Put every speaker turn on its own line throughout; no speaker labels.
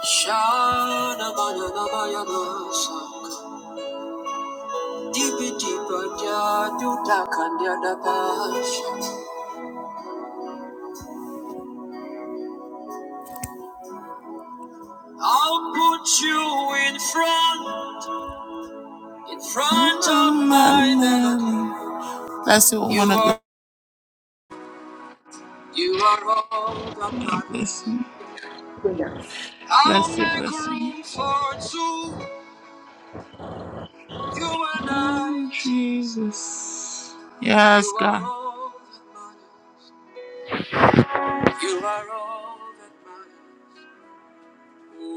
Shana Bayana Bayana Sak Deepa Deepa Dadu Dakanya Dabash I'll put you in front in front of my melody. That's the one of the you are all that matters. Bless you. Bless you, make bless you. I'll make room for two, you and I. Jesus. Yes, You are God. all that matters. You are all that matters. You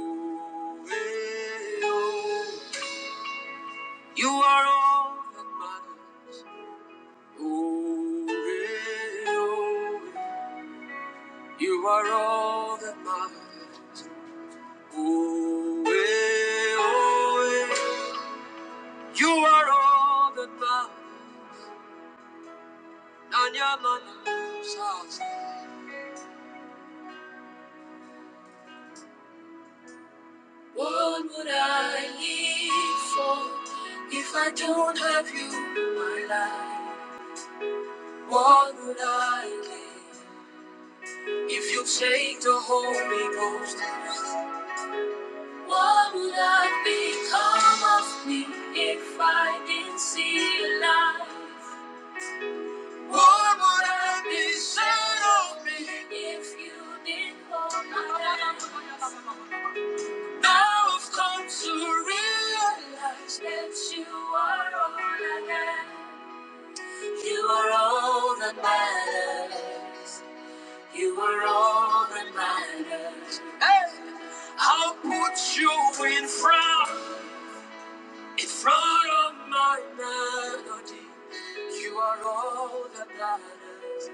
are all that matters. Oh, eh, oh, you are all that matters. Oh, eh, oh, eh, you are all that matters. Nanya mana What would I live for if I don't have you in my life? What would I live? If you take the Holy Ghost, what would I become of me if I didn't see a light? What would I be said of me if you didn't hold my hand? Now I've come to realize that you are all I am. You are all that matters. You were all that matters. Hey! I'll put you in front, in front of my melody. You are all that matters.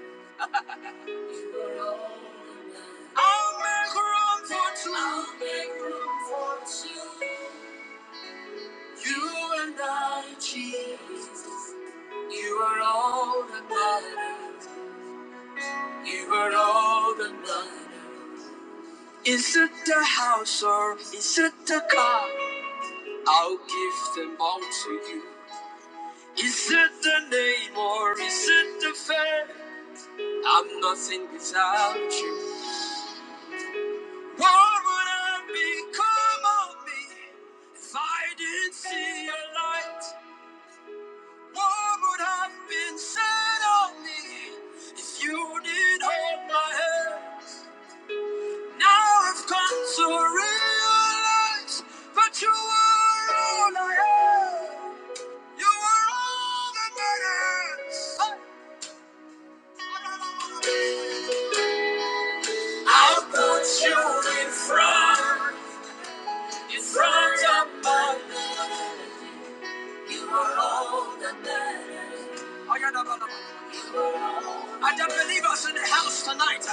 You are all that matters. I'll make room for two. I'll make room for two. You and I, Jesus. You are all that matters. You are all that matters. Is it the house or is it the car? I'll give them all to you. Is it the name or is it the faith? I'm nothing without you. What would I become of me if I didn't see your light? What would have been said of me if you didn't hold my hand? Now I've come to realize that you were all I had. You are all that matters. I'll put you in front, in front of my melody. You are all that matters. I got a- You are all- I don't believe us in the house tonight.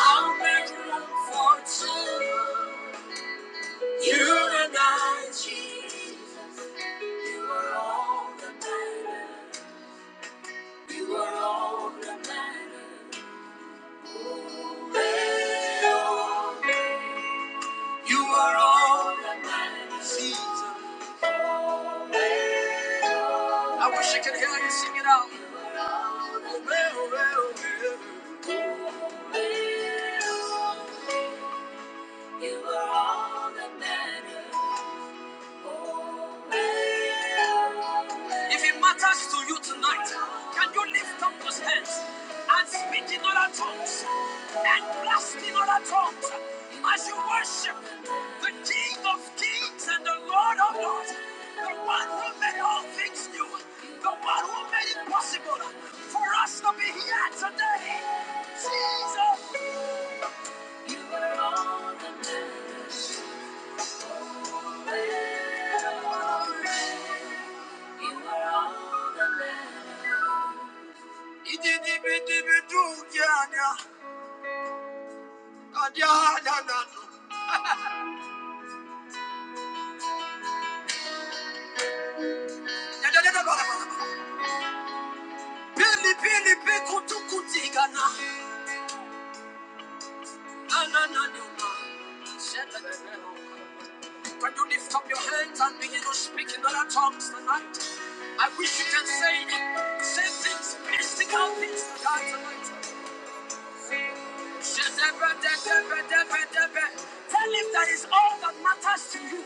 I'll make room for two. You and I, Jesus. You are all that matters. You are all that matters. You are all that matters. Jesus. I wish I could hear you sing it out. You are all that matters. If it matters to you tonight, can you lift up those hands and speak in other tongues and blast in other tongues as you worship the King of Kings and the Lord of Lords, the one who made all things new, the one who made it possible for us to be here today? Jesus, you are all that matters. Forever. You were all the better. Idi di bi di bi du gyanya, kadia na na no. Da da da da ba da ba da ba. Pili pili pi kutu kuti gana, na na na no ma. Shebe de be ho. Can you lift up your hands and begin to speak in other tongues tonight? I wish you can say, say things, mystical things tonight. tonight. Tell him that is all that matters to you.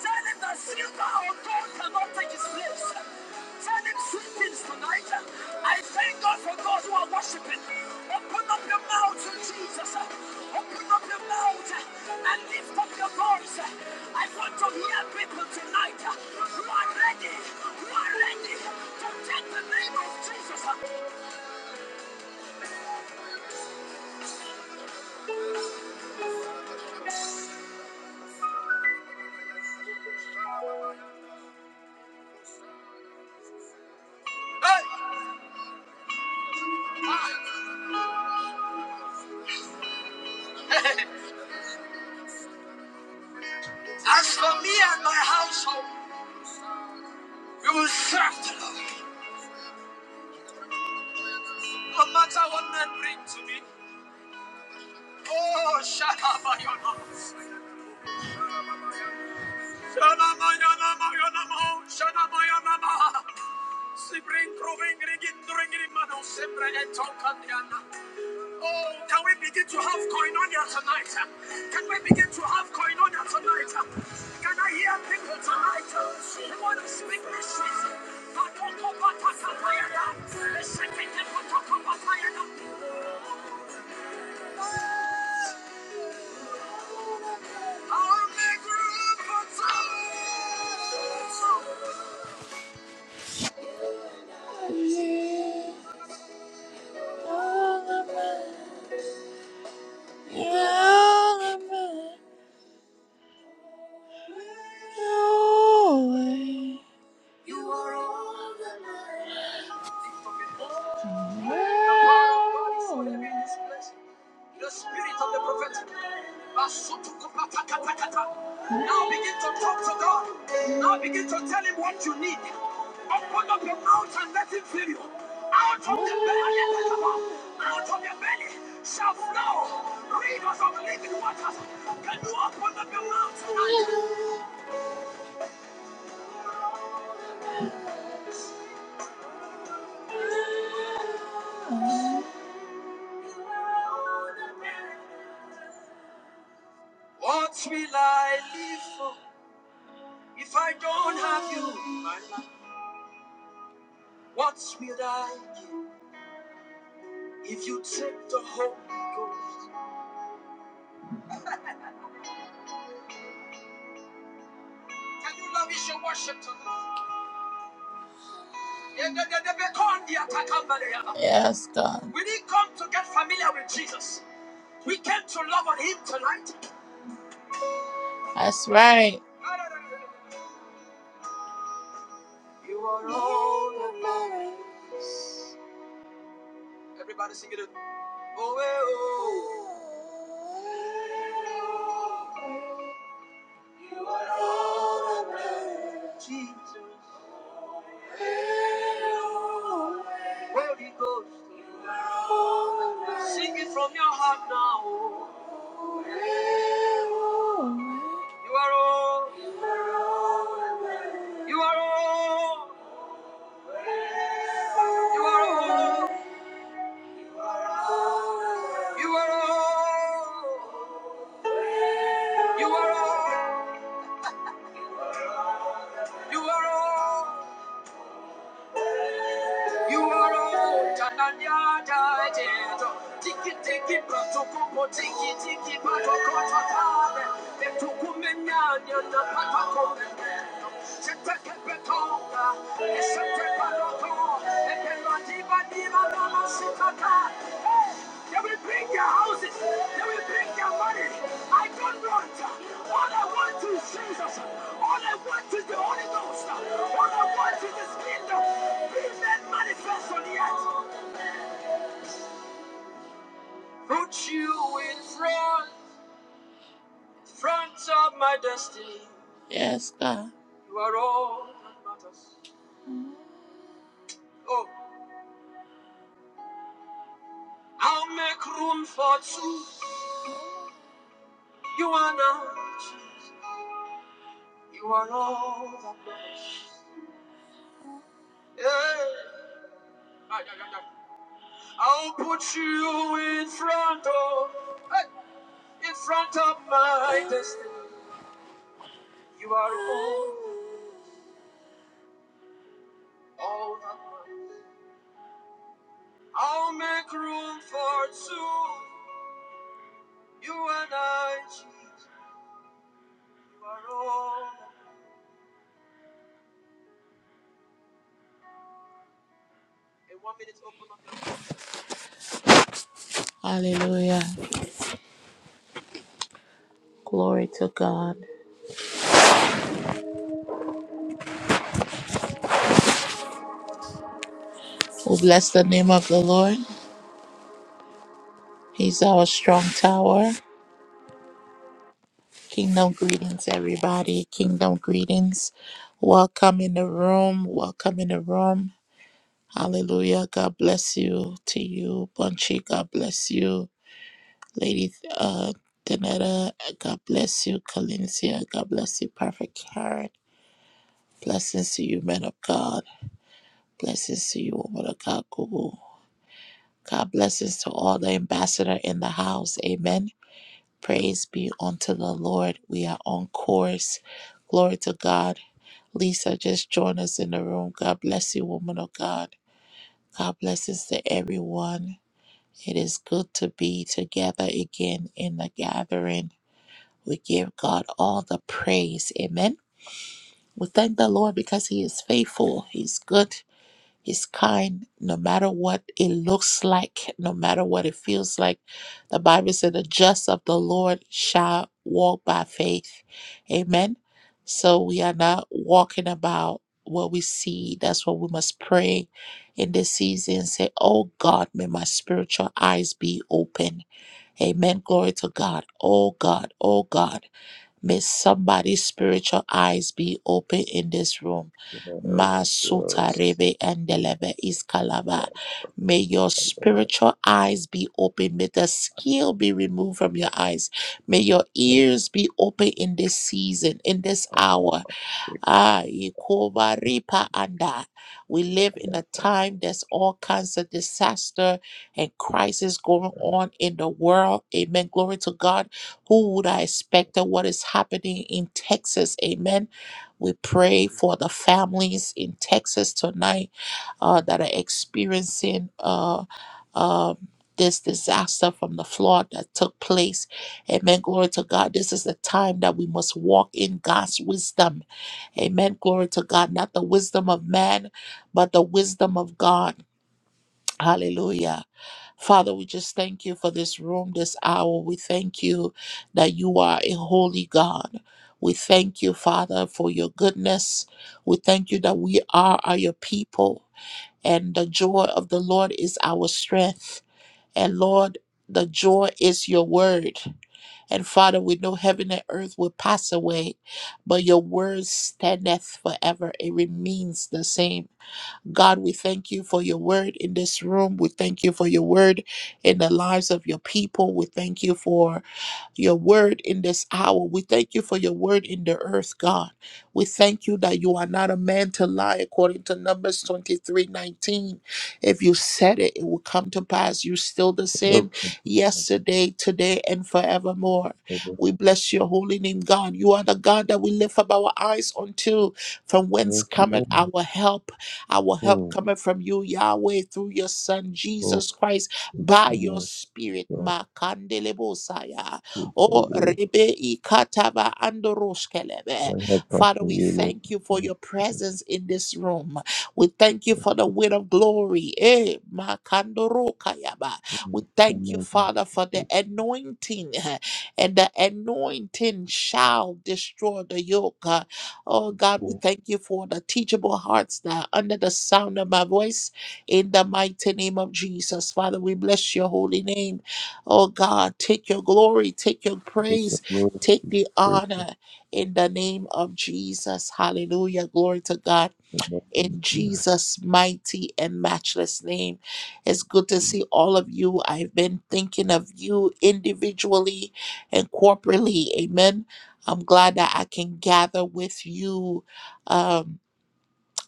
Tell him that silver or gold cannot take his place. Tell him sweet things tonight. I thank God for those who are worshiping. Open up your mouth to Jesus. Open up your mouth and lift up your voice. I want to hear people tonight who are ready, who are ready to take the name of Jesus. Hey, as for me and my household, You will shaft love, no matter what men bring to me. Oh, Shalamayana. Shalamayana, Shalamayana. Sibring, proving, rigin, ringin, mano, sempre, eto, kandiana. Oh, can we begin to have koinonia tonight? Can we begin to have koinonia tonight? Can I hear people tonight who want to speak mysteries? Patoko, pataka, payana. Esekete, patoko, patayana. You need the out and let him fill you. Your belly shall flow. Rivers of the waters from the belly. What will I live for? If I don't have you in my life, what will I give? If you take the Holy Ghost, can you lavish your worship tonight? Yes, God. We didn't come to get familiar with Jesus. We came to love on Him tonight. That's right. You are all alone. Everybody sing it. Oh, eh, oh. You are all alone, Jesus. Holy Ghost, sing it from your heart now. You are all. You are all. You are all. You are all. You are all. You are all. You are all Tananya Dajeto. Tiki tiki patokoko tiki tiki patoko tatabe. Etukumenyanya na patoko menyendo. Seteke petonga, esete patoko. Epelodiba diba lama sitaka. They will bring their houses. They will bring their money. I don't want. All I want is Jesus. All I want is the Holy Ghost. All I want is His kingdom. Be made manifest on the earth. Put you in front, front of my destiny. Yes, God. You are all that matters. Oh, I'll make room for two. You are not. You are all that matters. Yeah. I'll put you in front of, eh, in front of my destiny. You are all, all that matters. I'll make room for two. You and I, Jesus. You are all. In one minute, open up. Hallelujah. Glory to God. We bless the name of the Lord. He's our strong tower. Kingdom greetings, everybody. Kingdom greetings. Welcome in the room. Welcome in the room. Hallelujah. God bless you to you, Bunchy. God bless you, Lady uh, Danetta. God bless you, Calencia. God bless you, Perfect Karen. Blessings to you, men of God. Blessings to you, woman of God, Google. God blessings to all the ambassador in the house. Amen. Praise be unto the Lord. We are on course. Glory to God. Lisa just joined us in the room. God bless you, woman of God. God blesses to everyone. It is good to be together again in the gathering. We give God all the praise. Amen. We thank the Lord because He is faithful. He's good. He's kind no matter what it looks like, no matter what it feels like. The Bible said, The just of the Lord shall walk by faith. Amen. So we are not walking about what we see. That's what we must pray in this season and say, Oh God, may my spiritual eyes be open. Amen. Glory to God. Oh God. Oh God. May somebody's spiritual eyes be open in this room.
Yes,
Masuta
yes,
rebe
big
endelebe iskalaba.
father.
May your spiritual eyes be open. May the skill be removed from your eyes. May your ears be open in this season, in this hour. Ah, Ikoba Ripa Anda. We live in a time there's all kinds of disaster and crisis going on in the world. Amen. Glory to God. Who would I expect that what is happening in Texas? Amen. We pray for the families in Texas tonight uh, that are experiencing uh, um, this disaster from the flood that took place. Amen. Glory to God. This is the time that we must walk in God's wisdom. Amen. Glory to God. Not the wisdom of man, but the wisdom of God. Hallelujah. Father, we just thank you for this room, this hour. We thank you that you are a holy God. We thank you, Father, for your goodness. We thank you that we are, are your people, and the joy of the Lord is our strength. And Lord, the joy is your word. And Father, we know heaven and earth will pass away, but your word standeth forever. It remains the same. God, we thank you for your word in this room. We thank you for your word in the lives of your people. We thank you for your word in this hour. We thank you for your word in the earth, God. We thank you that you are not a man to lie, according to Numbers twenty-three nineteen. If you said it, it will come to pass. You're still the
No, no,
same
no,
yesterday, today, and forevermore.
no, no,
We bless your holy name, God. You are the God that we lift up our eyes unto, from whence
no, no,
cometh
no,
our help. Our help
no,
coming from you, Yahweh, through your Son,
no, no,
Jesus Christ, by your Spirit. Makandelebosaya.
no, no, no,
Oh,
no.
Rebe Ikataba Andoroskelebe.
I have passed
Father,
the
we
will
thank you for your presence in this room. We thank you for the weight of glory. Eh, Makandorokayaba.
I
We
have
thank you,
passed
Father, for
the
the anointing, and the anointing shall destroy the yoke. Oh
will
God,
of
we
God.
thank you for the teachable hearts that are under the sound of my voice in the mighty name of Jesus. Father, we bless your holy name. Oh God, take your glory, take your
Take the
praise,
Lord of
take the
praise of
honor in the name of Jesus. Hallelujah. Glory to God
the Lord and
in Jesus' mighty and matchless name. It's good to see all of you. I've been thinking of you individually and corporately. Amen. I'm glad that I can gather with you, um,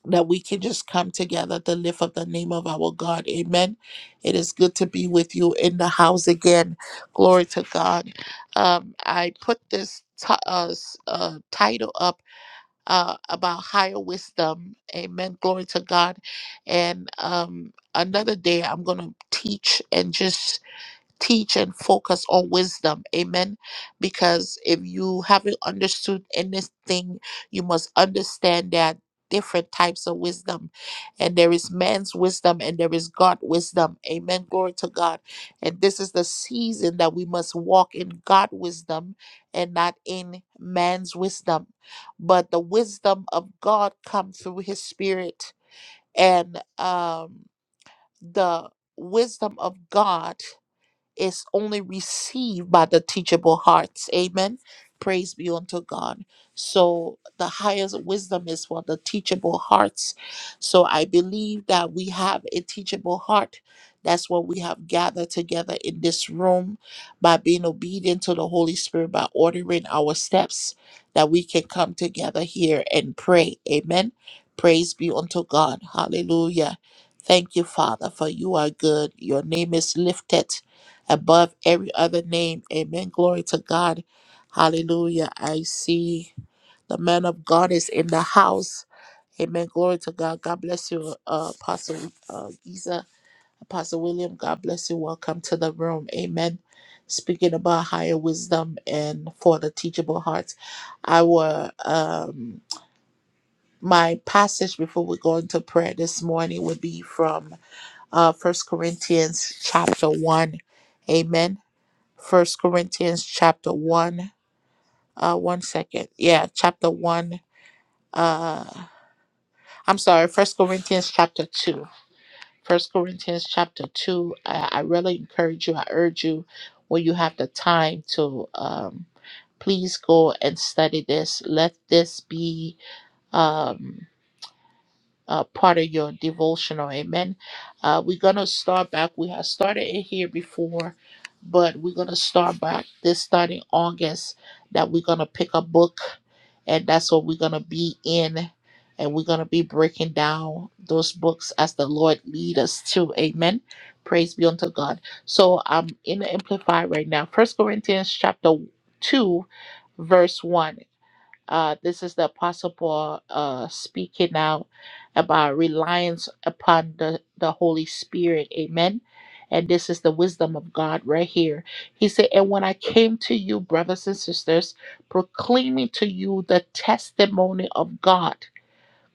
that we can just come together to lift up the name of our God. Amen. It is good to be with you in the house again. Glory to God. Um, I put this t- uh, s- uh, title up uh, about higher wisdom. Amen. Glory to God. And um, another day, I'm going to teach and just teach and focus on wisdom. Amen. Because if you haven't understood anything, you must understand that different types of wisdom and there is man's wisdom and there is god wisdom amen glory to god and this is the season that we must walk in god wisdom and not in man's wisdom but the wisdom of god come through his spirit and um the wisdom of god is only received by the teachable hearts. Amen. Praise be unto God. So the highest wisdom is for the teachable hearts. So I believe that we have a teachable heart. That's what we have gathered together in this room by being obedient to the Holy Spirit, by ordering our steps, that we can come together here and pray. Amen. Praise be unto God. Hallelujah. Thank you, Father, for you are good. Your name is lifted above every other name. Amen. Glory to God. Hallelujah. I see the man of God is in the house. Amen. Glory to God. God bless you, uh, Apostle uh, Giza, Apostle William. God bless you. Welcome to the room. Amen. Speaking about higher wisdom and for the teachable hearts. Our um, my passage before we go into prayer this morning would be from uh, First Corinthians chapter one. Amen First Corinthians chapter one. Uh, one second. Yeah, chapter one. Uh, I'm sorry. First Corinthians chapter two. First Corinthians chapter two. I, I really encourage you. I urge you, when you have the time to, um, please go and study this. Let this be. Um, uh, part of your devotional. Amen. Uh, we're going to start back. We have started it here before, but we're going to start back this starting August that we're going to pick a book and that's what we're going to be in. And we're going to be breaking down those books as the Lord lead us to. Amen. Praise be unto God. So I'm in the Amplified right now. First Corinthians chapter 2, verse 1 uh, this is the Apostle Paul uh, speaking out about reliance upon the, the Holy Spirit. Amen. And this is the wisdom of God right here. He said, And when I came to you, brothers and sisters, proclaiming to you the testimony of God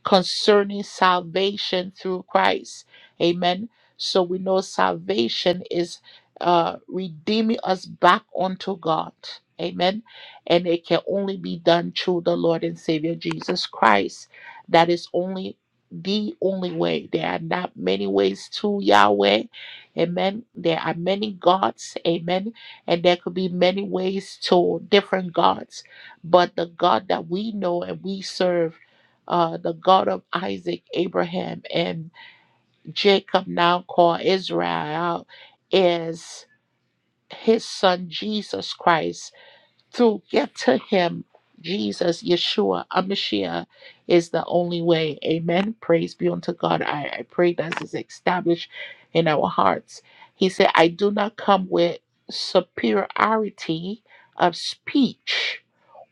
concerning salvation through Christ. Amen. So we know salvation is uh, redeeming us back unto God. Amen. And it can only be done through the Lord and Savior Jesus Christ. That is only the only way. There are not many ways to Yahweh. Amen. There are many gods. Amen. And there could be many ways to different gods. But the God that we know and we serve uh, the God of Isaac, Abraham, and Jacob, now called Israel, is his son Jesus Christ. To get to him, Jesus, Yeshua, Amashiach, is the only way. Amen. Praise be unto God. I, I pray that is established in our hearts. He said, I do not come with superiority of speech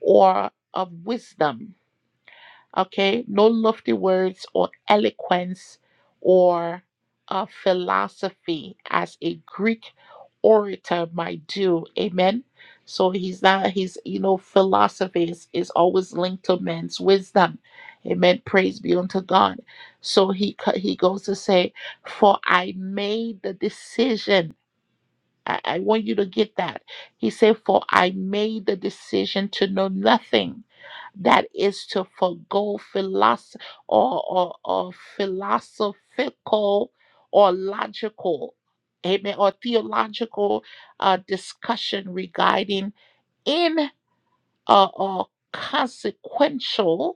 or of wisdom Okay, no lofty words or eloquence or uh, philosophy as a Greek orator might do. Amen. So he's not, he's, you know, philosophy is, is always linked to man's wisdom. Amen. Praise be unto God. So he co- he goes to say, For I made the decision I, I want you to get that. He said, For I made the decision to know nothing that is to forego philosoph- or, or, or philosophical or logical, amen, or theological uh, discussion regarding in uh, or consequential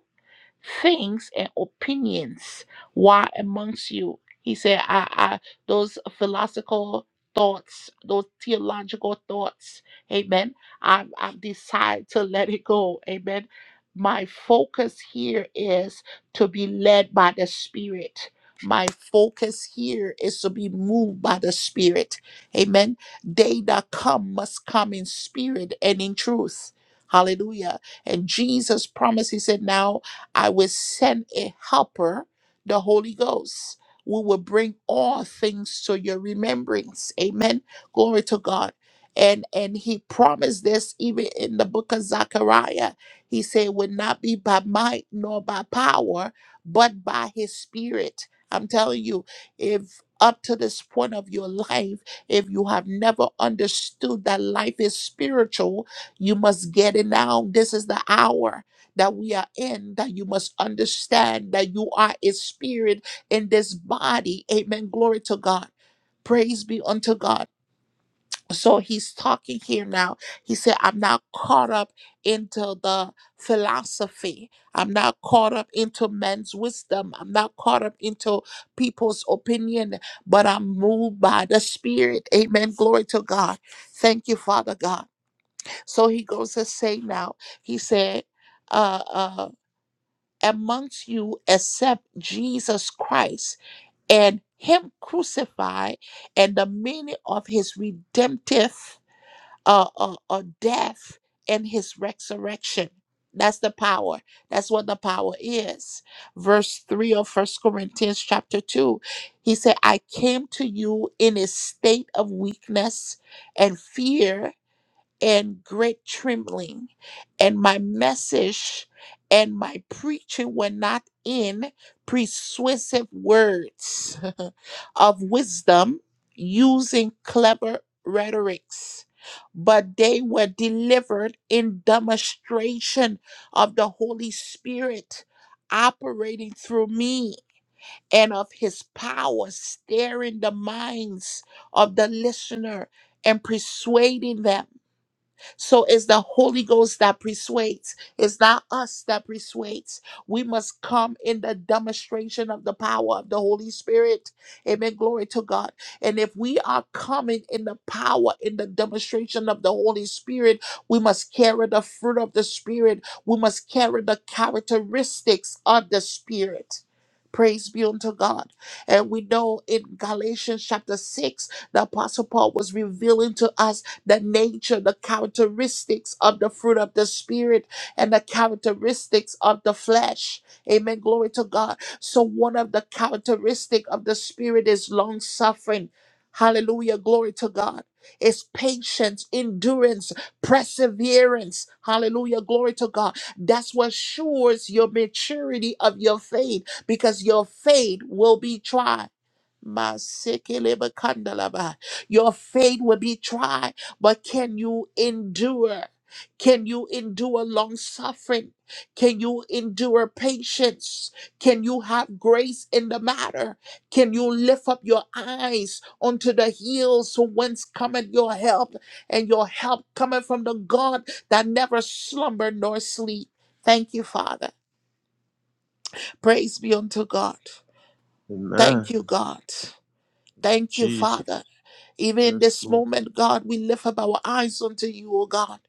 things and opinions were amongst you. He said, I, I, those philosophical thoughts, those theological thoughts, amen. I've, I've decided to let it go, amen. My focus here is to be led by the Spirit. My focus here is to be moved by the Spirit. Amen. They that come must come in spirit and in truth. Hallelujah. And Jesus promised, He said, Now I will send a helper, the Holy Ghost. We will bring all things to your remembrance. Amen. Glory to God. And and he promised this even in the book of Zechariah. He said, it would not be by might nor by power, but by his spirit. I'm telling you, if up to this point of your life, if you have never understood that life is spiritual, you must get it now. This is the hour that we are in, that you must understand that you are a spirit in this body. Amen. Glory to God. Praise be unto God. So he's talking here now. He said, I'm not caught up into the philosophy. I'm not caught up into men's wisdom. I'm not caught up into people's opinion, but I'm moved by the Spirit. Amen. Glory to God. Thank you, Father God. So he goes to say now, he said, "Uh." uh, amongst you except Jesus Christ and Him crucified, and the meaning of His redemptive uh, uh, uh, death and His resurrection. That's the power. That's what the power is. Verse 3 of First Corinthians chapter 2. He said, I came to you in a state of weakness and fear and great trembling. And my message and my preaching were not in persuasive words of wisdom using clever rhetorics, but they were delivered in demonstration of the Holy Spirit operating through me and of his power stirring the minds of the listener and persuading them so it's the Holy Ghost that persuades. It's not us that persuades. We must come in the demonstration of the power of the Holy Spirit. Amen. Glory to God. And if we are coming in the power, in the demonstration of the Holy Spirit, we must carry the fruit of the Spirit. We must carry the characteristics of the Spirit. Praise be unto God. And we know in Galatians chapter 6, the Apostle Paul was revealing to us the nature, the characteristics of the fruit of the Spirit and the characteristics of the flesh. Amen. Glory to God. So one of the characteristic of the Spirit is long suffering. Hallelujah. Glory to God. It's patience, endurance, perseverance. Hallelujah. Glory to God. That's what assures your maturity of your faith because your faith will be tried. Masikelebakandalaba. Your faith will be tried, but can you endure? Can you endure long suffering? Can you endure patience? Can you have grace in the matter? Can you lift up your eyes unto the hills from whence cometh your help? And your help cometh from the God that never slumber nor sleep. Thank you, Father. Praise be unto God.
Amen.
Thank you, God. Thank you,
Jesus.
Father. Even in
Yes,
this
Lord.
moment, God, we lift up our eyes unto you, O God.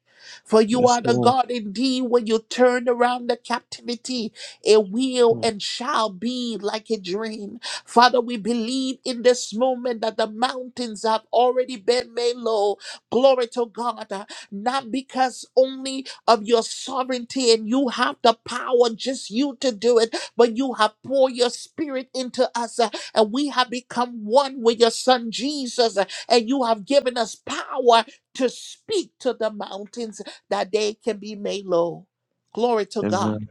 For you
Yes,
are the
Lord.
God indeed when you turn around the captivity, it will
hmm.
and shall be like a dream. Father, we believe in this moment that the mountains have already been made low. Glory to God. Uh, Not because only of your sovereignty and you have the power, just you to do it, but you have poured your spirit into us uh, and we have become one with your son Jesus and you have given us power to speak to the mountains that they can be made low. Glory to God.
Amen.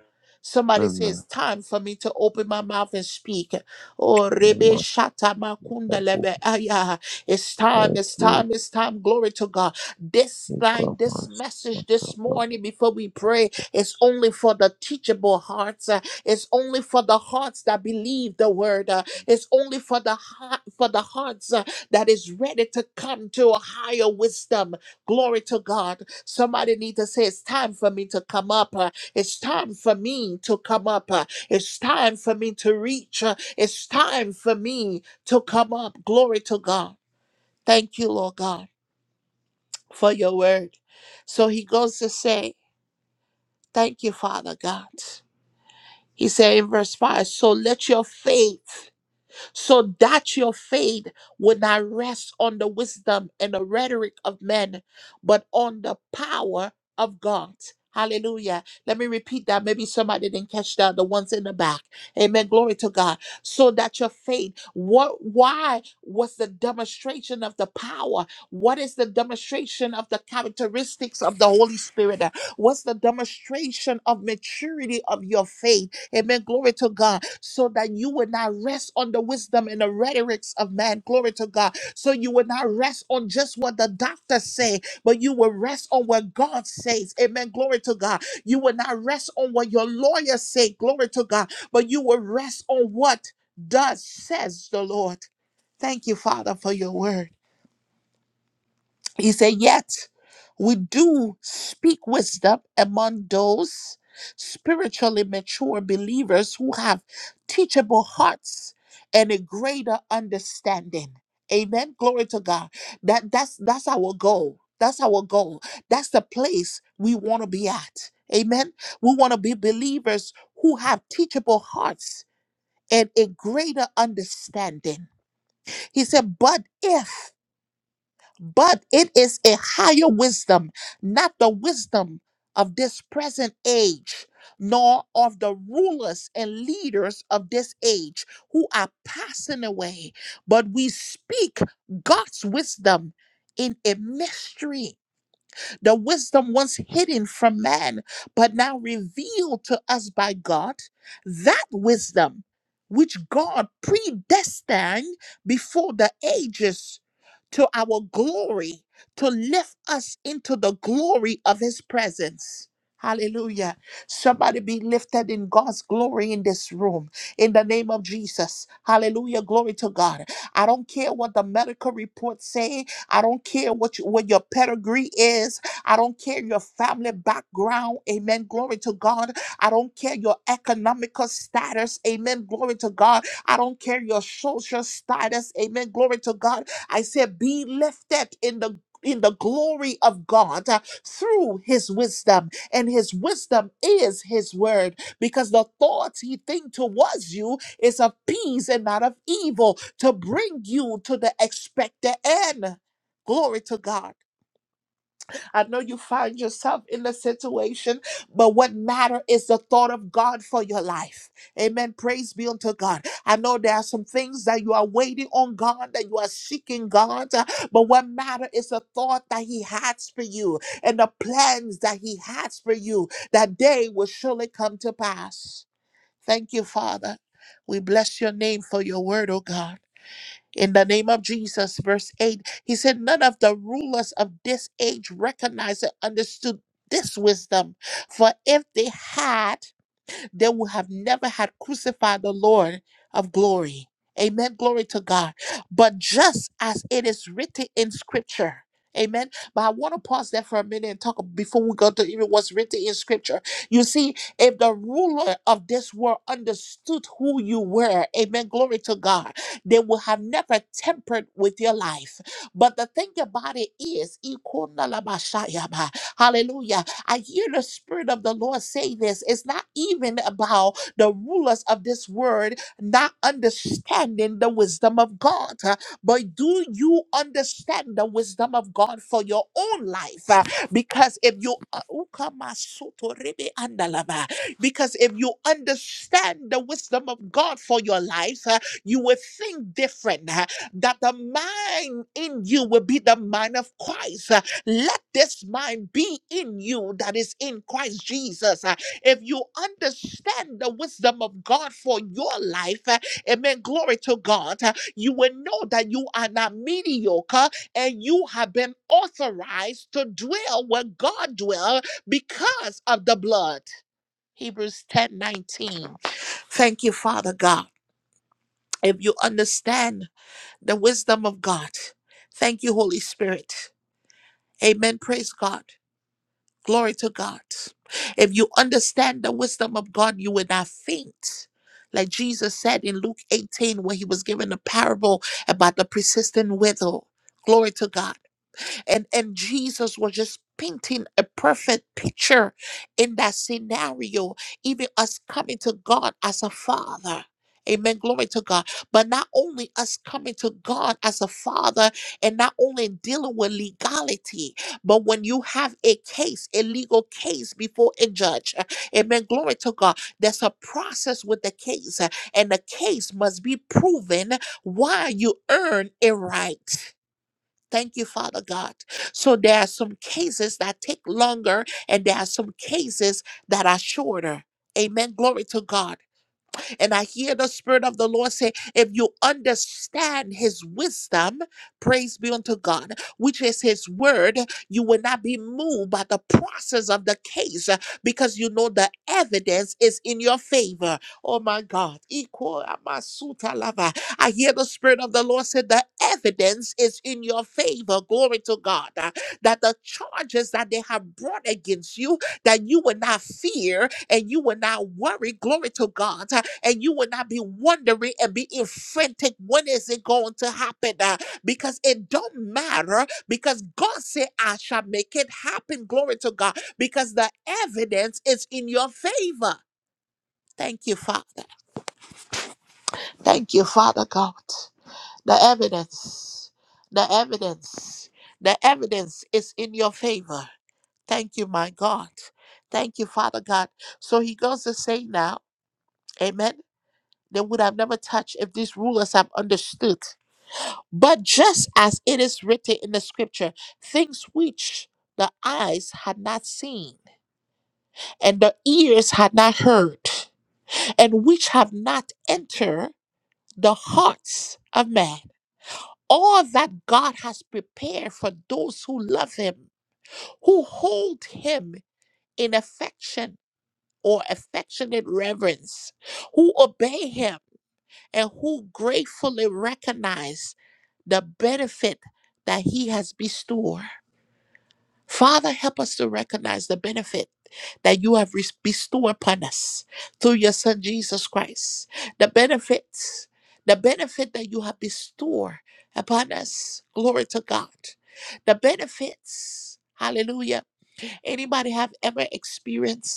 Somebody says,
Amen.
It's time for me to open my mouth and speak. Oh,
My
Rebe
master.
Shata Makunda Lebe Aya. It's time,
Yes,
it's
Lord.
time, it's time. Glory to God. This
Make
night,
up
this message this
That's
morning before we pray is only for the teachable hearts. Uh, It's only for the hearts that believe the word. Uh, It's only for the heart for the hearts. uh, that is ready to come to a higher wisdom. Glory to God. Somebody need to say, it's time for me to come up. uh, It's time for me to come up. uh, It's time for me to reach. uh, It's time for me to come up. Glory to God. Thank you, Lord God, for your word. So he goes to say, thank you, Father God. He said in verse 5, so let your faith so that your faith would not rest on the wisdom and the rhetoric of men, but on the power of God. Hallelujah. Let me repeat that. Maybe somebody didn't catch that, the ones in the back. Amen. Glory to God. So that your faith, what why was the demonstration of the power? What is the demonstration of the characteristics of the Holy Spirit? What's the demonstration of maturity of your faith? Amen. Glory to God so that you would not rest on the wisdom and the rhetorics of man. Glory to God. So you would not rest on just what the doctors say, but you will rest on what God says. Amen. Glory to God. You will not rest on what your lawyers say. Glory to God. But you will rest on what does says the Lord. Thank you, Father, for your word. He said, Yet we do speak wisdom among those spiritually mature believers who have teachable hearts and a greater understanding. Amen. Glory to God. That that's that's our goal. That's our goal. That's the place we want to be at. Amen. We want to be believers who have teachable hearts and a greater understanding. He said, but if but it is a higher wisdom, not the wisdom of this present age, nor of the rulers and leaders of this age who are passing away, but we speak God's wisdom in a mystery the wisdom once hidden from man, but now revealed to us by God, that wisdom which God predestined before the ages to our glory, to lift us into the glory of his presence. Hallelujah. Somebody be lifted in God's glory in this room in the name of Jesus. Hallelujah. Glory to God. I don't care what the medical reports say. I don't care what, you, what your pedigree is. I don't care your family background. Amen. Glory to God. I don't care your economical status. Amen. Glory to God. I don't care your social status. Amen. Glory to God. I said, be lifted in the in the glory of God uh, through his wisdom, and his wisdom is his word, because the thoughts he think towards you is of peace and not of evil, to bring you to the expected end. Glory to God. I know you find yourself in a situation, but what matter is the thought of God for your life. Amen. Praise be unto God. I know there are some things that you are waiting on God, that you are seeking God, uh, but what matter is the thought that He has for you and the plans that He has for you. That day will surely come to pass. Thank you, Father. We bless your name for your word, oh God. In the name of Jesus, verse 8, he said, None of the rulers of this age recognized and understood this wisdom, for if they had, they would have never had crucified the Lord of glory. Amen. Glory to God. But just as it is written in scripture. Amen. But I want to pause there for a minute and talk before we go to even what's written in scripture. You see, if the ruler of this world understood who you were, amen, glory to God, they would have never tempered with your life. But the thing about it is, hallelujah, I hear the Spirit of the Lord say this. It's not even about the rulers of this world not understanding the wisdom of God, uh, but do you understand the wisdom of God for your own life? Uh, Because if you uh, Ukamasotorebe-andalaba. because if you understand the wisdom of God for your life, uh, you will think different. uh, That the mind in you will be the mind of Christ. uh, let this mind be in you that is in Christ Jesus. Uh, If you understand the wisdom of God for your life, uh, amen, glory to God, uh, you will know that you are not mediocre and you have been authorized to dwell where God dwells because of the blood. Hebrews 10 19. Thank you, Father God. If you understand the wisdom of God, thank you, Holy Spirit. Amen. Praise God. Glory to God. If you understand the wisdom of God, you will not faint. Like Jesus said in Luke 18, when he was given a parable about the persistent widow. Glory to God and and jesus was just painting a perfect picture in that scenario even us coming to god as a father Amen. Glory to God. But not only us coming to God as a father and not only dealing with legality, but when you have a case, a legal case before a judge, uh, amen. Glory to God. There's a process with the case, uh, and the case must be proven why you earn a right. Thank you, Father God. So there are some cases that take longer and there are some cases that are shorter. Amen. Glory to God. And I hear the Spirit of the Lord say, if you understand His wisdom, praise be unto God, which is His word, you will not be moved by the process of the case uh, because you know the evidence is in your favor. Oh my God. Iko amasuta lava. I hear the Spirit of the Lord say, the evidence is in your favor. Glory to God. uh, That the charges that they have brought against you that you would not fear and you would not worry, glory to God, uh, and you would not be wondering and be in frantic, when is it going to happen? Uh, because it don't matter, because God said, I shall make it happen, glory to God, because the evidence is in your favor. Thank you, Father. Thank you, Father God. The evidence, the evidence, the evidence is in your favor. Thank you, my God. Thank you, Father God. So he goes to say now, Amen. They would have never touched if these rulers have understood. But just as it is written in the scripture, things which the eyes had not seen and the ears had not heard, and which have not entered the hearts of man, all that God has prepared for those who love him, who hold him in affection. or affectionate reverence, who obey him and who gratefully recognize the benefit that he has bestowed. Father, help us to recognize the benefit that you have res- bestowed upon us through your Son Jesus Christ. The benefits, the benefit that you have bestowed upon us. Glory to God. The benefits. Hallelujah. Anybody have ever experienced?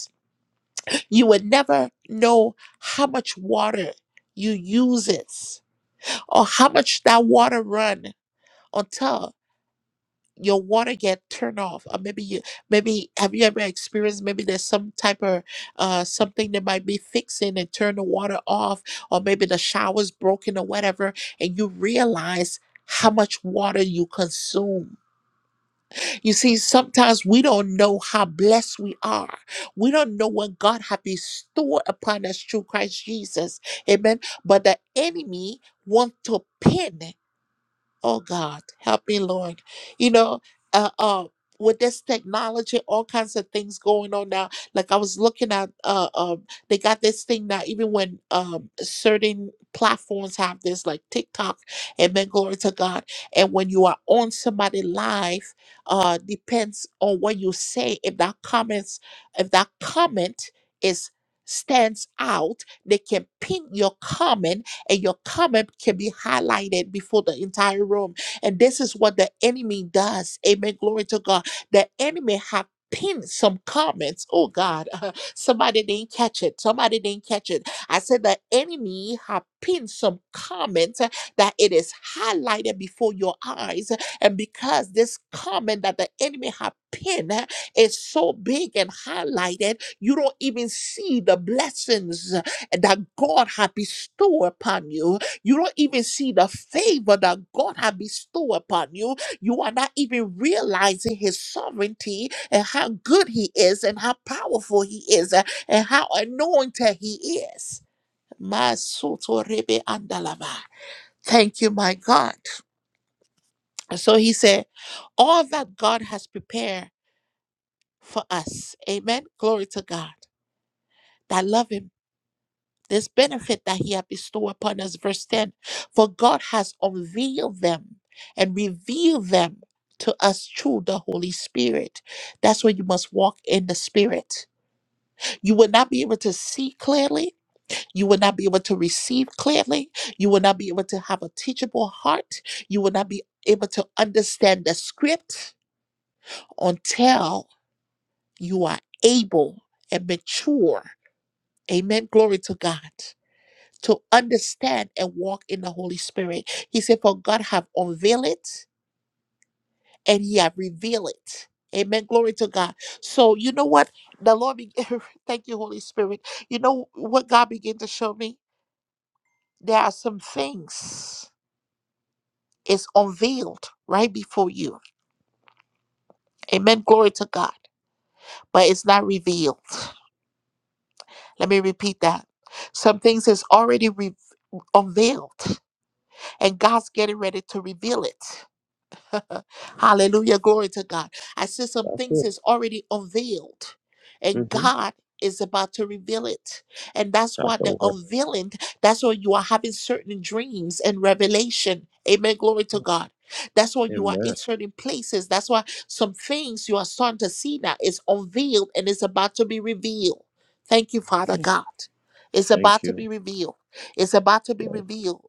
You would never know how much water you uses or how much that water run until your water get turned off or maybe you maybe have you ever experienced maybe there's some type of uh something that might be fixing and turn the water off or maybe the shower's broken or whatever and you realize how much water you consume you see, sometimes we don't know how blessed we are. We don't know what God has bestowed upon us through Christ Jesus. Amen. But the enemy wants to pin. Oh God, help me, Lord. You know, uh, uh, with this technology, all kinds of things going on now. Like I was looking at, uh, um, they got this thing now. Even when um, certain platforms have this, like TikTok, Amen. Glory to God. And when you are on somebody live, uh, depends on what you say. If that comments, if that comment is stands out, they can pin your comment and your comment can be highlighted before the entire room. And this is what the enemy does. Amen. Glory to God. The enemy have pinned some comments. Oh God, somebody didn't catch it. Somebody didn't catch it. I said the enemy have pinned some comments uh, that it is highlighted before your eyes. And because this comment that the enemy have pinned uh, is so big and highlighted, you don't even see the blessings that God had bestowed upon you. You don't even see the favor that God had bestowed upon you. You are not even realizing His sovereignty and how good He is, and how powerful He is, uh, and how anointed He is. Ma soto rebe andalava. Thank you, my God. And So He said, All that God has prepared for us. Amen. Glory to God. That love Him this benefit that he had bestowed upon us. Verse 10 For God has unveiled them and revealed them to us through the Holy Spirit. That's where you must walk in the Spirit. You will not be able to see clearly. You will not be able to receive clearly. You will not be able to have a teachable heart. You will not be able to understand the script until you are able and mature. Amen. Glory to God. to understand and walk in the Holy Spirit. He said, For God have unveiled it and he have revealed it. Amen. Glory to God. So you know what? The Lord be- thank you, Holy Spirit. You know what God began to show me? There are some things it's unveiled right before you. Amen. Glory to God. But it's not revealed. Let me repeat that. Some things is already re- unveiled, and God's getting ready to reveal it. Hallelujah. Glory to God. I see some things
it.
is already unveiled, and
Mm-hmm.
God is about to reveal it. And that's
That's
why
the
the
word.
unveiling, that's why you are having certain dreams and revelation. Amen. Glory to God. That's why you are
Amen.
in certain places. That's why some things you are starting to see now is unveiled and it's about to be revealed. Thank you, Father God. It's
Thank
about to
you,
be revealed. It's about to be
Lord.
revealed.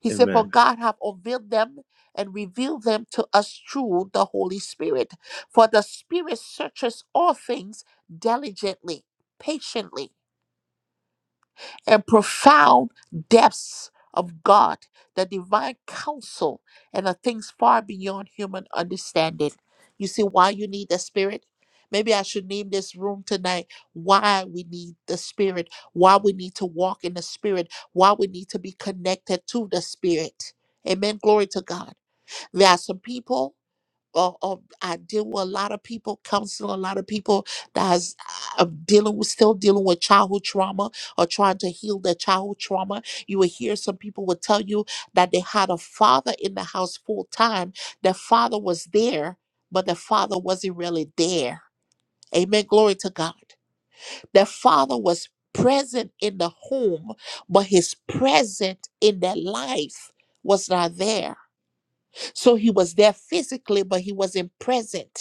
He said, For
Amen.
God hath unveiled them and revealed them to us through the Holy Spirit. For the Spirit searches all things diligently, patiently and profound depths of God, the divine counsel, and the things far beyond human understanding. You see why you need the Spirit? Maybe I should name this room tonight why we need the Spirit, why we need to walk in the Spirit, why we need to be connected to the Spirit. Amen. Glory to God. There are some people uh, uh, I deal with a lot of people, counseling a lot of people that's uh, dealing with still dealing with childhood trauma or trying to heal their childhood trauma. You will hear some people will tell you that they had a father in the house full time. Their father was there, but their father wasn't really there. Amen. Glory to God. Their father was present in the home, but his presence in their life was not there. So he was there physically, but he wasn't present.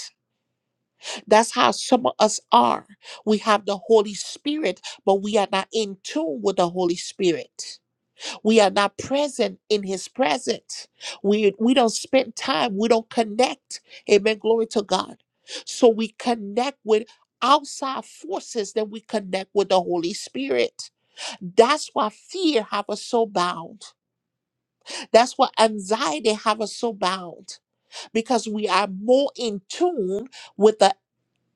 That's how some of us are. We have the Holy Spirit, but we are not in tune with the Holy Spirit. We are not present in His presence. We, we don't spend time. We don't connect. Amen. Glory to God. So we connect with outside forces Then we connect with the Holy Spirit. That's why fear have us so bound. That's why anxiety have us so bound because we are more in tune with the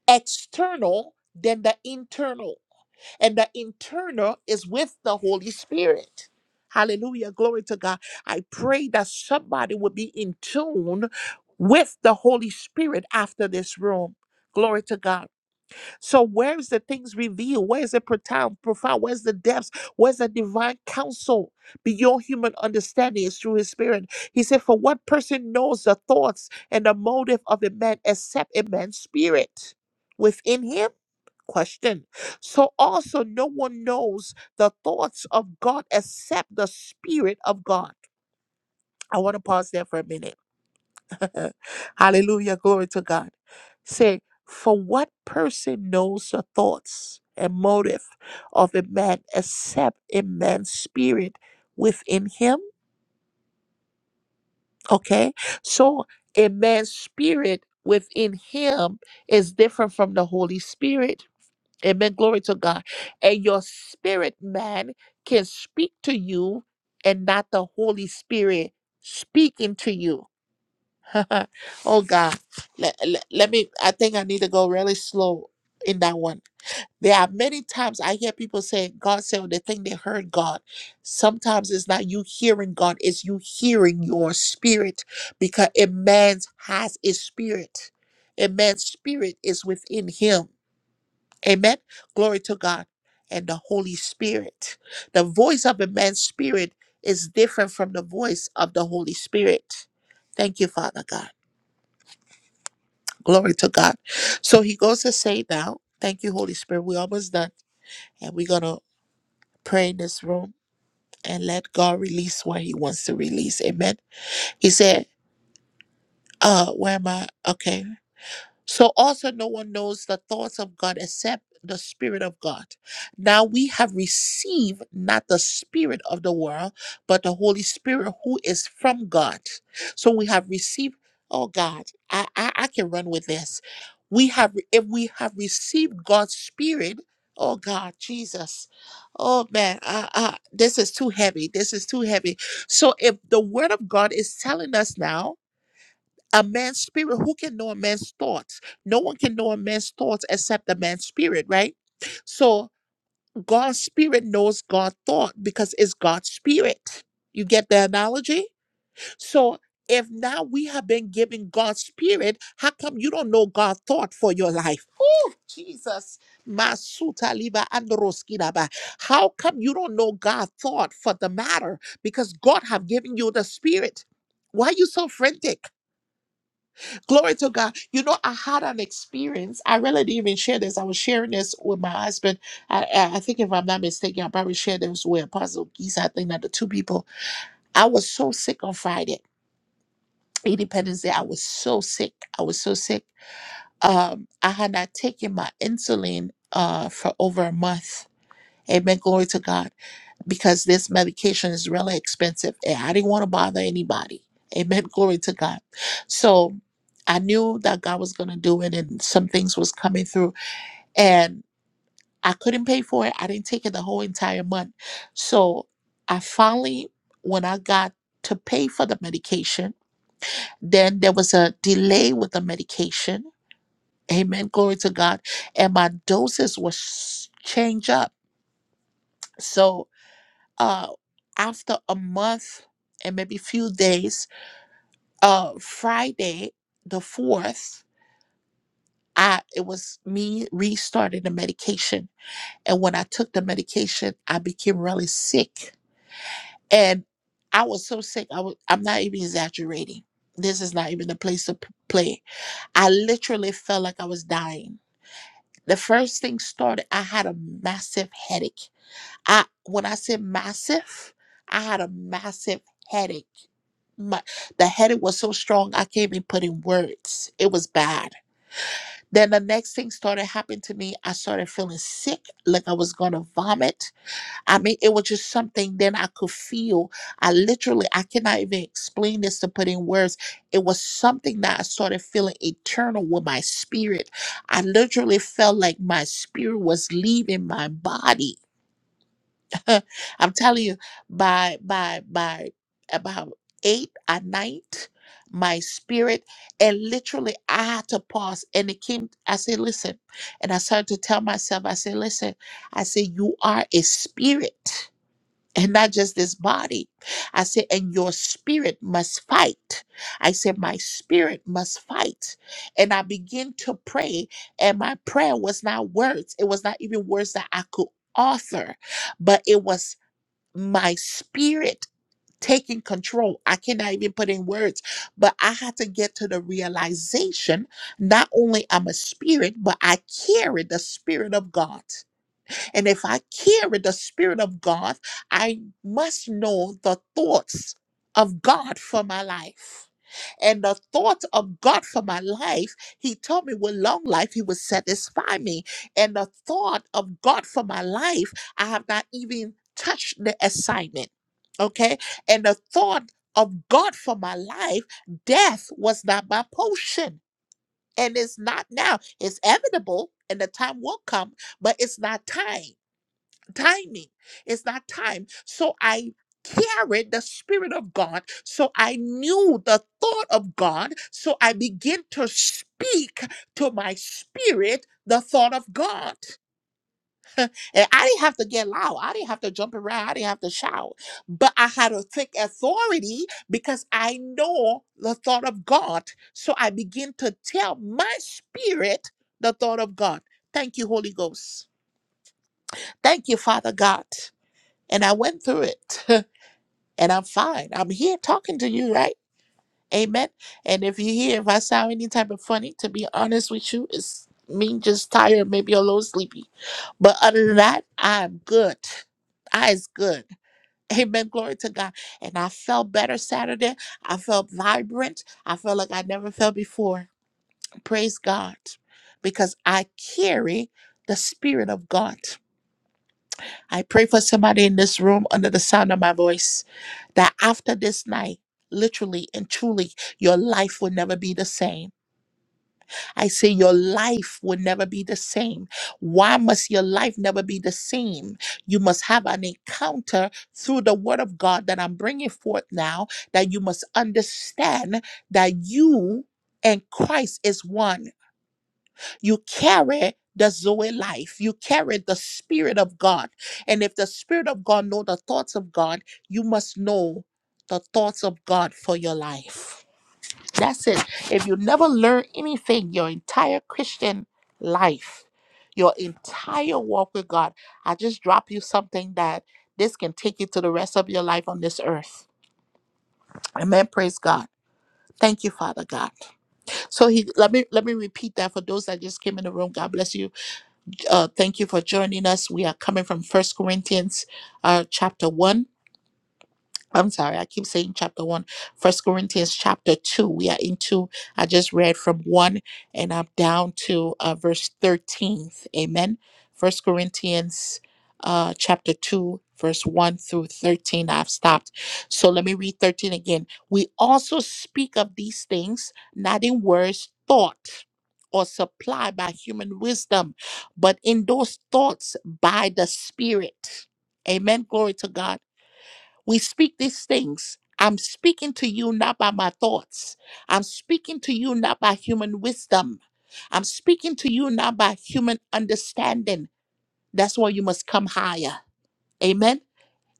external than the internal. And the internal is with the Holy Spirit. Hallelujah. Glory to God. I pray that somebody will be in tune with the Holy Spirit after this room. Glory to God. So where's the things revealed? Where's the profound, profound? Where's the depths? Where's the divine counsel beyond human understanding? Is through His Spirit. He said, "For what person knows the thoughts and the motive of a man except a man's spirit within him?" Question. So also, no one knows the thoughts of God except the Spirit of God. I want to pause there for a minute Hallelujah. Glory to God. Say, for what person knows the thoughts and motive of a man except a man's spirit within him? Okay. So a man's spirit within him is different from the Holy Spirit. Amen. Glory to God. And your spirit man can speak to you and not the Holy Spirit speaking to you. oh God, let, let, let me. I think I need to go really slow in that one. There are many times I hear people say God said or they think they heard God. Sometimes it's not you hearing God, it's you hearing your spirit because a man has a spirit. A man's spirit is within him. Amen. Glory to God and the Holy Spirit. The voice of a man's spirit is different from the voice of the Holy Spirit. Thank you, Father God. Glory to God. So he goes to say now, thank you, Holy Spirit. We're almost done. And we're going to pray in this room and let God release what he wants to release. Amen. He said, uh, where am I? Okay. So also no one knows the thoughts of God except the Spirit of God. Now we have received not the Spirit of the world, but the Holy Spirit who is from God. So we have received, oh God, I, I, I can run with this. We have if we have received God's Spirit, oh God, Jesus. Oh man, I, I, this is too heavy. This is too heavy. So if the word of God is telling us now a man's spirit who can know a man's thoughts no one can know a man's thoughts except a man's spirit right so god's spirit knows god's thought because it's god's spirit you get the analogy so if now we have been given god's spirit how come you don't know god's thought for your life oh jesus Masuta liba androski daba. how come you don't know god's thought for the matter because god have given you the spirit why are you so frantic Glory to God. You know, I had an experience. I really didn't even share this. I was sharing this with my husband. I, I I think if I'm not mistaken, I probably shared this with Apostle Giza. I think that the two people. I was so sick on Friday, Independence Day. I was so sick. I was so sick. Um, I had not taken my insulin uh for over a month. Amen. Glory to God because this medication is really expensive and I didn't want to bother anybody. Amen. Glory to God. So I knew that God was going to do it and some things was coming through and I couldn't pay for it. I didn't take it the whole entire month. So I finally, when I got to pay for the medication, then there was a delay with the medication. Amen. Glory to God. And my doses was changed up. So uh, after a month and maybe few days, uh, Friday the fourth, I it was me restarting the medication, and when I took the medication, I became really sick, and I was so sick. I was I'm not even exaggerating. This is not even a place to p- play. I literally felt like I was dying. The first thing started, I had a massive headache I when I said massive, I had a massive headache. My the headache was so strong I can't even put in words. It was bad. Then the next thing started happening to me. I started feeling sick, like I was gonna vomit. I mean, it was just something then I could feel. I literally I cannot even explain this to put in words. It was something that I started feeling eternal with my spirit. I literally felt like my spirit was leaving my body I'm telling you, by by by about eight at night, my spirit and literally I had to pause. And it came, I said, listen. And I started to tell myself, I said, listen, I said, you are a spirit. And not just this body. I said, and your spirit must fight. I said, my spirit must fight. And I began to pray, and my prayer was not words. It was not even words that I could author but it was my spirit taking control. I cannot even put in words, but I had to get to the realization not only I'm a spirit, but I carry the spirit of God. And if I carry the Spirit of God, I must know the thoughts of God for my life. And the thoughts of God for my life, He told me with long life, He would satisfy me. And the thought of God for my life, I have not even touched the assignment. Okay. And the thought of God for my life, death was not my potion. And it's not now. It's inevitable, and the time will come, but it's not time timing. It's not time. So I carried the Spirit of God. So I knew the thought of God. So I began to speak to my spirit the thought of God. And I didn't have to get loud. I didn't have to jump around. I didn't have to shout. But I had to take authority because I know the thought of God. So I begin to tell my spirit the thought of God. Thank you, Holy Ghost. Thank you, Father God. And I went through it and I'm fine. I'm here talking to you, right? Amen. And if you hear, if I sound any type of funny, to be honest with you, it's me just tired, maybe a little sleepy. But other than that, I'm good. I is good. Amen. Glory to God. And I felt better Saturday. I felt vibrant. I felt like I never felt before. Praise God. Because I carry the Spirit of God. I pray for somebody in this room under the sound of my voice that after this night, literally and truly, your life will never be the same. I say your life will never be the same. Why must your life never be the same? You must have an encounter through the word of God that I'm bringing forth now that you must understand that you and Christ is one you carry the Zoe life. You carry the Spirit of God. And if the Spirit of God know the thoughts of God, you must know the thoughts of God for your life. That's it. If you never learn anything your entire Christian life, your entire walk with God, I just drop you something that this can take you to the rest of your life on this earth. Amen. Praise God. Thank you, Father God. So he let me let me repeat that for those that just came in the room. God bless you uh, thank you for joining us. We are coming from First Corinthians uh, chapter 1. I'm sorry, I keep saying chapter one. First Corinthians chapter two. We are into, I just read from one and I'm down to uh, verse 13. Amen. First Corinthians uh, chapter two, verse one through 13. I've stopped. So let me read 13 again. We also speak of these things, not in words, thought. Or supplied by human wisdom, but in those thoughts by the Spirit. Amen. Glory to God. We speak these things. I'm speaking to you not by my thoughts. I'm speaking to you not by human wisdom. I'm speaking to you not by human understanding. That's why you must come higher. Amen.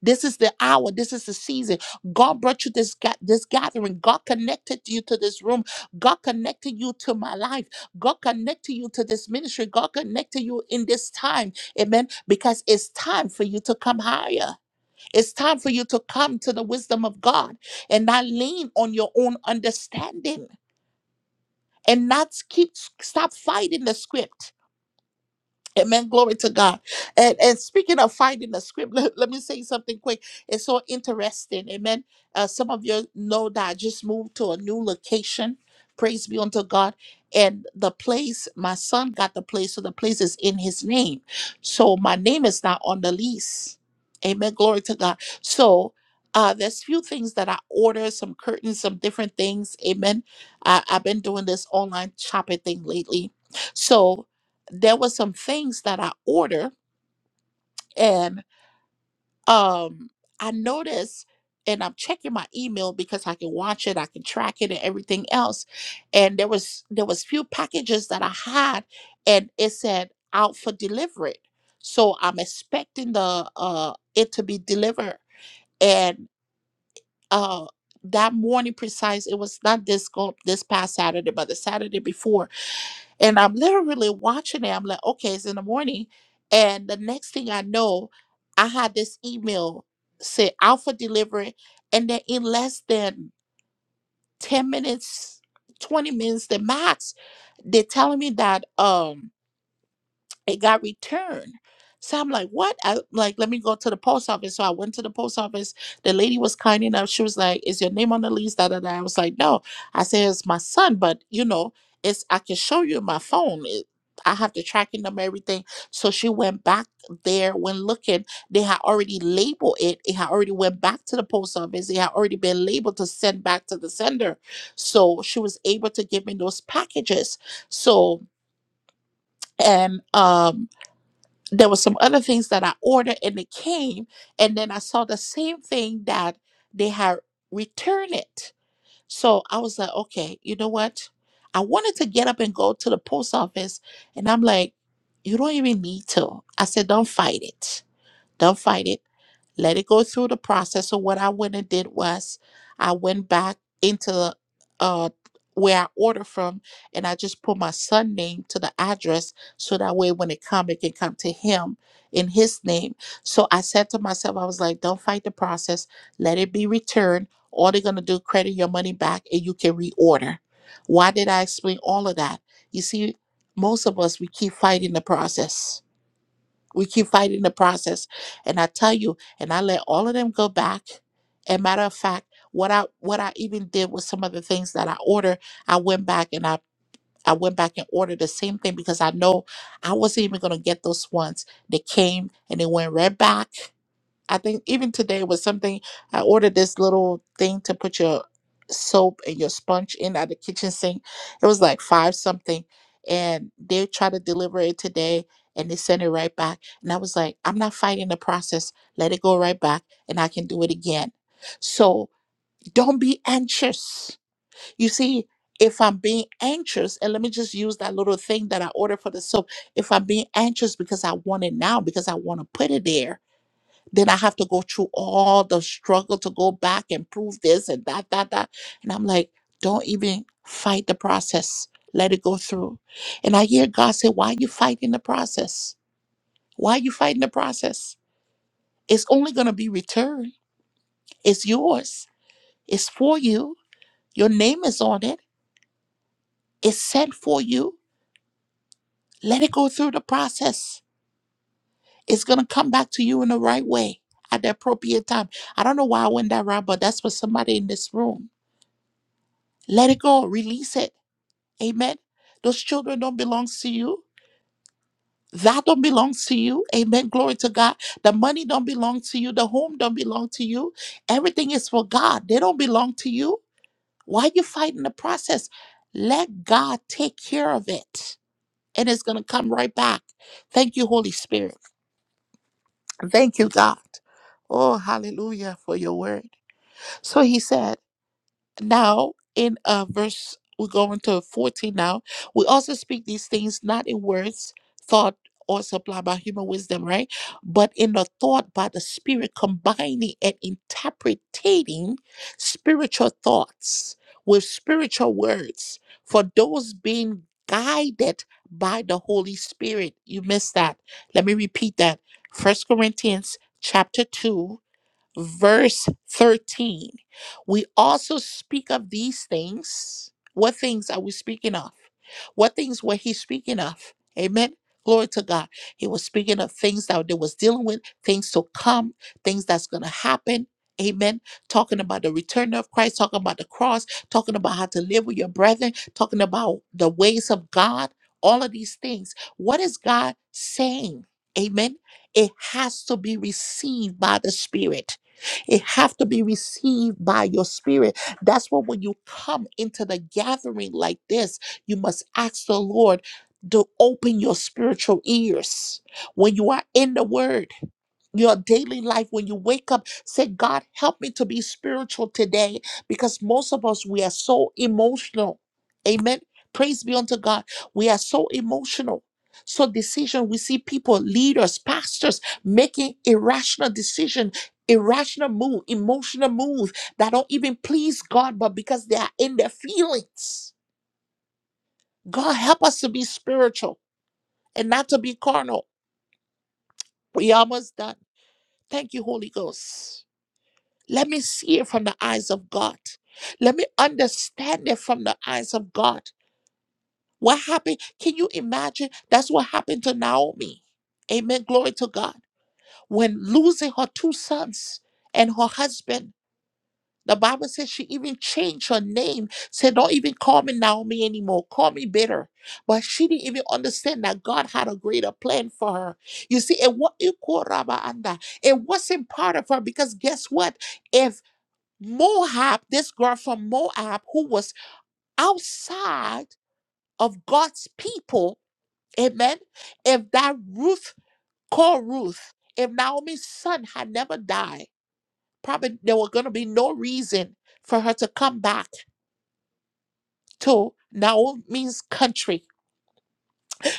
This is the hour. This is the season. God brought you this ga- this gathering. God connected you to this room. God connected you to my life. God connected you to this ministry. God connected you in this time. Amen. Because it's time for you to come higher. It's time for you to come to the wisdom of God and not lean on your own understanding and not keep stop fighting the script Amen. Glory to God. And and speaking of finding the script, let, let me say something quick. It's so interesting. Amen. Uh, some of you know that I just moved to a new location. Praise be unto God. And the place, my son got the place, so the place is in his name. So my name is not on the lease. Amen. Glory to God. So uh, there's few things that I ordered, some curtains, some different things. Amen. I, I've been doing this online shopping thing lately. So there was some things that I ordered and um I noticed and I'm checking my email because I can watch it, I can track it and everything else. And there was there was few packages that I had and it said out for delivery. So I'm expecting the uh it to be delivered. And uh that morning precise, it was not this go this past Saturday, but the Saturday before And I'm literally watching it. I'm like, okay, it's in the morning. And the next thing I know, I had this email say alpha delivery. And then in less than 10 minutes, 20 minutes, the max, they're telling me that um it got returned. So I'm like, what? I like, let me go to the post office. So I went to the post office. The lady was kind enough. She was like, Is your name on the lease? Da, da, da. I was like, No. I said, It's my son, but you know, it's I can show you my phone. It, I have the tracking number, everything. So she went back there when looking. They had already labeled it. It had already went back to the post office. It had already been labeled to send back to the sender. So she was able to give me those packages. So and um there were some other things that I ordered and it came, and then I saw the same thing that they had returned it. So I was like, okay, you know what? I wanted to get up and go to the post office, and I'm like, you don't even need to. I said, don't fight it. Don't fight it let it go through the process. So what I went and did was I went back into uh where I ordered from and I just put my son name to the address so that way when it come it can come to him in his name. So I said to myself, I was like, don't fight the process, let it be returned. All they're gonna do credit your money back and you can reorder. Why did I explain all of that? You see, most of us we keep fighting the process we keep fighting the process. And I tell you, and I let all of them go back. And matter of fact, what I what I even did with some of the things that I ordered, I went back and I I went back and ordered the same thing because I know I wasn't even gonna get those ones. They came and they went right back. I think even today was something I ordered this little thing to put your soap and your sponge in at the kitchen sink. It was like five something. And they tried to deliver it today and they sent it right back. And I was like, I'm not fighting the process. Let it go right back and I can do it again. So don't be anxious. You see, if I'm being anxious, and let me just use that little thing that I ordered for the soap. If I'm being anxious because I want it now, because I want to put it there, then I have to go through all the struggle to go back and prove this and that, that, that. And I'm like, don't even fight the process. Let it go through. And I hear God say, why are you fighting the process? Why are you fighting the process? It's only going to be returned. It's yours. It's for you. Your name is on it. It's sent for you. Let it go through the process. It's going to come back to you in the right way at the appropriate time. I don't know why I went that route, but that's for somebody in this room Let it go. Release it. Amen. Those children don't belong to you. That don't belong to you. Amen. Glory to God. The money don't belong to you. The home don't belong to you. Everything is for God. They don't belong to you. Why you fighting the process? Let God take care of it. And it's going to come right back. Thank you, Holy Spirit. Thank you, God. Oh, hallelujah for your word. So he said. Now, in uh, verse, we go into 14 now. We also speak these things not in words, thought, or supplied by human wisdom, right? But in the thought by the Spirit, combining and interpreting spiritual thoughts with spiritual words for those being guided by the Holy Spirit. You missed that. Let me repeat that. First Corinthians chapter 2 verse 13. We also speak of these things. What things are we speaking of? What things were he speaking of? Amen. Glory to God. He was speaking of things that they was dealing with, things to come, things that's gonna happen. Amen. Talking about the return of Christ, talking about the cross, talking about how to live with your brethren, talking about the ways of God, all of these things. What is God saying? Amen. It has to be received by the Spirit. It have to be received by your spirit. That's why when you come into the gathering like this, you must ask the Lord to open your spiritual ears when you are in the word your daily life when you wake up say god help me to be spiritual today because most of us we are so emotional amen praise be unto god we are so emotional so decision we see people leaders pastors making irrational decision irrational move emotional move that don't even please god but because they are in their feelings god help us to be spiritual and not to be carnal we almost done thank you holy ghost Let me see it from the eyes of God. Let me understand it from the eyes of God. What happened? Can you imagine? That's what happened to Naomi. Amen. Glory to God. When losing her two sons and her husband, the Bible says she even changed her name, said, Don't even call me Naomi anymore. Call me bitter. But she didn't even understand that God had a greater plan for her. You see, it, wa- it wasn't part of her because guess what? If Moab, this girl from Moab who was outside of God's people, amen. If that Ruth called Ruth, if Naomi's son had never died, probably there were going to be no reason for her to come back to Naomi's country.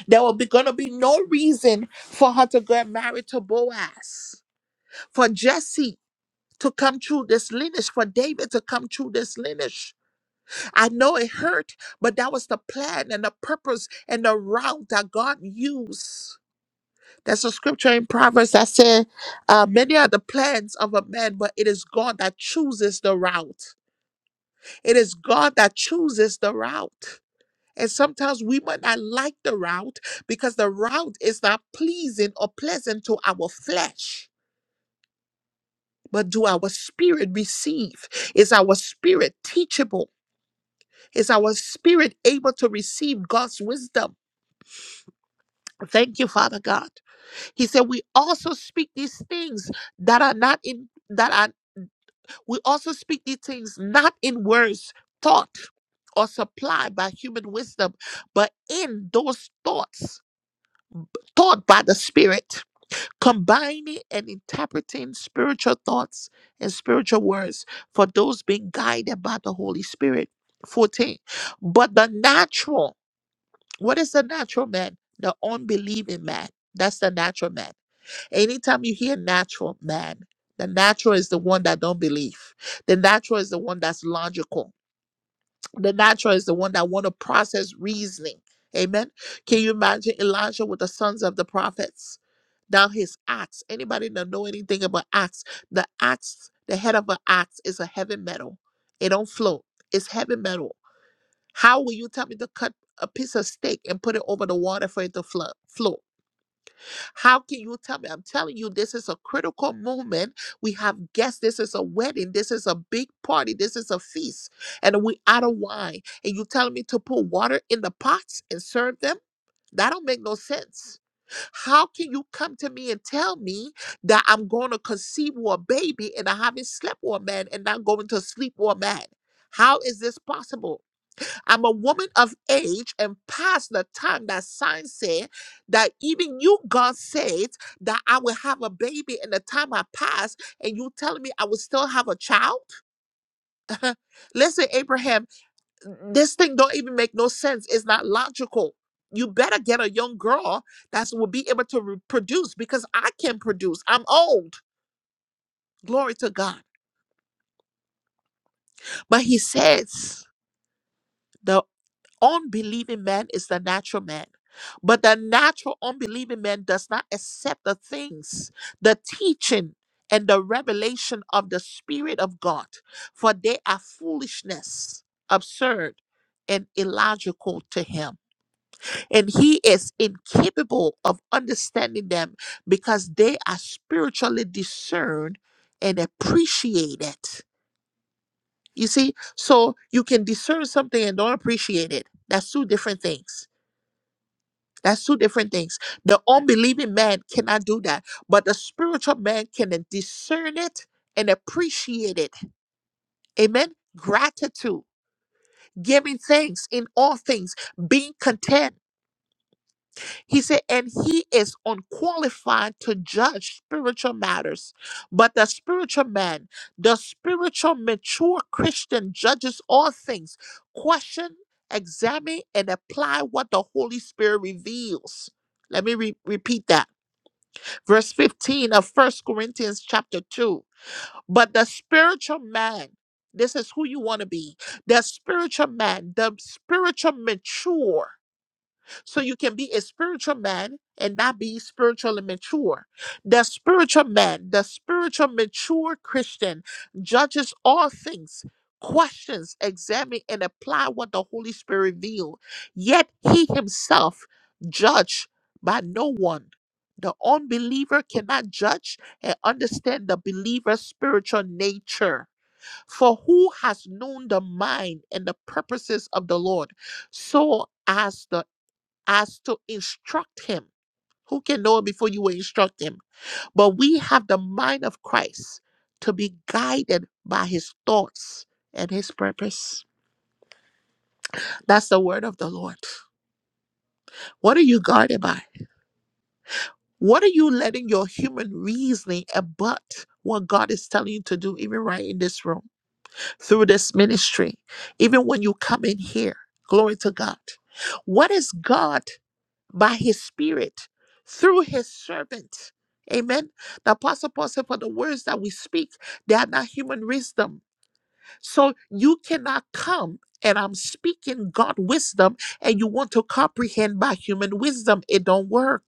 There will be going to be no reason for her to get married to Boaz, for Jesse to come through this lineage, for David to come through this lineage. I know it hurt, but that was the plan and the purpose and the route that God used. There's a scripture in Proverbs that says, uh, Many are the plans of a man, but it is God that chooses the route. It is God that chooses the route. And sometimes we might not like the route because the route is not pleasing or pleasant to our flesh. But do our spirit receive? Is our spirit teachable? Is our spirit able to receive God's wisdom? Thank you, Father God. He said, We also speak these things that are not in, that are, we also speak these things not in words, thought, or supplied by human wisdom, but in those thoughts taught by the Spirit, combining and interpreting spiritual thoughts and spiritual words for those being guided by the Holy Spirit. 14. But the natural, what is the natural man? The unbelieving man. That's the natural man Anytime you hear natural man, the natural is the one that don't believe. The natural is the one that's logical. The natural is the one that want to process reasoning. Amen. Can you imagine Elijah with the sons of the prophets? Now his axe. Anybody that know anything about axe? The axe, the head of an axe is a heavy metal. It don't float. It's heavy metal. How will you tell me to cut a piece of steak and put it over the water for it to flo- float? How can you tell me? I'm telling you, this is a critical moment. We have guests. This is a wedding. This is a big party. This is a feast. And we out of wine. And you telling me to put water in the pots and serve them? That don't make no sense. How can you come to me and tell me that I'm going to conceive with a baby and I haven't slept with a man and not going to sleep with a man? How is this possible? I'm a woman of age and past the time that signs say that even you, God, said that I will have a baby in the time I pass, and you telling me I will still have a child? Listen, Abraham, this thing don't even make no sense. It's not logical. You better get a young girl that will be able to reproduce because I can produce. I'm old. Glory to God. But he says, the. Unbelieving man is the natural man. But the natural unbelieving man does not accept the things, the teaching, and the revelation of the Spirit of God, for they are foolishness, absurd, and illogical to him. And he is incapable of understanding them because they are spiritually discerned and appreciated. You see, so you can discern something and don't appreciate it. That's two different things that's two different things. The unbelieving man cannot do that, but the spiritual man can discern it and appreciate it. Amen. Gratitude, giving thanks in all things, being content. He said, and he is unqualified to judge spiritual matters. But the spiritual man, the spiritual mature Christian, judges all things, question, examine, and apply what the Holy Spirit reveals. Let me re- repeat that verse 15 of First Corinthians chapter 2. But the spiritual man, this is who you want to be. The spiritual man, the spiritual mature. So you can be a spiritual man and not be spiritually mature. The spiritual man, the spiritual mature Christian, judges all things, questions, examines, and apply what the Holy Spirit revealed. Yet he himself judged by no one. The unbeliever cannot judge and understand the believer's spiritual nature. For who has known the mind and the purposes of the Lord? so as the as to instruct him. Who can know him before you will instruct him? But we have the mind of Christ to be guided by his thoughts and his purpose. That's the word of the Lord. What are you guided by? What are you letting your human reasoning abut what God is telling you to do, even right in this room, through this ministry, even when you come in here? Glory to God. What is God? by his spirit through his servant. Amen. The apostle Paul said, For the words that we speak, they are not human wisdom. So you cannot come and I'm speaking God wisdom and you want to comprehend by human wisdom. It don't work.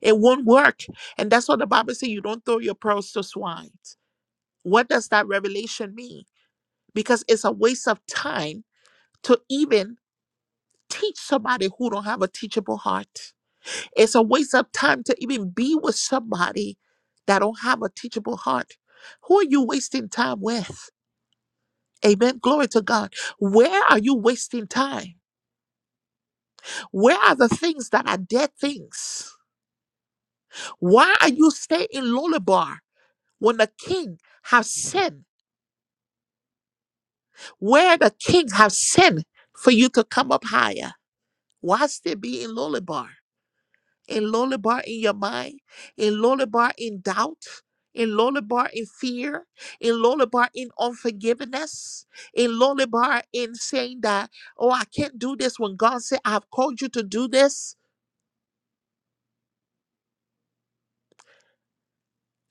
It won't work. And that's what the Bible says you don't throw your pearls to swine. What does that revelation mean? Because it's a waste of time to even teach somebody who don't have a teachable heart. It's a waste of time to even be with somebody that don't have a teachable heart. Who are you wasting time with? Amen. Glory to God. Where are you wasting time? Where are the things that are dead things? Why are you staying in Lolabar when the king has sinned? Where the king has sinned for you to come up higher? Why still be in Lolabar? a lullaby in your mind, a lullaby in doubt, a lullaby in fear, a lullaby in unforgiveness, a lullaby in saying that, oh, I can't do this when God said, I've called you to do this.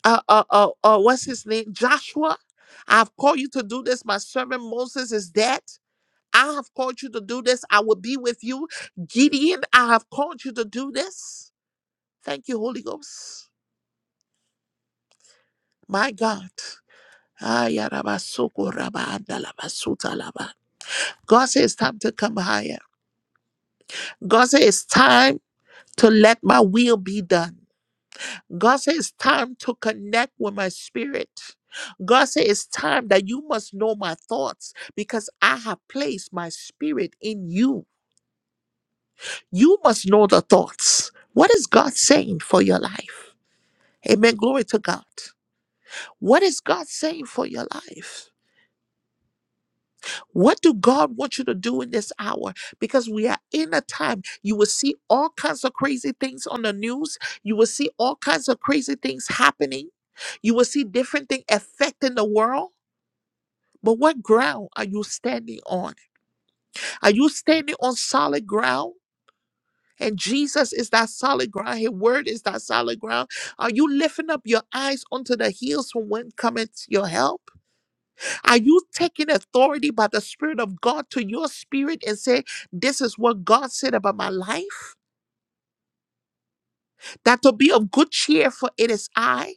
Uh, uh, uh, uh, what's his name? Joshua. I've called you to do this. My servant Moses is dead. I have called you to do this. I will be with you. Gideon, I have called you to do this. Thank you, Holy Ghost. My God. Ayarabasokorabaandalabasutalaba. God says it's time to come higher. God says it's time to let my will be done. God says it's time to connect with my spirit. God says it's time that you must know my thoughts because I have placed my spirit in you. You must know the thoughts. What is God saying for your life? Amen. Glory to God. What is God saying for your life? What do God want you to do in this hour? Because we are in a time you will see all kinds of crazy things on the news. You will see all kinds of crazy things happening. You will see different things affecting the world. But what ground are you standing on? Are you standing on solid ground? And Jesus is that solid ground. His word is that solid ground. Are you lifting up your eyes onto the hills from when cometh your help? Are you taking authority by the Spirit of God to your spirit and say, This is what God said about my life? That to be of good cheer, for it is I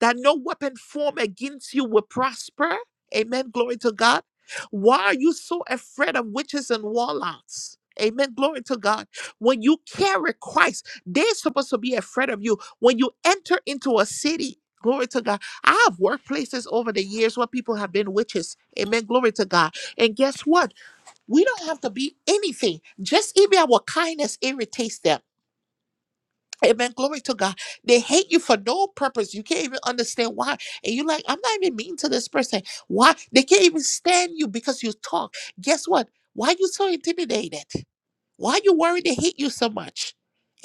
that no weapon formed against you will prosper. Amen. Glory to God. Why are you so afraid of witches and warlocks? Amen. Glory to God. When you carry Christ, they're supposed to be afraid of you. When you enter into a city, glory to God. I have workplaces over the years where people have been witches. Amen. Glory to God. And guess what? We don't have to be anything. Just even our kindness irritates them. Amen. Glory to God. They hate you for no purpose. You can't even understand why. And you're like, I'm not even mean to this person. Why? They can't even stand you because you talk. Guess what? Why you so intimidated? Why are you worried they hate you so much?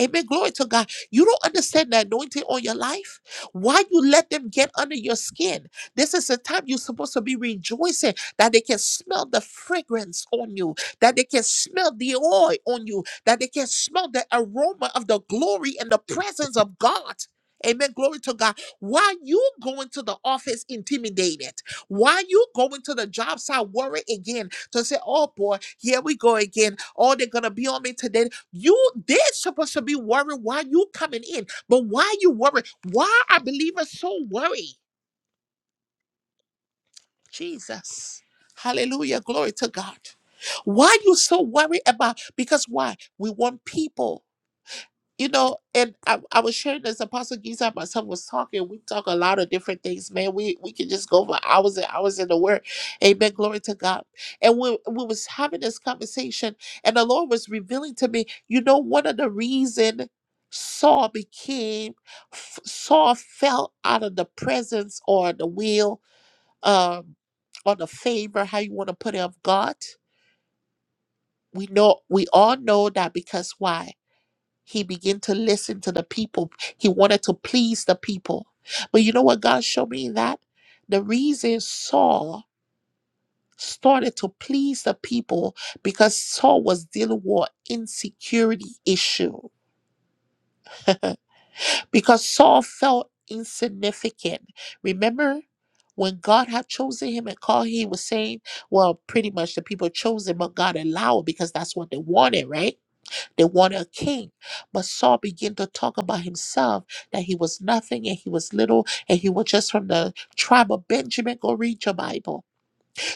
Amen. Glory to God. You don't understand the anointing on your life. Why you let them get under your skin? This is the time you're supposed to be rejoicing that they can smell the fragrance on you, that they can smell the oil on you, that they can smell the aroma of the glory and the presence of God. Amen. Glory to God. Why you going to the office intimidated? Why you going to the job site worried again? So I said, Oh boy, here we go again. Oh, they're gonna be on me today. You they're supposed to be worried why you coming in, but why you worried? Why are believers so worried? Jesus. Hallelujah. Glory to God. Why you so worried about? Because why? We want people you know, and I, I was sharing this. Apostle Giza and myself was talking. We talk a lot of different things, man. We we can just go for hours and hours in the Word. Amen. Glory to God. And we we was having this conversation, and the Lord was revealing to me, you know, one of the reason Saul became f- Saul fell out of the presence or the will, um, or the favor, how you want to put it, of God. We know we all know that because why? He began to listen to the people. He wanted to please the people. But you know what God showed me in that? The reason Saul started to please the people because Saul was dealing with an insecurity issue. because Saul felt insignificant. Remember when God had chosen him and called, him, he was saying, Well, pretty much the people chose him, but God allowed it because that's what they wanted, right? They wanted a king. But Saul began to talk about himself that he was nothing and he was little and he was just from the tribe of Benjamin. Go read your Bible.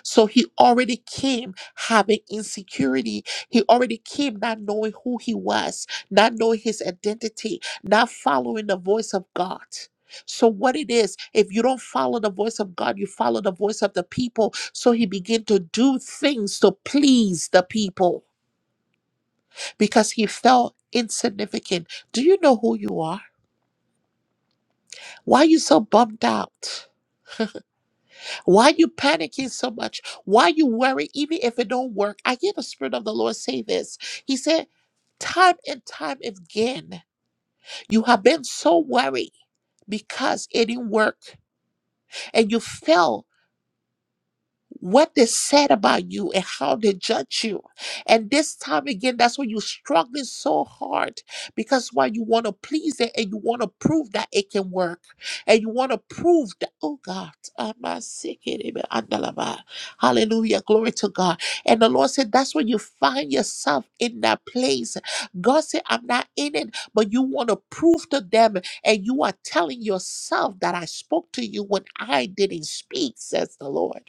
So he already came having insecurity. He already came not knowing who he was, not knowing his identity, not following the voice of God. So what it is, if you don't follow the voice of God, you follow the voice of the people. So he began to do things to please the people because he felt insignificant. Do you know who you are? Why you so bummed out? Why you panicking so much? Why you worry even if it don't work? I hear the Spirit of the Lord say this. He said, time and time again, you have been so worried because it didn't work and you felt. what they said about you and how they judge you. And this time again, that's why you're struggling so hard because why you want to please it and you want to prove that it can work. And you want to prove that, oh God, I'm not sick. anymore. Andalaba. Hallelujah. Glory to God. And the Lord said, that's when you find yourself in that place. God said, I'm not in it, but you want to prove to them and you are telling yourself that I spoke to you when I didn't speak, says the Lord.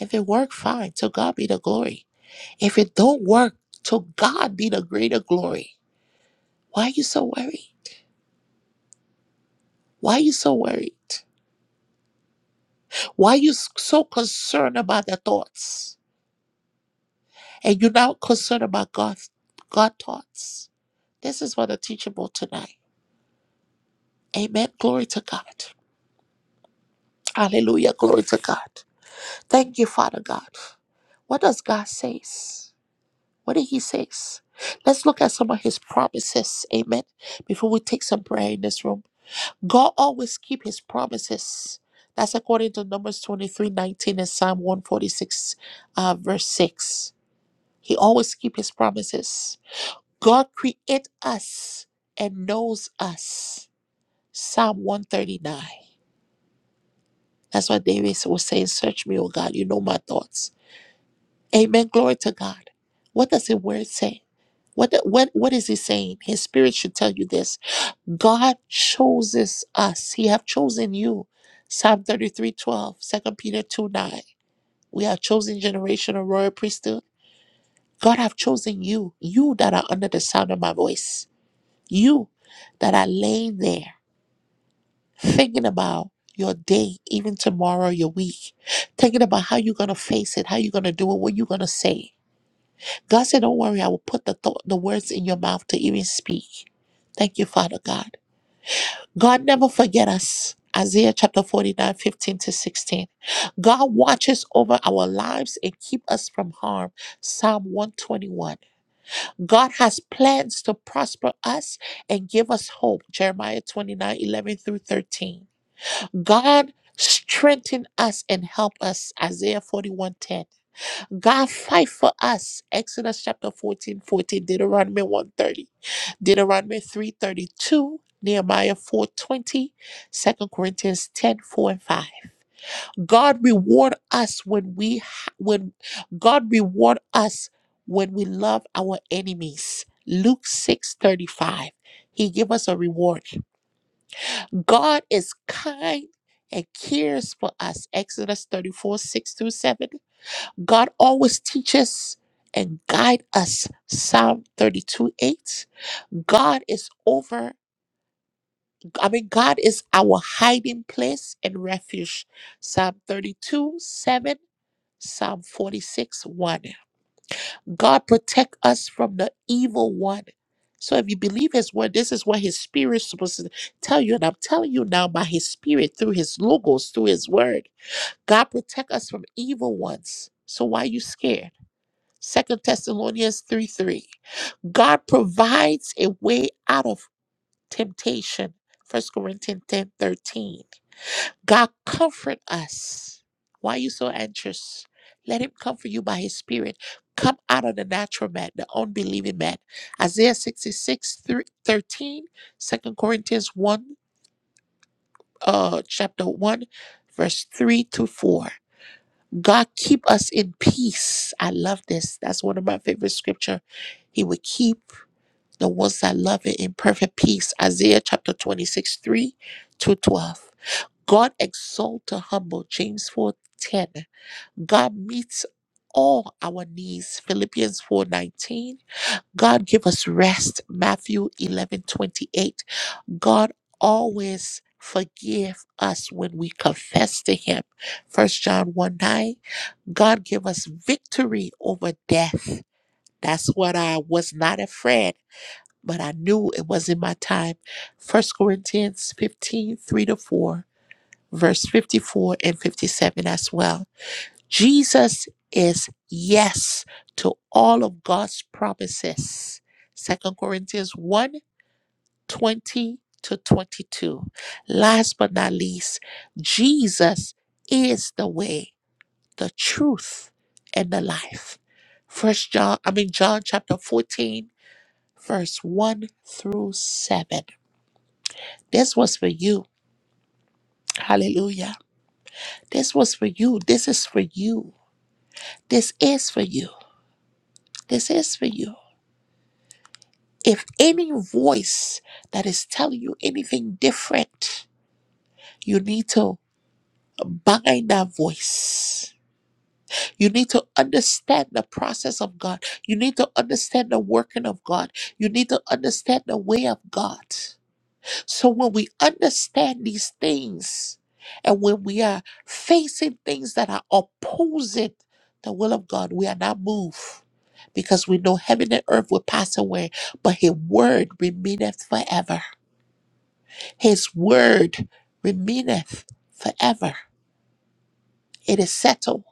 If it work, fine. To God be the glory. If it don't work, to God be the greater glory. Why are you so worried? Why are you so worried? Why are you so concerned about the thoughts? And you're not concerned about God, God thoughts. This is what the teachable tonight. Amen. Glory to God. Hallelujah. Glory to God. Thank you, Father God. What does God says? What did He says? Let's look at some of His promises. Amen. Before we take some prayer in this room. God always keep his promises. That's according to Numbers 23 19 and Psalm 146, uh, verse 6. He always keep his promises. God create us and knows us. Psalm 139. That's what David was saying, search me, O God, you know my thoughts. Amen. Glory to God. What does the word say? What, what, what is he saying? His spirit should tell you this. God chooses us. He have chosen you. Psalm 33, 12, Second Peter 2, 9. We are chosen generation of royal priesthood. God have chosen you, you that are under the sound of my voice, you that are laying there thinking about your day, even tomorrow, your week, thinking about how you're going to face it, how you're going to do it, what you're going to say. God said, don't worry, I will put the, thought, the words in your mouth to even speak. Thank you, Father God. God never forget us. Isaiah chapter 49, 15 to 16. God watches over our lives and keep us from harm. Psalm 121. God has plans to prosper us and give us hope. Jeremiah 29, 11 through 13. God strengthen us and help us. Isaiah 41 10. God fight for us. Exodus chapter 14, 14. Deuteronomy 130, Deuteronomy 332, Nehemiah 420, Corinthians 10 4 and 5. God reward us when we ha- when God reward us when we love our enemies. Luke 6 35. He give us a reward. God is kind and cares for us. Exodus 34, 6 through 7. God always teaches and guide us. Psalm 32 8. God is over, I mean, God is our hiding place and refuge. Psalm 32 7. Psalm 46 1. God protect us from the evil one. So if you believe his word, this is what his spirit is supposed to tell you. And I'm telling you now by his spirit, through his logos, through his word. God protect us from evil ones. So why are you scared? Second Thessalonians 3 3. God provides a way out of temptation. First Corinthians 10 13. God comfort us. Why are you so anxious? Let him comfort you by his spirit. Come out of the natural man, the unbelieving man. Isaiah 66 thr- 13, Second Corinthians 1, uh, chapter 1, verse 3 to 4. God keep us in peace. I love this. That's one of my favorite scripture. He will keep the ones that love it in perfect peace. Isaiah chapter 26, 3 to 12. God exalt the humble, James 4 10. God meets all our needs, Philippians 4 19. God give us rest, Matthew 11 28. God always forgive us when we confess to him, First John 1, 9. God give us victory over death. That's what I was not afraid but I knew it wasn't my time. First Corinthians 15 3 to 4, verse 54 and 57 as well. Jesus is yes to all of God's promises. Second Corinthians one 20 to 22. Last but not least, Jesus is the way, the truth, and the life. First John, I mean John chapter 14, verse 1 through 7. This was for you. Hallelujah. This was for you. This is for you. This is for you. This is for you. If any voice that is telling you anything different, you need to bind that voice. You need to understand the process of God. You need to understand the working of God. You need to understand the way of God. So when we understand these things and when we are facing things that are opposing the will of God, we are not moved because we know heaven and earth will pass away, but his word remaineth forever. His word remaineth forever. It is settled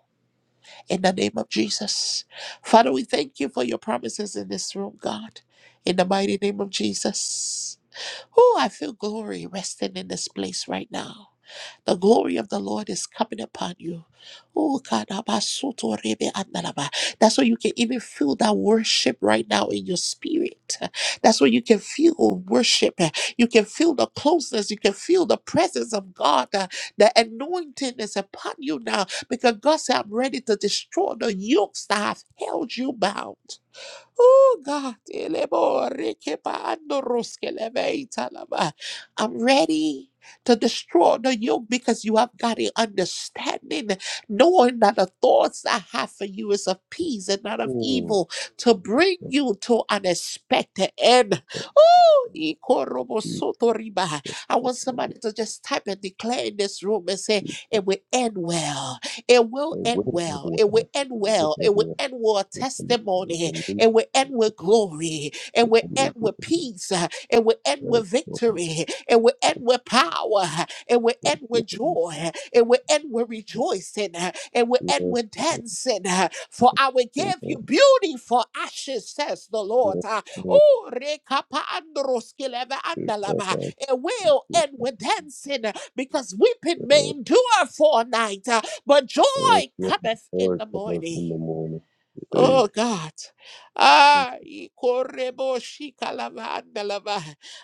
in the name of Jesus. Father, we thank you for your promises in this room, God. In the mighty name of Jesus. Oh, I feel glory resting in this place right now. The glory of the Lord is coming upon you. Oh, kadabasoto rebe andalaba. That's why you can even feel that worship right now in your spirit. That's why you can feel worship. You can feel the closeness. You can feel the presence of God. Uh, The anointing is upon you now because God said, I'm ready to destroy the yokes that have held you bound. Oh God, elebo rekepa andoroske leveita lava. I'm ready to destroy the yoke because you have got an understanding, knowing that the thoughts I have for you is of peace and not of
Oh,
evil, to
thank
bring you to an expected end. Oh,
you,
ikorobo
Jesus,
sotoriba. I
for
want somebody
Hallelujah.
to just type and declare in this room and say, it will end well. It will
The
end
way
well.
everywhere,
It
the
will
world,
end
the
well.
way
It will
everywhere,
end well.
the world, the way
Testimony
everywhere,
and
the world,
we're at with glory,
the
and
way
we're
everywhere,
at with
the
peace, uh, and we're at
world, the way everywhere, the
with
world,
victory, and we're at with power, uh, and we're
the
at with
way everywhere, the
joy, uh, and we're at with rejoicing, uh, and we're at
world,
with dancing. uh, For I will
the way
give you
everywhere,
beauty for ashes, says the Lord.
yes,
Uh,
Lord,
Oh, rekapa androskileva
we cry
andalava.
out to
It will
you,
end with dancing uh, because weeping may
Father.
endure for a night, uh, but joy
Help us,
cometh in
Lord,
the
come out in
morning.
the morning. Hey,
Oh God.
thank
Ah, I correbo shika la banda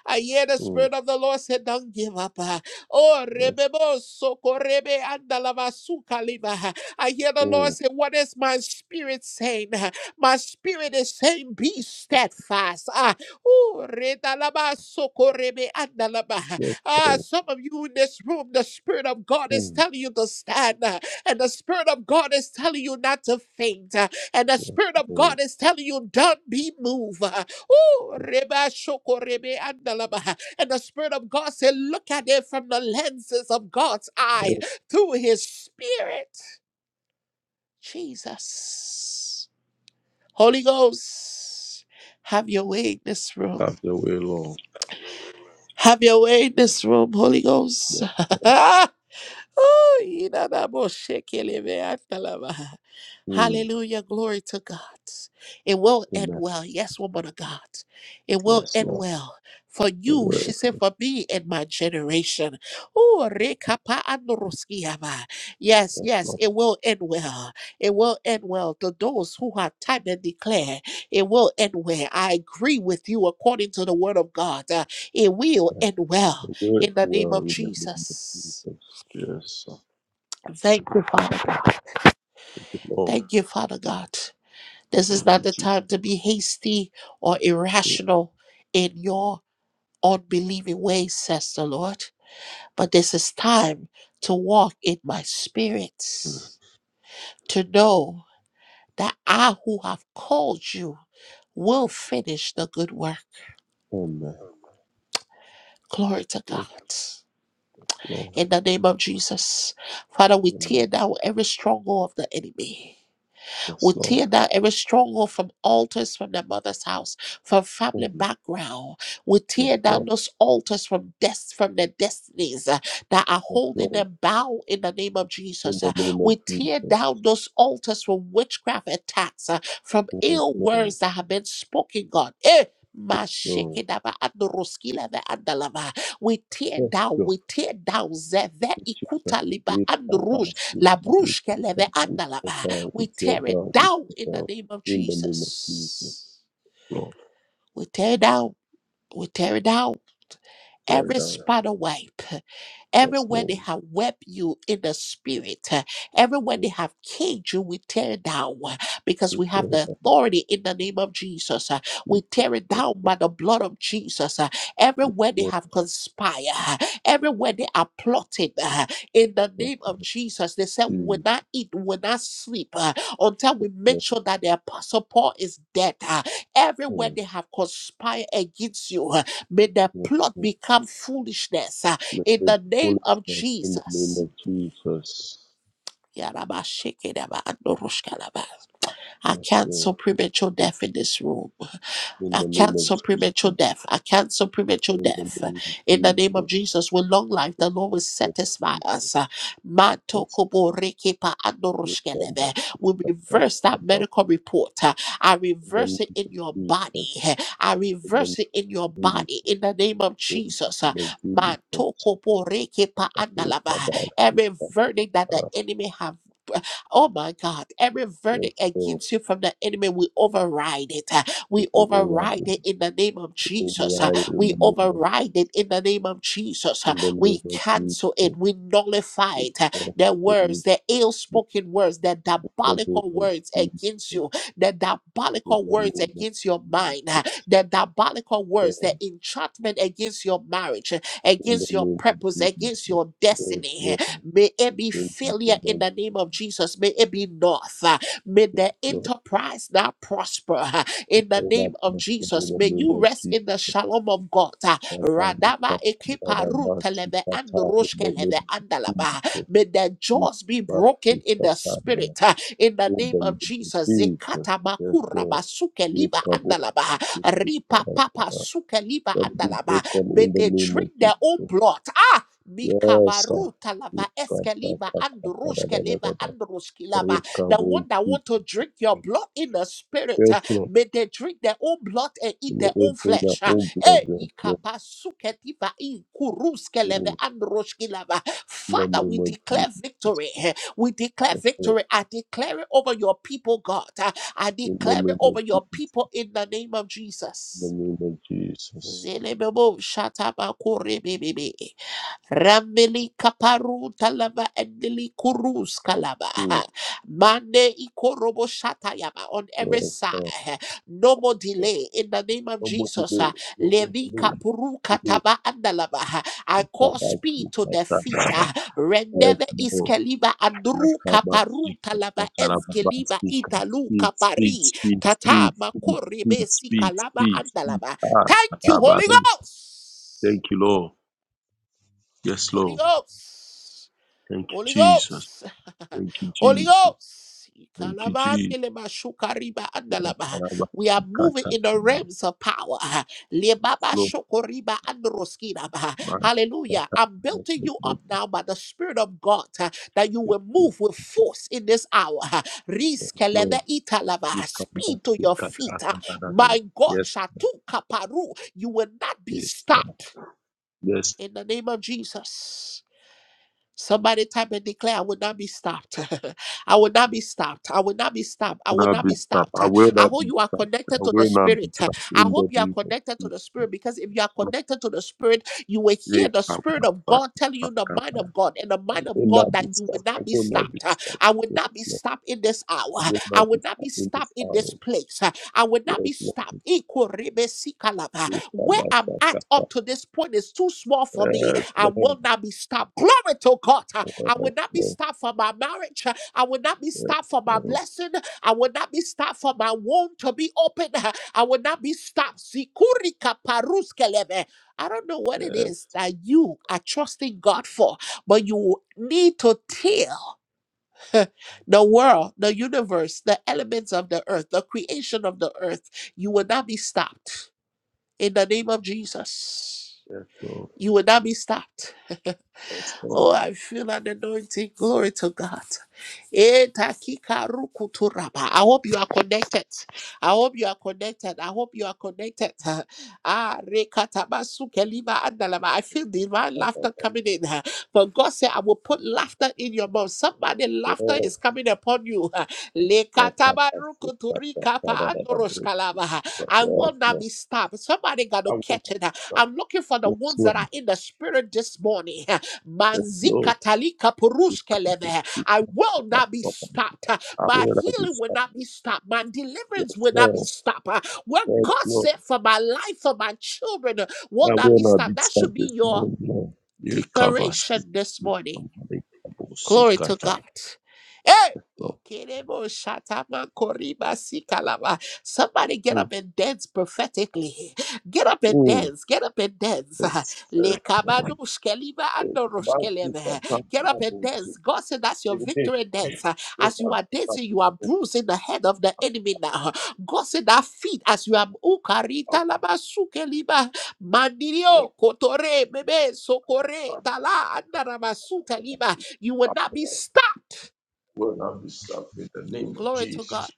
I hear the
you.
Spirit of the Lord say, Don't give up. ah. Oh,
Yes,
rebebo so correbe anda su kaliba. I hear the Lord
Lord.
say, What is my spirit saying? Ah, My spirit is saying, Be steadfast. Ah, Oh, reda la ba so correbe anda
Yes,
Ah,
Lord.
some of you in this room, the Spirit of God is
Hmm.
telling you to stand, ah, and the Spirit of God is telling you not to faint. And the
Yes,
Spirit of
Lord.
God is telling you, don't be moved. Ooh, reba shoko rebe andalaba. And the Spirit of God said, look at it from the lenses of God's eye through His Spirit. Jesus. Holy Ghost, have your way in this room.
Have your way, Lord.
Have your way in this room, Holy Ghost.
Yes,
Oh, yidadaboshekelebeatalaba.
Lord.
Hallelujah. Glory to God. It will end
Amen.
well. Yes, woman of God. It will
Yes,
end
Lord.
well. For
The
you, she
word.
said, for me and my generation. Oh, rekapa andoroskiaba. Yes,
Yes,
yes,
Lord.
it will end well. It will end well to those who have time and declare it will end well. I agree with you according to the word of God. Uh, It will
Yes.
end well
The word
in the name
well
of
in the name of
Jesus.
Jesus. Yes. Thank
Thank you, Father God.
you, Lord.
Thank you, Father God. This is
Thank
not
you,
the time to be hasty or
Jesus.
irrational in your unbelieving ways, says the Lord. But this is time to walk in my spirits, to know that I who have called you will finish the good work.
Amen.
Glory to God.
Yes, Lord.
In the name of Jesus, Father, we tear
Amen.
down every stronghold of the enemy.
Yes,
We
Lord.
tear down every stronghold from altars from their mother's house, from family
Amen.
background. We
Yes,
tear down
Lord.
those altars from death, from their destinies uh, that are
Yes,
holding
Lord.
them bound in the name of
In
Jesus.
the
uh.
name of
We tear
Jesus.
down those altars from witchcraft attacks, uh, from
Yes,
ill
Lord.
words that have been spoken, God. Eh,
Lord.
Mashikidaba andoroskileve andalava. We tear
Yes,
down,
Lord.
we tear down zeve
Yes, you, Yes,
ikuta liba
With Yes,
andrush,
past, Yes, our Yes,
labrush
your
keleve
Yes, with
andalava.
your God,
We
with your
tear it
God, with
down in the
your God.
name of
In the name of Jesus,
Jesus.
Lord.
We tear it down. We tear it down.
Carry
Every
down.
spider web.
Yes,
Everywhere they
Lord.
have wept you in the spirit, uh, everywhere they
Yes,
have caged you, we tear it down uh, because we have
Lord.
the authority in the name of Jesus. uh,
Yes,
We
yes,
tear it down by the blood of Jesus. uh, Everywhere they
yes,
have conspired, uh, everywhere they are plotting uh, in the
yes,
name of Jesus. They said, We will
Jesus.
not eat, we will not sleep uh, until
Yes,
we make
Lord.
sure that the apostle Paul is dead. uh, Everywhere they have conspired against you, uh, May their
Yes,
plot
Lord.
become foolishness. uh,
Let
in
every
the name of
foolishness in the name
Jesus.
of Jesus.
Yarabashikidaba, I
Yes,
cancel
Lord.
premature death in this room.
In
I
the name of
cancel premature
Jesus.
death. I cancel premature
In the name
death.
of
In the name of
Jesus.
Jesus, with long life,
In the
the Lord will
name of
satisfy
Jesus.
us. Manto
Yes,
kobo
Lord.
reke pa
Yes,
andoroshkeleve. We
Yes,
reverse
Yes,
that medical report. I
In the name
reverse it in
of
your body.
Jesus.
I
In the name
reverse it in your
of Jesus.
body. In the name of
In
Jesus.
the name of Jesus.
Manto kobo reke pa
Yes, Yes,
andalava.
Yes,
Every verdict that the enemy have Oh my God. Every
Yes,
verdict
Lord.
against you from the enemy, we override it. Uh, We override it in the name of Jesus. Uh,
In
We
the name of Jesus.
override it in the name of Jesus. Uh,
In the name
We
of
cancel it.
Jesus,
We nullify
we
it. Uh,
trust
The
in
words, the ill
you.
spoken words, the
In the name
diabolical
of
words against
Jesus,
you, the
in
diabolical
the name
words
of
against your mind, uh,
Jesus,
the diabolical words,
Lord.
the enchantment against your marriage, uh,
In the
against your
name of
purpose,
Jesus,
against your
yes,
destiny.
Lord.
May it be
Thank you
failure
so
in
much,
the name of Jesus. May it be north. uh, May the
Lord.
enterprise now prosper uh, in the
All that
name of
blessed in
Jesus.
the
May
name
you
of
rest in the
Jesus.
shalom of God. uh,
Our body,
Radaba
our heart,
ekipa
our minds,
ruteleve
our
and
heart, In the name
roshkeleve
of
andalaba.
Jesus,
May the
we
jaws be
trust
broken
in
in
you,
the
Father.
spirit uh, in the
In
name
the
of
name of
Jesus.
Jesus,
Zekata
yes,
makura
Lord.
basuke
We
liba
come up
andalaba.
with you,
Ripa
Father.
papa suke liba
Let it be
andalaba.
broken in
May
the
they
name of
drink
Jesus.
their own blood. Ah,
Yes, sir.
Mikabaruta
Yes,
lava
Lord.
eskeliva andrushkeliva andrushkilava. The one that want to drink your blood in the spirit, uh, may they drink their own blood and eat
May
their
they
own
bring their
flesh. uh.
own blood,
Eh,
yes, Lord.
ikapasuketiva inkuruskeleve
In
andrushkilava.
the
Father,
name
we
of
declare
Jesus.
victory. eh. We declare
Yes, Lord.
victory. I declare it over your people, God. Uh, I
In the
declare it
name of
over your
Jesus.
people in the name of
In the
Jesus.
name of Jesus.
Zelebebo shataba korebebebe. Rameli kaparu talaba endeli kurus kalaba.
Mm.
Mande ikorobo shata yaba on every
Yes, Lord.
side. No more
Yes.
delay in the name of
Nobody
Jesus.
knows. Nobody
Levi
knows.
kapuru
Today.
kataba andalaba. I
Yes,
call speed to the feet. Rendeve
Lord.
iskeliba andru
Nakaba
kaparu
sika
talaba
taka rababa
eskeliba
sika
italu
speed speed speed
kapari. Tata
speed speed
makorebe
speed
si
speed
kalaba
speed speed
andalaba.
ah
Thank you,
nakaba
Holy Ghost.
thank you Lord yes
Holy
Lord
Ghost.
thank you
Holy
Jesus
Ghost.
thank you
Holy
Jesus
Ghost.
thank you Jesus Nakaraba
We are
sika
moving
ta
in the realms of power. Lebaba
slow
shokoriba androskinaba.
man sika
Hallelujah.
ta
I'm building you up now by the Spirit of God uh, that you will move
yes
with force in this hour. Riskelede
Lord
italaba.
we come back
Speed to your
sika
feet. uh,
ta ta ta ta ta.
My God,
yes
Shatu Kaparu. You will not be
yes Lord.
stopped
yes
in the name of Jesus. Somebody type and declare, I will not be stopped. I will not be stopped. I will not be stopped. I will
I
not
will not
be
be stopped I
stopped. Uh,
will
I
not
hope
be
you are
stopped I
connected to the
will not be
Spirit. Uh,
stopped
I
in the
hope you are
name of
connected to the
Jesus
Spirit because if you are connected to the Spirit, you will hear
Hey,
the
come
Spirit
on,
of
fuck,
God telling you
fuck,
the
come
mind
on.
of God and the
I
mind
will
of God
not be
that you will
stopped. I
not be
will not be
stopped. Uh,
stopped.
I will
Yes,
not be
Lord.
stopped in this hour.
I will
I
not be
will not be
stopped in
stopped
this
in this
hour.
place. Uh, I will not
Yes,
be
Lord.
stopped. Ikorebe sikalaba.
Hey, come
Where
on,
I'm
fuck,
at
come on.
up to this point is too small for me.
Yes,
I
Lord.
will not be stopped. Glory to God. Uh,
Yes,
I will not be
Lord.
stopped for my marriage. Uh, I will not be
Yes,
stopped for my
Lord.
blessing. I will not be stopped for my womb to be open. Uh, I will not be stopped. Sikurika paruskelebe. I don't know what it is that you are trusting God for, but you need to tell the world, the universe, the elements of the earth, the creation of the earth, you will not be stopped. In the name of Jesus,
Yes, yes, Lord.
you will not be stopped.
Yes,
Oh,
Lord.
I feel an anointing. Glory to God. Eh, takika ruku turaba. I hope you are connected. I hope you are connected. I hope you are connected. Ah, rekataba sukelima andalama. I feel divine
Come on, come
laughter
on.
coming in. But God said, I will put laughter in your mouth. Somebody,
Yes,
laughter
Lord.
is coming upon you.
Come on,
Lekataba
fuck,
ruku
fuck, fuck, come
turikapa
on, come on.
andoroshkalaba.
Yes,
I
Lord.
will not be stopped. Somebody got
I
to
will
catch
not
it.
be stopped.
I'm looking for the
Yes,
ones
Lord.
that are in the spirit this morning.
Yes, Lord.
Manzikatalika
You come, you
purushkeleve. I
come,
will
come,
not be
come, come.
stopped.
I
My
will not be
healing will
stopped.
not be stopped. My
Yes,
deliverance will not be
Lord.
stopped. What
Yes,
God
Lord.
said for my life, for my children, will
I
not
will
be
not be
stopped. That
stopped
should
this
be your
morning, Lord. You cover sick,
declaration this morning.
I'm not a couple sick
Glory to
at
God.
that,
Hey!
Lord.
Ikerebo shatama koriba sikalaba. Somebody get
Mm,
up and dance prophetically. Get up and
mm.
dance. Get up and dance.
It's, uh,
Lekabadush keliba
it's
andorosh
about sick,
kelebe.
I'm not a
Get up and
couple sick.
dance. God said that's your
You may
victory dance.
not
As you
have
are
stopped
dancing,
this
you are
morning.
bruising the head of the enemy now. God said that feet as you are
I
ukarita laba sukeliba.
will
Mandirio kotore bebe sokore
not
tala andarabasuta
be
you would
stopped.
not be
I
stuck.
will not be stopped in the name of
Glory to God.
Jesus.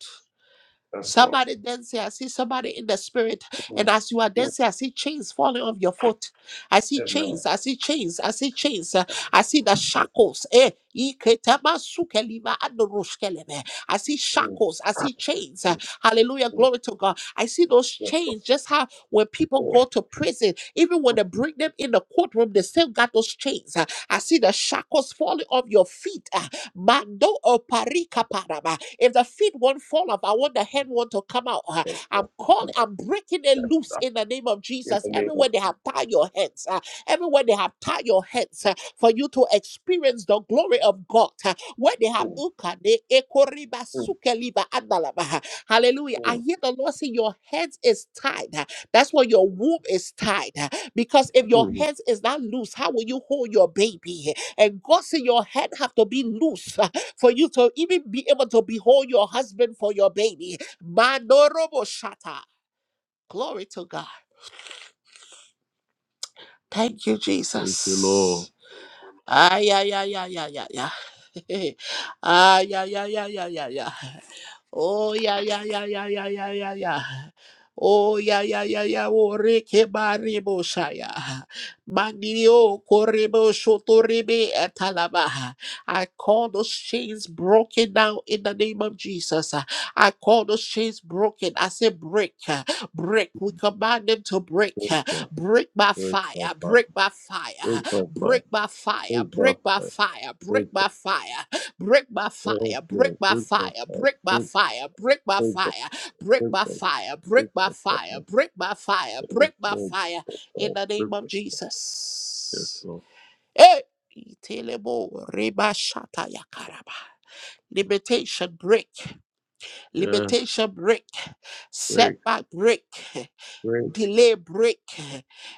That's all.
Somebody then say, I see somebody in the spirit. And
Mm,
as you are
mm.
dancing, I see chains falling off your foot. I see
And, uh,
chains. I see chains. I see chains. uh, I see the shackles. Eh? iketabasukelima andoroshkeleme. I see
mm,
shackles. I see chains. uh,
mm,
Hallelujah.
mm.
Glory to God. I see those
Yes, of
chains. Just how when people
course.
go to prison, even when they bring them in the courtroom, they still got those chains. uh, I see the shackles falling off your feet. uh, Mando oparika paraba. If the feet won't fall off, I want the head want to come out. ah,
Yes, of
I'm
course. I'm
calling,
not
I'm breaking it
a couple
loose
sick.
in the name of
In
Jesus.
the name of
Everywhere
Jesus.
they have tied your hands, ah, everywhere they have tied your hands ah, for you to experience the glory of God. ah, Where they have ukade ekoriba
Mm,
sukeliba andalaba. ah. Hallelujah. I
mm.
hear the Lord say your hands is tied. ah. That's why your womb is tied. ah, Because if your
Mm.
hands is not loose, how will you hold your baby? and God, in your head have to be loose uh, for you to even be able to behold your husband for your baby. Manorobo shata. Glory to God. Thank you,
Thank you, Lord.
Jesus. Ay, ay, ay, ay, ay, ay, ay. Ay, ay, ay, ay, ay, ay, ay. Oh yeah, yeah, yeah, yeah, yeah, yeah, yeah, yeah. Oh yeah, yeah, yeah, yeah. Oh reke baribo shaya. Mandio korebo shotorebe etalaba. I call those chains broken now in the name of Jesus. I call those chains broken. I say break, break. We command them to break,
Thank you.
break by
Thank you,
fire,
Father.
break by fire,
Thank you, Father.
break by fire,
Thank you,
break by
Father.
fire, break
Thank you.
by fire. Break by
Thank
fire,
you.
break by
Thank you,
fire,
Father.
break by
Thank you.
fire, break by
Thank
fire, break by
you.
fire, break
Thank
by
you,
fire,
Father.
break by fire,
Yes,
break by
Lord.
fire,
Thank you,
in the name of
Father. Yes,
Jesus.
Lord.
Hey! Itelebo reba shata ya karaba. Limitation break,
Yes,
limitation break,
break,
setback break,
break,
delay break.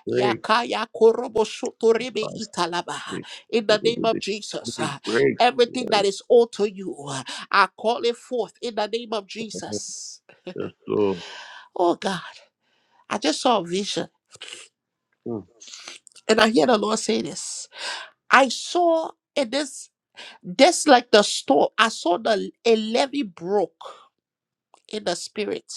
break,
Yakaya korobo shoto rebe
break,
italaba. In the name of Jesus,
We
uh,
break.
everything that is owed to you, uh, I call it forth in the name of
Yes,
Jesus.
Lord.
Oh God, I just saw a vision
Mm.
and I hear the Lord say this. I saw in this, this like the storm. I saw the a levy broke in the spirit.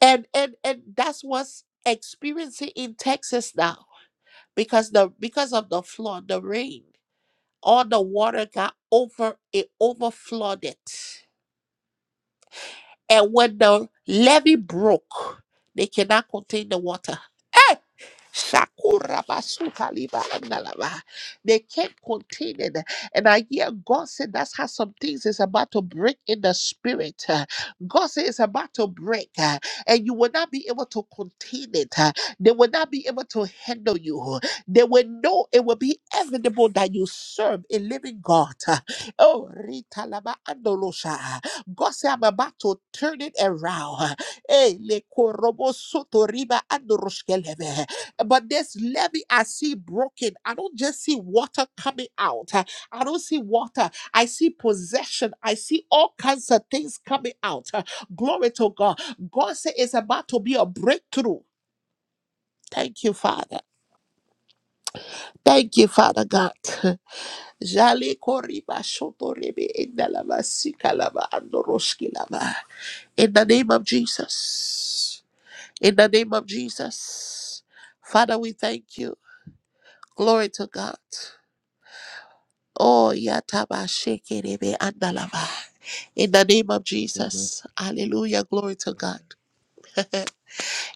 And and and that's what's experiencing in Texas now because the because of the flood, the rain. all the water got over it overflowed it and when the levee broke they cannot contain the water Hey. Shakura basuka liba andalava. They can't contain it. And I hear God say that's how some things is about to break in the spirit. Uh, God say it's about to break. uh, And you will not be able to contain it. Uh, They will not be able to handle you. They will know it will be inevitable that you serve a living God. Uh, Oh, Rita Lava Andolosha. God say I'm about to turn it around. Eh, le korobo soto riba andoroshkeleve but this levee I see broken. I don't just see water coming out. Uh, I don't see water. I see possession. I see all kinds of things coming out. Uh, Glory to God. God said it's about to be a breakthrough. Thank you, Father. Thank you, Father God. Jale koriba shoto rebe indalaba sikalaba andoroshkilaba. In the name of Jesus. In the name of Jesus. Father, we thank you. Glory to God. Oh, yataba shekerebe andalava. In the name of
Amen.
Jesus. Hallelujah. Glory to God.
Amen.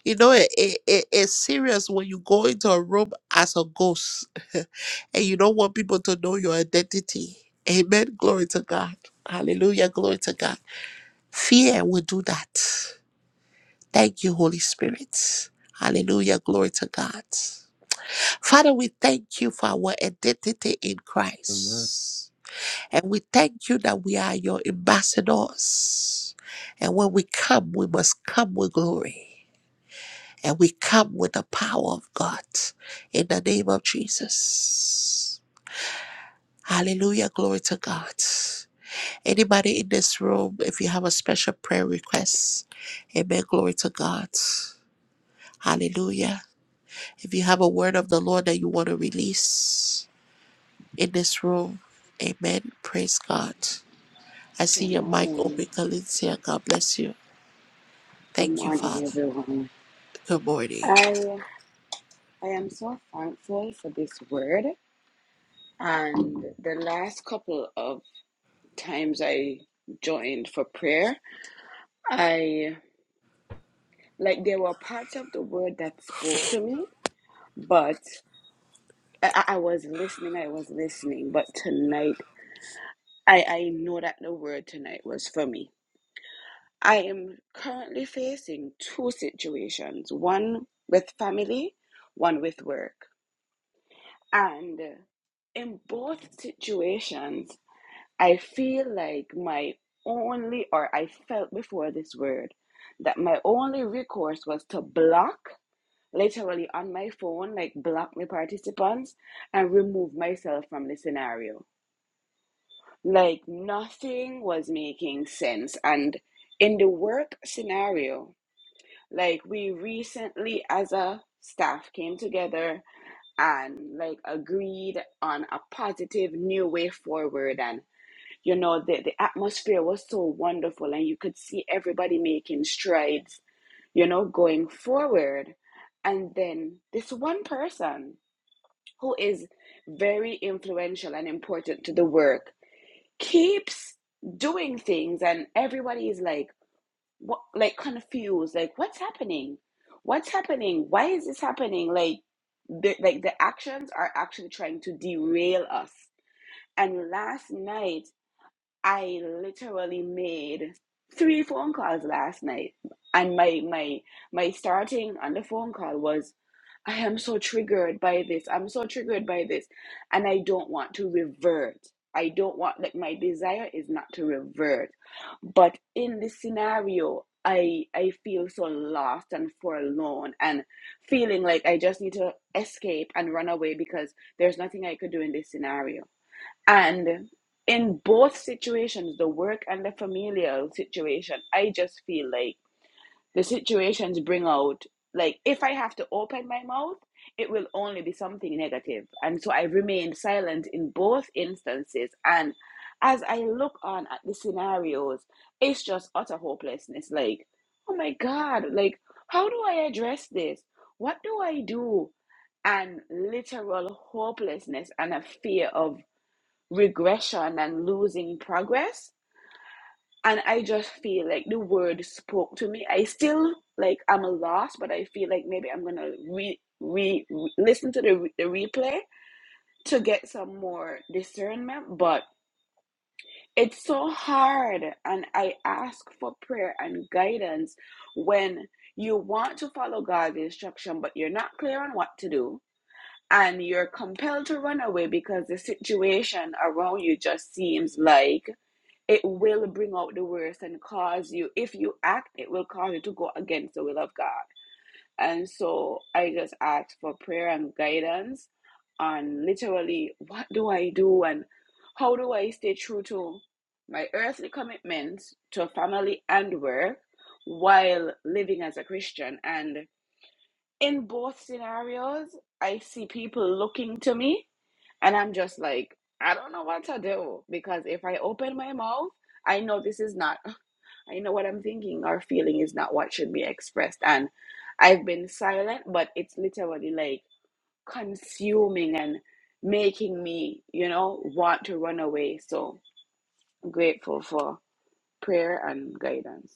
You know, it, it, it- it's serious when you go into a room as a ghost and you don't want people to know your identity. Amen. Glory to God. Hallelujah. Glory to God. Fear will do that. Thank you, Holy Spirit. Hallelujah. Glory to God. Father, we thank you for our identity in
Amen.
Christ. And we thank you that we are your ambassadors. And when we come, we must come with glory. And we come with the power of God in the name of Jesus. Hallelujah. Glory to God. Anybody in this room, if you have a special prayer request, amen. Glory to God. Hallelujah. If you have a word of the Lord that you want to release in this room, amen. Praise God. I see
Good
your mic
morning.
open, Kalencia. God bless you.
Good
Thank you,
morning,
Father.
everyone.
Good morning.
I I am so thankful for this word. And the last couple of times I joined for prayer, I like there were parts of the word that spoke to me, but I, I was listening. I was listening. But tonight, I I know that the word tonight was for me. I am currently facing two situations: one with family, one with work. And in both situations, I feel like my only, or I felt before this word, that my only recourse was to block, literally on my phone, like block my participants and remove myself from the scenario. Like nothing was making sense. And in the work scenario, like we recently as a staff came together and like agreed on a positive new way forward and you know the, the atmosphere was so wonderful and you could see everybody making strides you know going forward and then this one person who is very influential and important to the work keeps doing things and everybody is like what, like confused like what's happening what's happening why is this happening like the, like the actions are actually trying to derail us and last night I literally made three phone calls last night, and my my my starting on the phone call was, I am so triggered by this. I'm so triggered by this, and I don't want to revert. I don't want like my desire is not to revert, but in this scenario. I, I feel so lost and forlorn and feeling like I just need to escape and run away because there's nothing I could do in this scenario and in both situations, the work and the familial situation, I just feel like the situations bring out, like, if I have to open my mouth, it will only be something negative. And so I remained silent in both instances. And as I look on at the scenarios, it's just utter hopelessness. Like, oh my God, like, how do I address this? What do I do? And literal hopelessness and a fear of regression and losing progress. And I just feel like the word spoke to me. I still like I'm a loss, but I feel like maybe I'm gonna re re, re- listen to the the replay to get some more discernment. But it's so hard, and I ask for prayer and guidance when you want to follow God's instruction, but you're not clear on what to do, and you're compelled to run away because the situation around you just seems like it will bring out the worst and cause you if you act it will cause you to go against the will of god and so i just asked for prayer and guidance on literally what do i do and how do i stay true to my earthly commitments to family and work while living as a christian and in both scenarios, I see people looking to me and I'm just like, I don't know what to do because if I open my mouth, I know this is not, I know what I'm thinking or feeling is not what should be expressed. And I've been silent, but it's literally like consuming and making me, you know, want to run away. So grateful for prayer and guidance.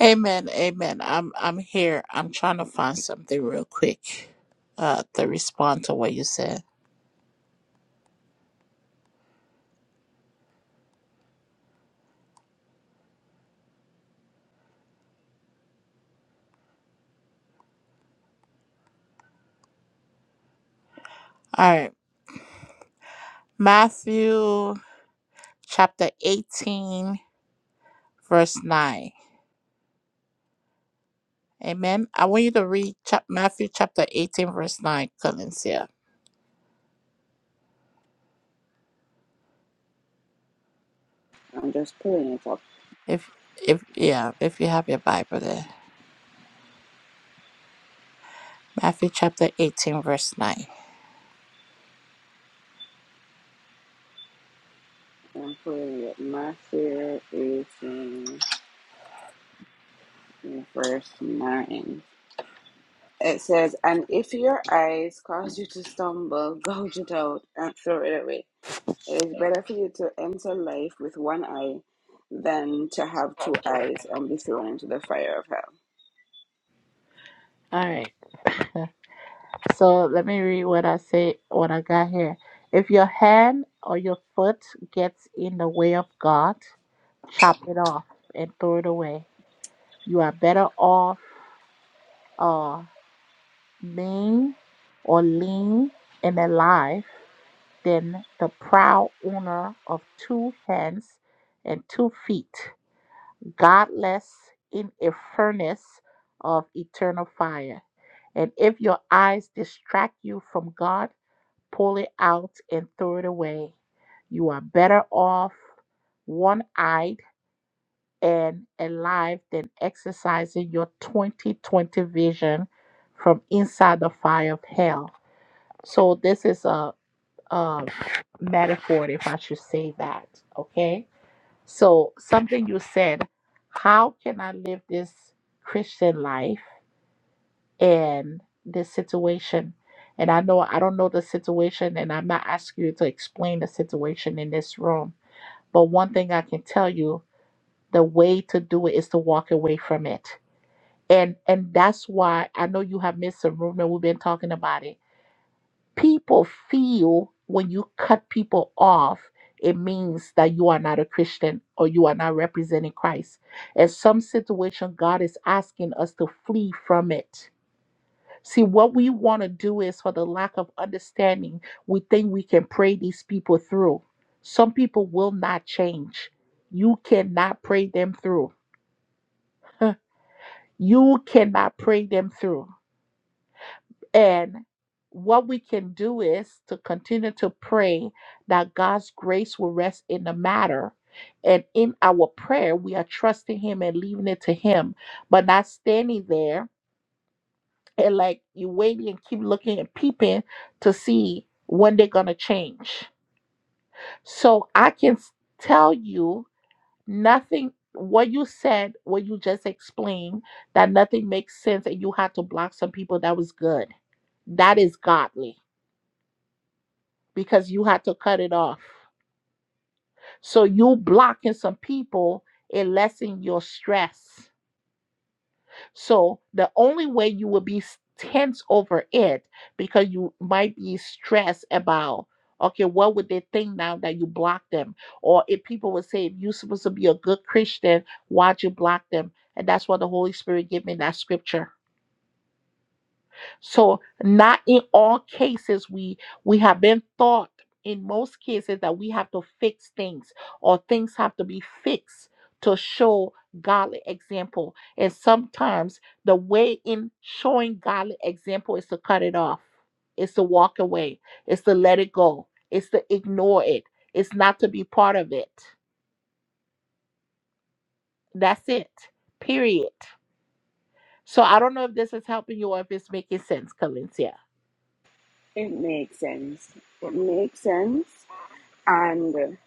Amen. Amen. I'm I'm here. I'm trying to find something real quick uh to respond to what you said. All right. Matthew chapter 18 verse 9. Amen. I want you to read chap- Matthew chapter 18 verse 9, Kalencia.
I'm just pulling it up.
If if yeah, if you have your Bible there. Matthew chapter 18 verse 9.
I'm pulling it. My fear is. in verse 9. It says, And if your eyes cause you to stumble, gouge it out and throw it away. It is better for you to enter life with one eye than to have two eyes and be thrown into the fire of hell.
All right. So let me read what I say what I got here. If your hand or your foot gets in the way of God, chop it off and throw it away. You are better off uh mean or lean and alive than the proud owner of two hands and two feet, godless in a furnace of eternal fire. And if your eyes distract you from God, pull it out and throw it away. You are better off one eyed and alive than exercising your 2020 vision from inside the fire of hell. So, this is a, a metaphor, if I should say that. Okay. So, something you said, how can I live this Christian life? in this situation. And I know I don't know the situation, and I'm not asking you to explain the situation in this room. But one thing I can tell you, the way to do it is to walk away from it. And and that's why I know you have missed some room and we've been talking about it. People feel when you cut people off, it means that you are not a Christian or you are not representing Christ. In some situation, God is asking us to flee from it See, what we want to do is for the lack of understanding, we think we can pray these people through. Some people will not change. You cannot pray them through. You cannot pray them through. And what we can do is to continue to pray that God's grace will rest in the matter. And in our prayer, we are trusting Him and leaving it to Him, but not standing there and like you waiting and keep looking and peeping to see when they're gonna change. So I can s- tell you nothing. What you said, what you just explained, that nothing makes sense, and you had to block some people. That was good. That is godly because you had to cut it off. So you blocking some people, it lessen your stress. So the only way you will be s- tense over it because you might be stressed about okay, what would they think now that you blocked them? Or if people would say, if you're supposed to be a good Christian, why'd you block them? And that's what the Holy Spirit gave me that scripture. So not in all cases we we have been taught in most cases that we have to fix things or things have to be fixed to show godly example. And sometimes the way in showing godly example is to cut it off. It's to walk away. It's to let it go. It's to ignore it. It's not to be part of it. That's it. Period. So I don't know if this is helping you or if it's making sense, Calencia.
It makes sense. It makes sense. And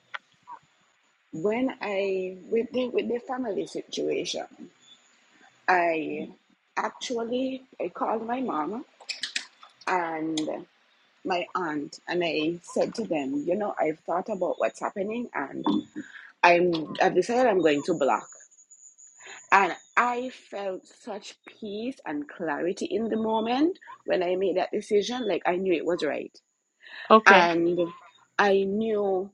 when I, with the, with the family situation, I actually, I called my mom and. my aunt and I said to them, you know, I've thought about what's happening and I'm I've decided I'm going to block. And I felt such peace and clarity in the moment when I made that decision. Like I knew it was right.
Okay.
And I knew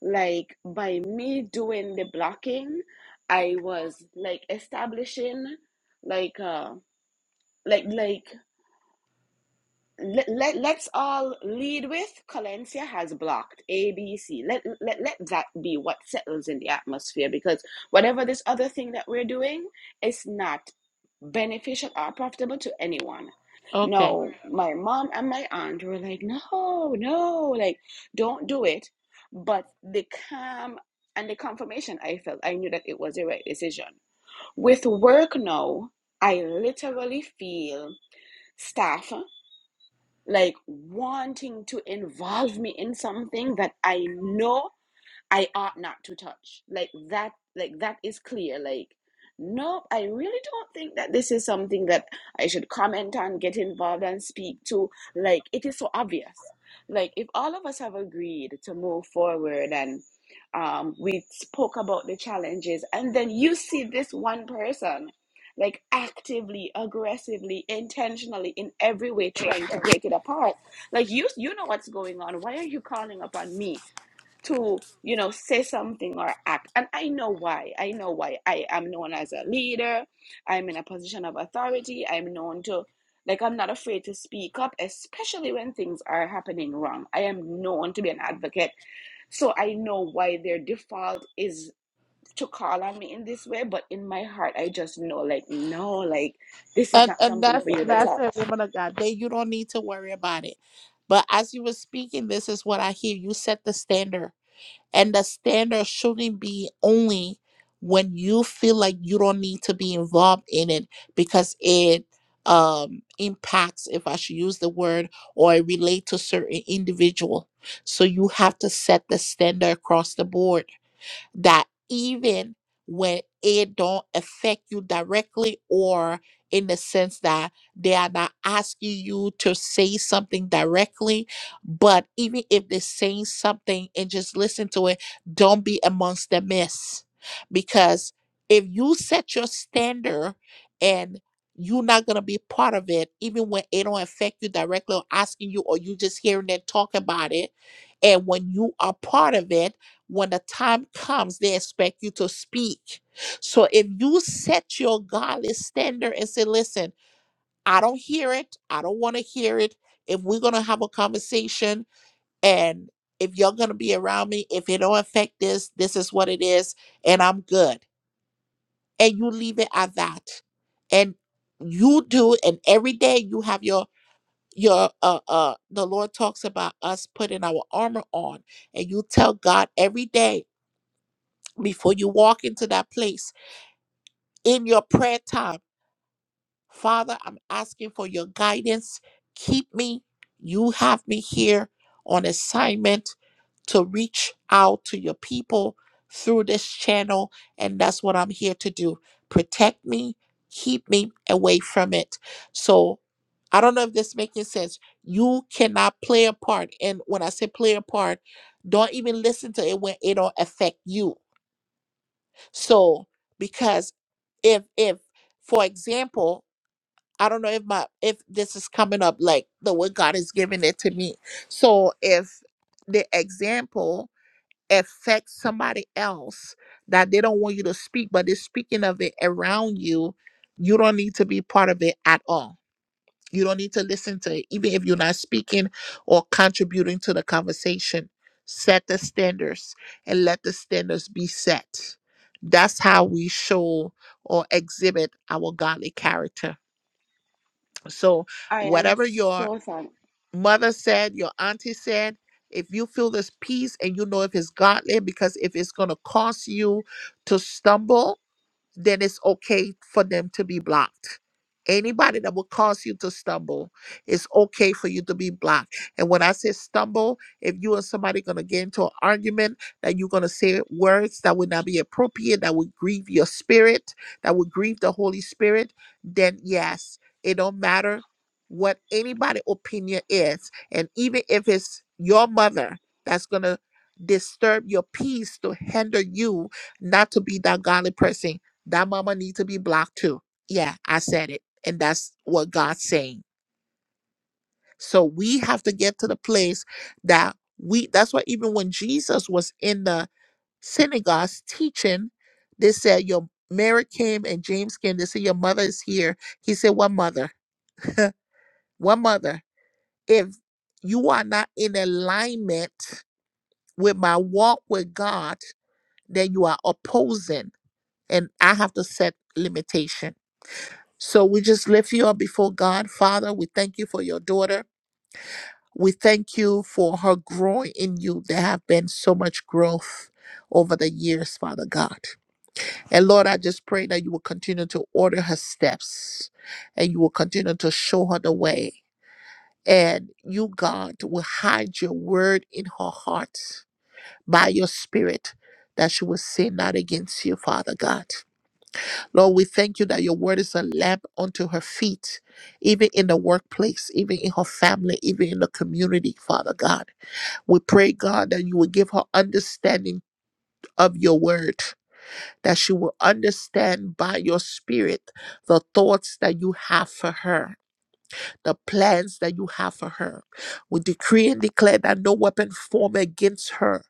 like by me doing the blocking, I was like establishing like uh like like let, let let's all lead with Colencia has blocked A B C. Let let let that be what settles in the atmosphere because whatever this other thing that we're doing is not beneficial or profitable to anyone.
Okay.
No, my mom and my aunt were like, no, no, like don't do it. But the calm and the confirmation I felt, I knew that it was the right decision. With work now, I literally feel staff like wanting to involve me in something that I know I ought not to touch. Like that, like that is clear. Like, nope, I really don't think that this is something that I should comment on, get involved and speak to. Like, it is so obvious. Like, if all of us have agreed to move forward and um, we spoke about the challenges, and then you see this one person like actively, aggressively, intentionally, in every way trying to break it apart. Like you you know what's going on. Why are you calling upon me? to you know say something or act and i know why i know why i am known as a leader i'm in a position of authority i'm known to like i'm not afraid to speak up especially when things are happening wrong i am known to be an advocate so i know why their default is to call on me in this way but in my heart i just know like no like this is
And
not
and
something
that's
for you to
that's it,
touch
woman of God. Then you don't need to worry about it. But as you were speaking, this is what I hear. You set the standard. And the standard shouldn't be only when you feel like you don't need to be involved in it because it um impacts if I should use the word or it relate to certain individual. So you have to set the standard across the board that even when it don't affect you directly or in the sense that they are not asking you to say something directly but even if they're saying something and just listen to it don't be amongst the mess because if you set your standard and you're not gonna be part of it, even when it don't affect you directly or asking you, or you just hearing them talk about it. And when you are part of it, when the time comes, they expect you to speak. So if you set your godly standard and say, listen, I don't hear it, I don't want to hear it. If we're going to have a conversation and if you're going to be around me, if it don't affect this, this is what it is, and I'm good. And you leave it at that. And you do, and every day you have your your uh uh the Lord talks about us putting our armor on and you tell God every day before you walk into that place in your prayer time. Father, I'm asking for your guidance. Keep me. You have me here on assignment to reach out to your people through this channel. And that's what I'm here to do. Protect me, keep me away from it. So I don't know if this is making sense. You cannot play a part. And when I say play a part, don't even listen to it when it don't affect you so because if if for example, I don't know if my if this is coming up like the way God is giving it to me. So if the example affects somebody else that they don't want you to speak, but they're speaking of it around you, you don't need to be part of it at all you don't need to listen to it, even if you're not speaking or contributing to the conversation. Set the standards and let the standards be set. That's how we show or exhibit our godly character. So,
I am
whatever your
so sorry.
mother said, your auntie said, if you feel this peace and you know if it's godly, because if it's going to cause you to stumble, then it's okay for them to be blocked. Anybody that will cause you to stumble, it's okay for you to be blocked. And when I say stumble, if you and somebody gonna get into an argument, that you're gonna say words that would not be appropriate, that would grieve your spirit, that would grieve the Holy Spirit, then yes, it don't matter what anybody' opinion is. And even if it's your mother that's gonna disturb your peace to hinder you not to be that godly person that mama needs to be blocked too. Yeah, I said it. And that's what God's saying. So we have to get to the place that we that's why even when Jesus was in the synagogues teaching, they said your Mary came and James came. They said your mother is here. He said, What mother? What mother? If you are not in alignment with my walk with God, then you are opposing. And I have to set limitations So we just lift you up before God. Father, we thank you for your daughter. We thank you for her growing in you. There have been so much growth over the years, Father God. And Lord, I just pray that you will continue to order her steps and you will continue to show her the way. And you, God, will hide your word in her heart by your spirit that she will sin not against you, Father God. Lord, we thank you that your word is a lamp unto her feet, even in the workplace, even in her family, even in the community, Father God. We pray, God, that you will give her understanding of your word, that she will understand by your spirit the thoughts that you have for her, the plans that you have for her. We decree and declare that no weapon formed against her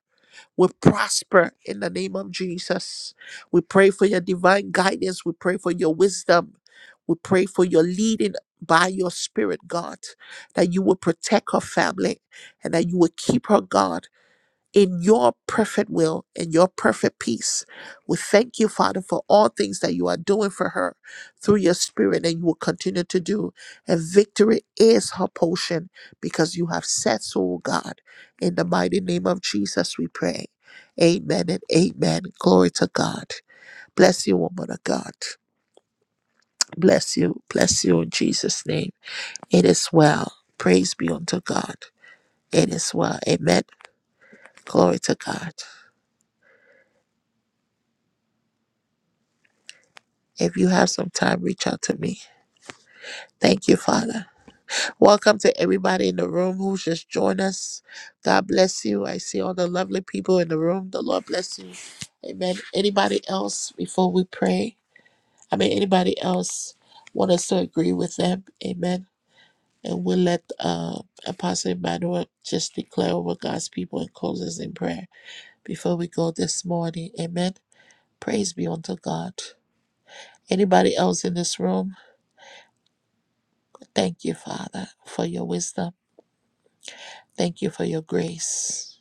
will prosper in the name of Jesus. We pray for your divine guidance. We pray for your wisdom. We pray for your leading by your spirit, God, that you will protect her family and that you will keep her, God in your perfect will and your perfect peace. We thank you, Father, for all things that you are doing for her through your spirit and you will continue to do. And victory is her portion because you have said so, O God. In the mighty name of Jesus, we pray. Amen and amen. Glory to God. Bless you, woman of God. Bless you. Bless you in Jesus' name. It is well. Praise be unto God. It is well. Amen. Glory to God. If you have some time, reach out to me. Thank you, Father. Welcome to everybody in the room who just joined us. God bless you. I see all the lovely people in the room. The Lord bless you. Amen. Anybody else before we pray? I mean, anybody else want us to agree with them? Amen. And we'll let uh, Apostle Emmanuel just declare over God's people and close us in prayer before we go this morning. Amen. Praise be unto God. Anybody else in this room? Thank you, Father, for your wisdom. Thank you for your grace.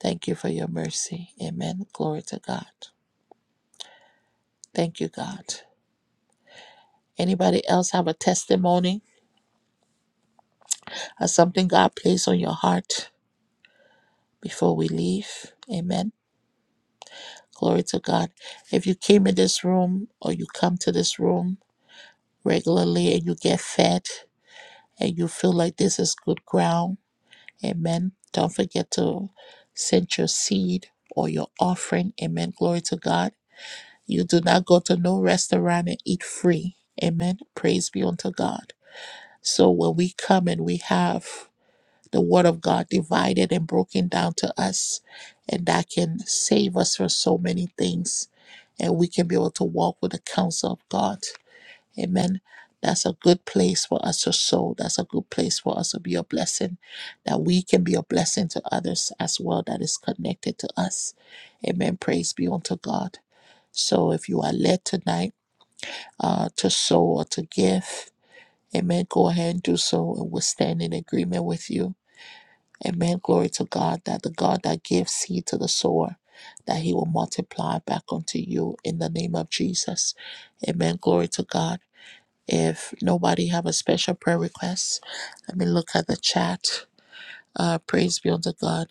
Thank you for your mercy. Amen. Glory to God. Thank you, God. Anybody else have a testimony or something God placed on your heart before we leave? Amen. Glory to God. If you came in this room or you come to this room regularly and you get fed and you feel like this is good ground, amen. Don't forget to send your seed or your offering. Amen. Glory to God You do not go to no restaurant and eat free. Amen. Praise be unto God. So when we come and we have the word of God divided and broken down to us, and that can save us from so many things, and we can be able to walk with the counsel of God. Amen. That's a good place for us to sow. That's a good place for us to be a blessing, that we can be a blessing to others as well that is connected to us. Amen. Praise be unto God. So if you are led tonight, uh, to sow or to give, amen, go ahead and do so and we'll stand in agreement with you. Amen. Glory to God that the God that gives seed to the sower, that he will multiply back unto you in the name of Jesus. Amen. Glory to God. If nobody have a special prayer request, let me look at the chat. Uh, praise be unto God.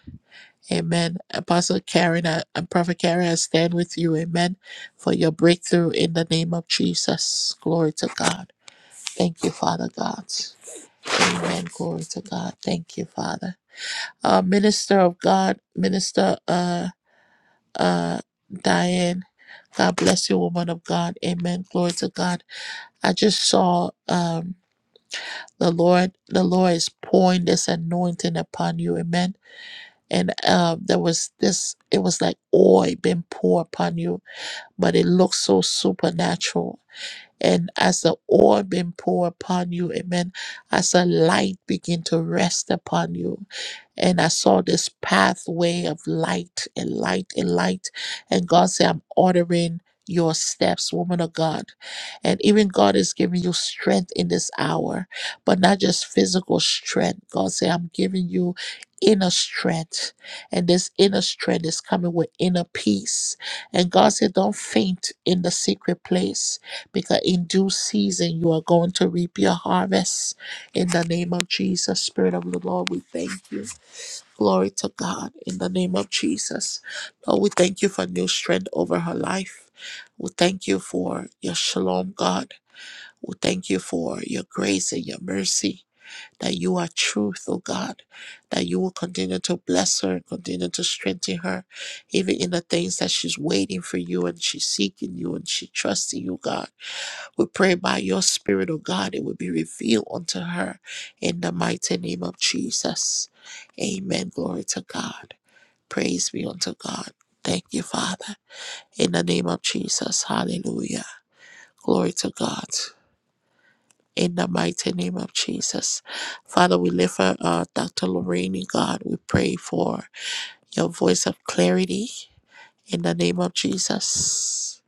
Amen. Apostle Karen uh, and Prophet Karen, I stand with you. Amen. For your breakthrough in the name of Jesus. Glory to God. Thank you, Father God. Amen. Glory to God. Thank you, Father. Uh, Minister of God, Minister uh, uh, Diane, God bless you, woman of God. Amen. Glory to God. I just saw um, the Lord, the Lord is pouring this anointing upon you. Amen. And uh, there was this, it was like oil being poured upon you, but it looks so supernatural. And as the oil been poured upon you, amen, as a light begin to rest upon you. And I saw this pathway of light and light and light. And God said, I'm ordering your steps, woman of God. And even God is giving you strength in this hour, but not just physical strength. God said, I'm giving you inner strength. And this inner strength is coming with inner peace. And God said, Don't faint in the secret place because in due season you are going to reap your harvest. In the name of Jesus, Spirit of the Lord, we thank you. Glory to God. In the name of Jesus, Lord, we thank you for new strength over her life. We thank you for your shalom, God. We thank you for your grace and your mercy. That you are truth, oh God, that you will continue to bless her, continue to strengthen her, even in the things that she's waiting for you and she's seeking you and she trusting you, God. We pray by your Spirit, O God, it will be revealed unto her in the mighty name of Jesus. Amen. Glory to God. Praise be unto God. Thank you, Father. In the name of Jesus. Hallelujah. Glory to God. In the mighty name of Jesus. Father, we lift for uh, Dr. Lorraine, God. We pray for your voice of clarity in the name of Jesus.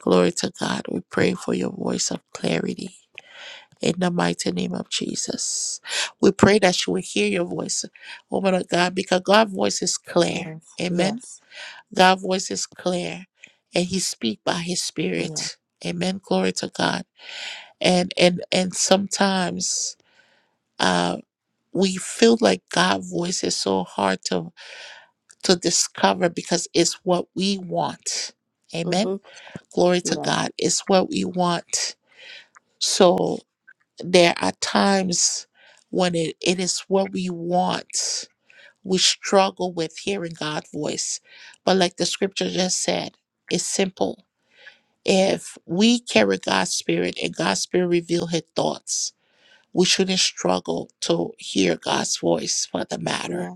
Glory to God. We pray for your voice of clarity in the mighty name of Jesus. We pray that you will hear your voice, woman of God, because God's voice is clear.
Yes.
Amen.
Yes.
God's voice is clear, and He speaks by His
Yeah.
Spirit. Amen. Glory to God. And and and sometimes uh, we feel like God's voice is so hard to to discover because it's what we want. Amen.
Mm-hmm.
Glory to
Yes.
God. It's what we want. So there are times when it, it is what we want. We struggle with hearing God's voice. But like the scripture just said, it's simple. If we carry God's spirit and God's spirit reveal his thoughts, we shouldn't struggle to hear God's voice for the matter.
Yeah.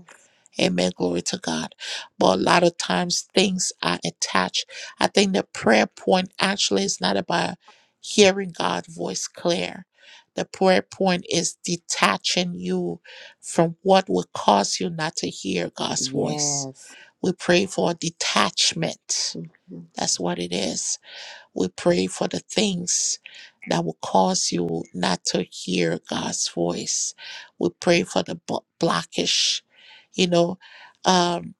Amen. Glory to God. But a lot of times things are attached. I think the prayer point actually is not about hearing God's voice clear. The prayer point is detaching you from what will cause you not to hear God's voice.
Yes.
We pray for detachment.
Mm-hmm.
That's what it is. We pray for the things that will cause you not to hear God's voice. We pray for the blo- blockage. You know, um,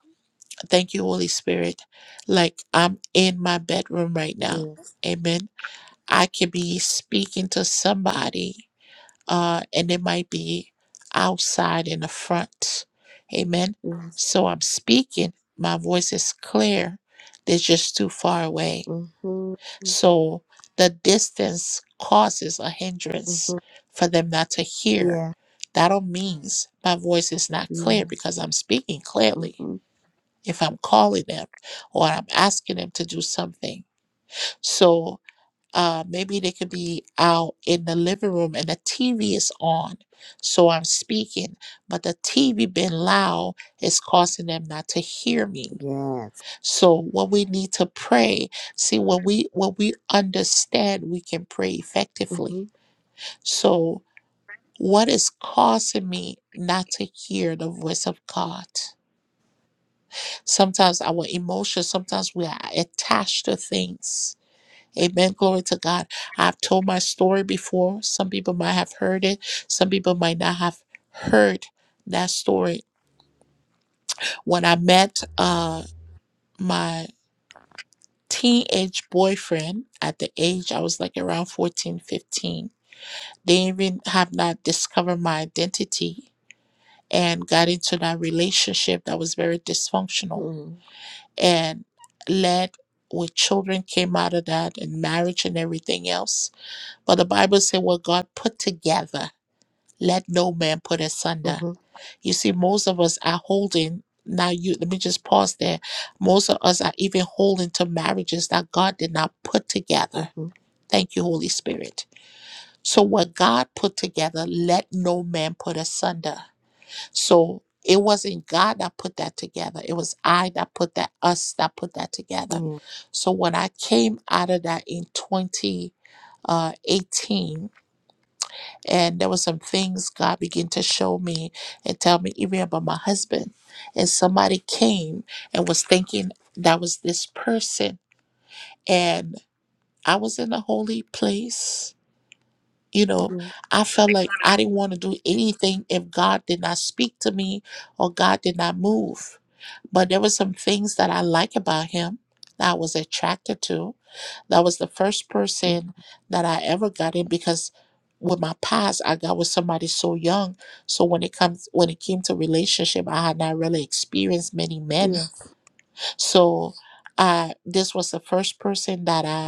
thank you, Holy Spirit. Like I'm in my bedroom right now.
Yes.
Amen. I could be speaking to somebody, uh, and it might be outside in the front. Amen.
Yes.
So I'm speaking. My voice is clear. They're just too far away
Mm-hmm.
so the distance causes a hindrance
Mm-hmm.
for them not to hear.
Yeah.
That all means my voice is not clear
Yes.
because I'm speaking clearly
Mm-hmm.
if I'm calling them or I'm asking them to do something. So uh, maybe they could be out in the living room and the TV is on. So I'm speaking, but the TV being loud is causing them not to hear me.
Yes.
So when we need to pray, see when we when we understand we can pray
Mm-hmm.
effectively. So what is causing me not to hear the voice of God? Sometimes our emotions, sometimes we are attached to things. Amen. Glory to God. I've told my story before. Some people might have heard it. Some people might not have heard that story. When I met uh my teenage boyfriend at the age I was like around 14, 15. They even have not discovered my identity and got into that relationship that was very dysfunctional
Mm-hmm.
and led with children came out of that and marriage and everything else. But the Bible said what God put together, let no man put asunder. You see, most of us are holding now you let me just pause there. Most of us are even holding to marriages that God did not put together
Mm-hmm.
Thank you, Holy Spirit. So, what God put together, let no man put asunder. So, it wasn't God that put that together. It was I that put that, us that put that together.
Mm-hmm.
So, when I came out of that in 20 uh, 18, and there were some things God began to show me and tell me, even about my husband. And somebody came and was thinking that was this person. And I was in a holy place You know,
Yeah.
I felt like I didn't want to do anything if God did not speak to me or God did not move. But there were some things that I like about him that I was attracted to. That was the first
Yeah. Mm.
person that I ever got in because with my past I got with somebody so young. So when it comes when it came to relationship, I had not really experienced many men.
Yes.
So uh, this was the first person that I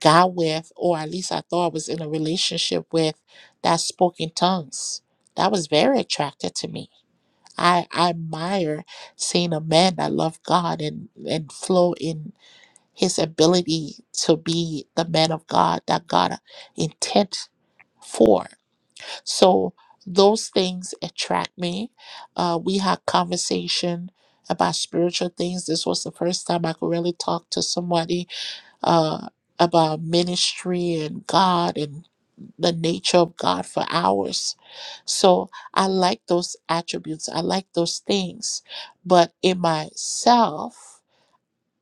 got with, or at least I thought I was in a relationship with, that spoke in tongues. That was very attractive to me. I, I admire seeing a man that loved God and, and flow in his ability to be the man of God that God intent for. So those things attract me. Uh, we had conversation about spiritual things. This was the first time I could really talk to somebody uh, about ministry and God and the nature of God for hours. So I like those attributes. I like those things. But in myself,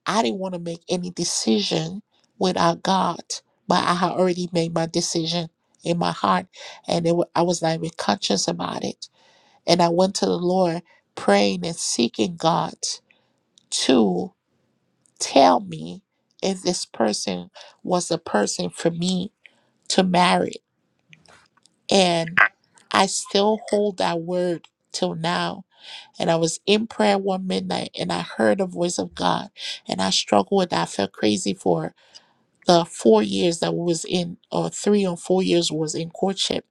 I didn't want to make any decision without God. But I had already made my decision in my heart, and it, wa- I was not even conscious about it. And I went to the Lord praying and seeking God tell me if this person was a person for me to marry. And I still hold that word till now. And I was in prayer one midnight and I heard the voice of God and I struggled with that. I felt crazy for the four years that we was in or three or four years was in courtship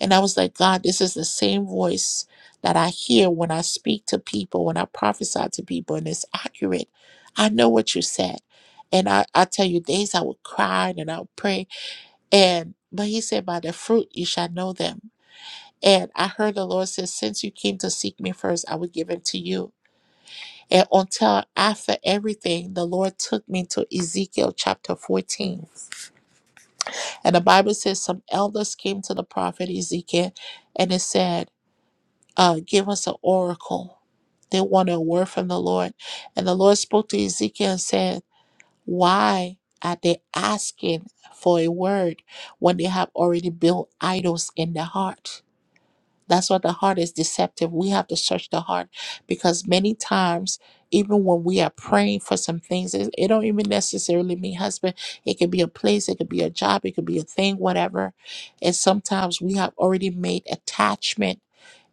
and I was like, God, this is the same voice that I hear when I speak to people, when I prophesy to people, and it's accurate. I know what you said. And I, I tell you, days I would cry and I would pray. And but he said, By the fruit you shall know them. And I heard the Lord says, Since you came to seek me first, I will give it to you. And until after everything, the Lord took me to Ezekiel chapter 14.
Yes.
And the Bible says some elders came to the prophet Ezekiel and it said, uh, give us an oracle. They want a word from the Lord. And the Lord spoke to Ezekiel and said, Why are they asking for a word when they have already built idols in their heart? That's why the heart is deceptive. We have to search the heart because many times, even when we are praying for some things, it, it don't even necessarily mean husband. It could be a place, it could be a job, it could be a thing, whatever. And sometimes we have already made attachment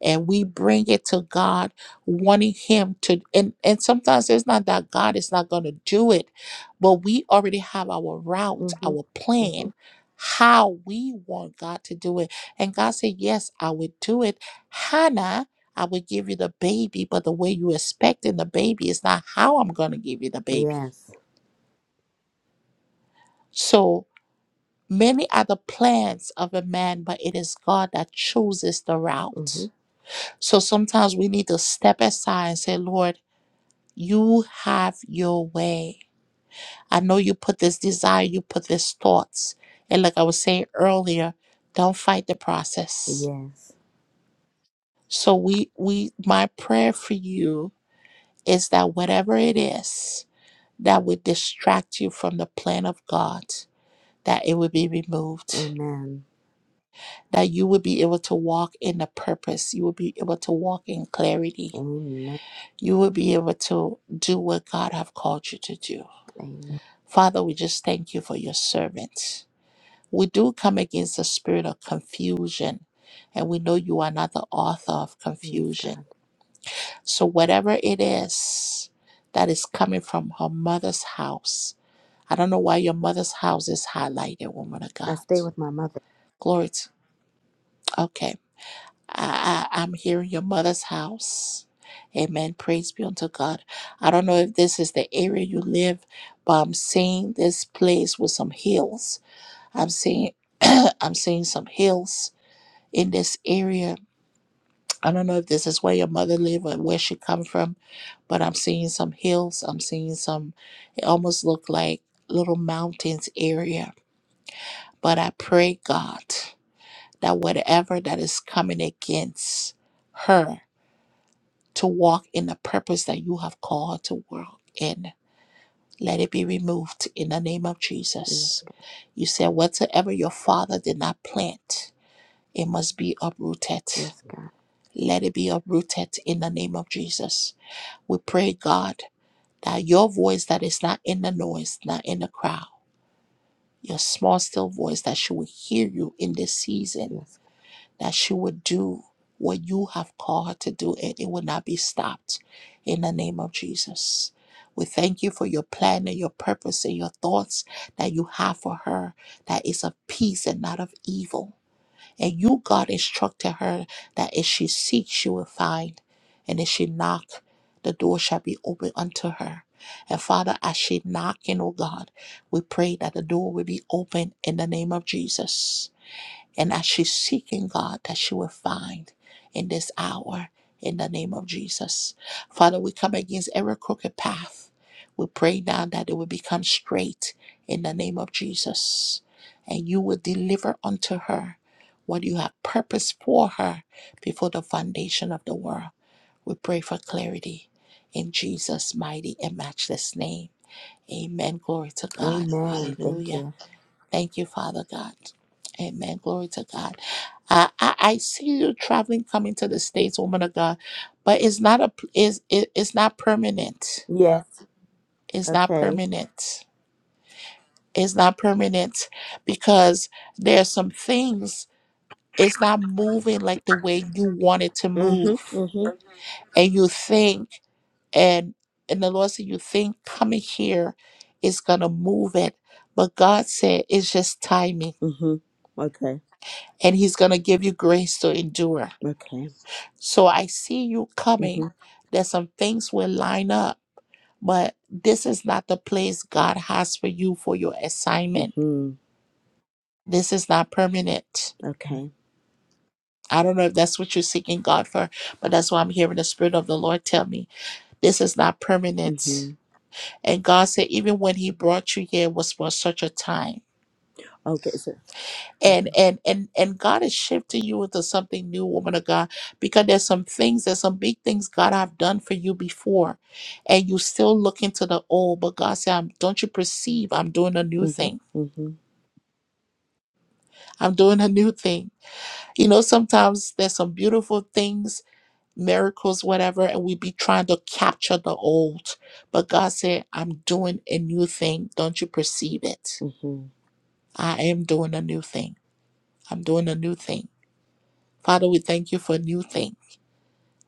and we bring it to God, wanting Him to. And, and sometimes it's not that God is not going to do it, but we already have our route,
Mm-hmm.
our
Mm-hmm.
plan, how we want God to do it and God said, Yes, I will do it. Hannah, I will give you the baby, but the way you expecting the baby is not how I'm going to give you the baby.
Yes.
So many are the plans of a man, but it is God that chooses the
Mm-hmm.
route. So sometimes we need to step aside and say, Lord, you have your way. I know you put this desire, you put these thoughts. And like I was saying earlier, don't fight the process.
Yes.
So we we my prayer for you is that whatever it is that would distract you from the plan of God, that it would be removed,
Amen.
that you would be able to walk in the purpose, you would be able to walk in clarity,
Amen.
you would be able to do what God have called you to do.
Amen.
Father, we just thank you for your servants. We do come against the spirit of confusion, and we know you are not the author of
Yes,
confusion.
God.
So, whatever it is that is coming from her mother's house, I don't know why your mother's house is highlighted, woman of
I
God.
stay with my mother.
Glory to okay. I, I I'm here in your mother's house. Amen. Praise be unto God. I don't know if this is the area you live, but I'm seeing this place with some hills. I'm seeing I'm seeing some hills in this area. I don't know if this is where your mother lived or where she come from, but I'm seeing some hills. I'm seeing some it almost look like little mountains area But I pray, God, that whatever that is coming against her to walk in the purpose that you have called her to walk in, let it be removed in the name of
Yes,
Jesus. You said, Whatsoever your father did not plant, it must be uprooted.
God. Yes, God.
Let it be uprooted in the name of Jesus. We pray, God, that your voice that is not in the noise, not in the crowd, your small, still voice that she will hear you in this season
Yes.
that she would do what you have called her to do and it would not be stopped in the name of Jesus. We thank you for your plan and your purpose and your thoughts that you have for her that is of peace and not of evil. And you, God, instructed her that if she seeks, she will find. And if she knock, the door shall be opened unto her. And Father, as she knocking, oh God, we pray that the door will be open in the name of Jesus. And as she's seeking God, that she will find in this hour in the name of Jesus. Father, we come against every crooked path. We pray now that it will become straight in the name of Jesus. And you will deliver unto her what you have purposed for her before the foundation of the world. We pray for clarity in Jesus' mighty and matchless name. Amen. Glory to
God.
God.
Amen. Thank you.
Hallelujah. Thank you, Father God. Amen. Glory to God. I, I, I see you traveling, coming to the States, woman of God, but it's not a, is it, it's not permanent.
Yes.
It's not
Okay.
permanent. It's not permanent because there are some things it's not moving like the way you want it to
Mhm.
move.
Mhm.
And you think and and the Lord said you think coming here is gonna move it. But God said it's just timing
Mhm. Okay.
and He's gonna give you grace to endure.
Okay.
So I see you coming.
Mhm.
There's some things will line up, but this is not the place God has for you for your assignment.
Mhm.
This is not permanent.
Okay.
I don't know if that's what you're seeking God for, but that's what I'm hearing the Spirit of the Lord tell me. This is not permanent.
Mhm.
And God said, even when He brought you here, it was for such a time.
Okay. So.
and
Mhm.
and and and God is shifting you into something new, woman of God, because there's some things, there's some big things God have done for you before, and you still look into the old. But God said, I'm, "Don't you perceive? I'm doing a new
Mhm.
thing.
Mhm.
I'm doing a new thing." You know, sometimes there's some beautiful things, miracles, whatever, and we be trying to capture the old, but God said, "I'm doing a new thing. Don't you perceive it?
Mhm.
I am doing a new thing. I'm doing a new thing." Father, we thank you for a new thing.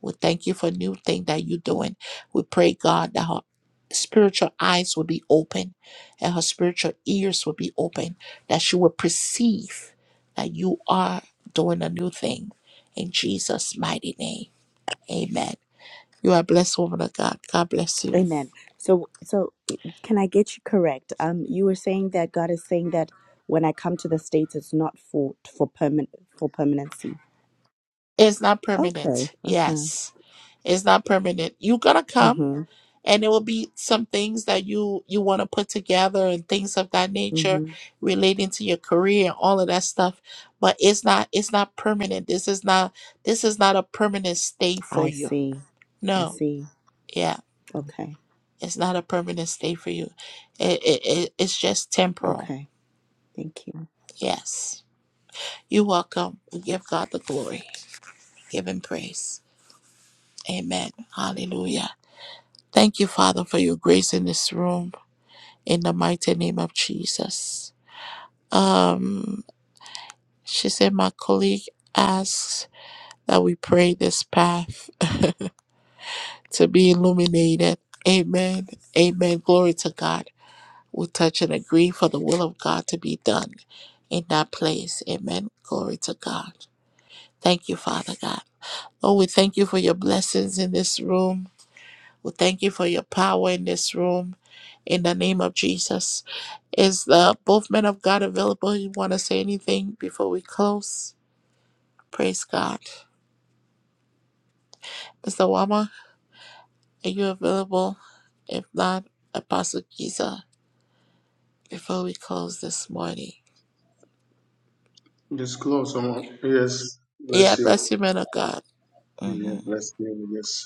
We thank you for a new thing that you're doing. We pray, God, that her spiritual eyes will be open and her spiritual ears will be open, that she will perceive that you are doing a new thing in Jesus' mighty name. Amen. You are blessed, woman of God. God bless you.
Amen. So, so eh, can I get you correct? Um, you were saying that God is saying that when I come to the states, it's not for for permanent for permanency.
It's not
Okay.
permanent.
Okay.
Yes. It's not permanent. You're gonna come.
Mhm.
and it will be some things that you you want to put together and things of that nature
Mhm.
relating to your career and all of that stuff but it's not it's not permanent this is not this is not a permanent stay for
I
you
see. I
no
see.
yeah
Okay.
it's not a permanent stay for you it, it, it it's just temporal
Okay. Thank you.
yes you're welcome we give god the glory give him praise amen hallelujah thank you father for your grace in this room in the mighty name of jesus um She said, My colleague asks that we pray this path to be illuminated. Amen. Amen. Glory to God. We touch and agree for the will of God to be done in that place. Amen. Glory to God. Thank you, Father God. Oh, we thank you for your blessings in this room. We thank you for your power in this room. In the name of Jesus. Is the both men of God available? You want to say anything before we close? Praise God. Mr. Wama? Are you available? If not, Apostle Giza, before we close this morning.
Just close um, Yes,
Yeah,
bless
bless
you.
you, man of God.
Yeah,
hmm
bless you. Yes.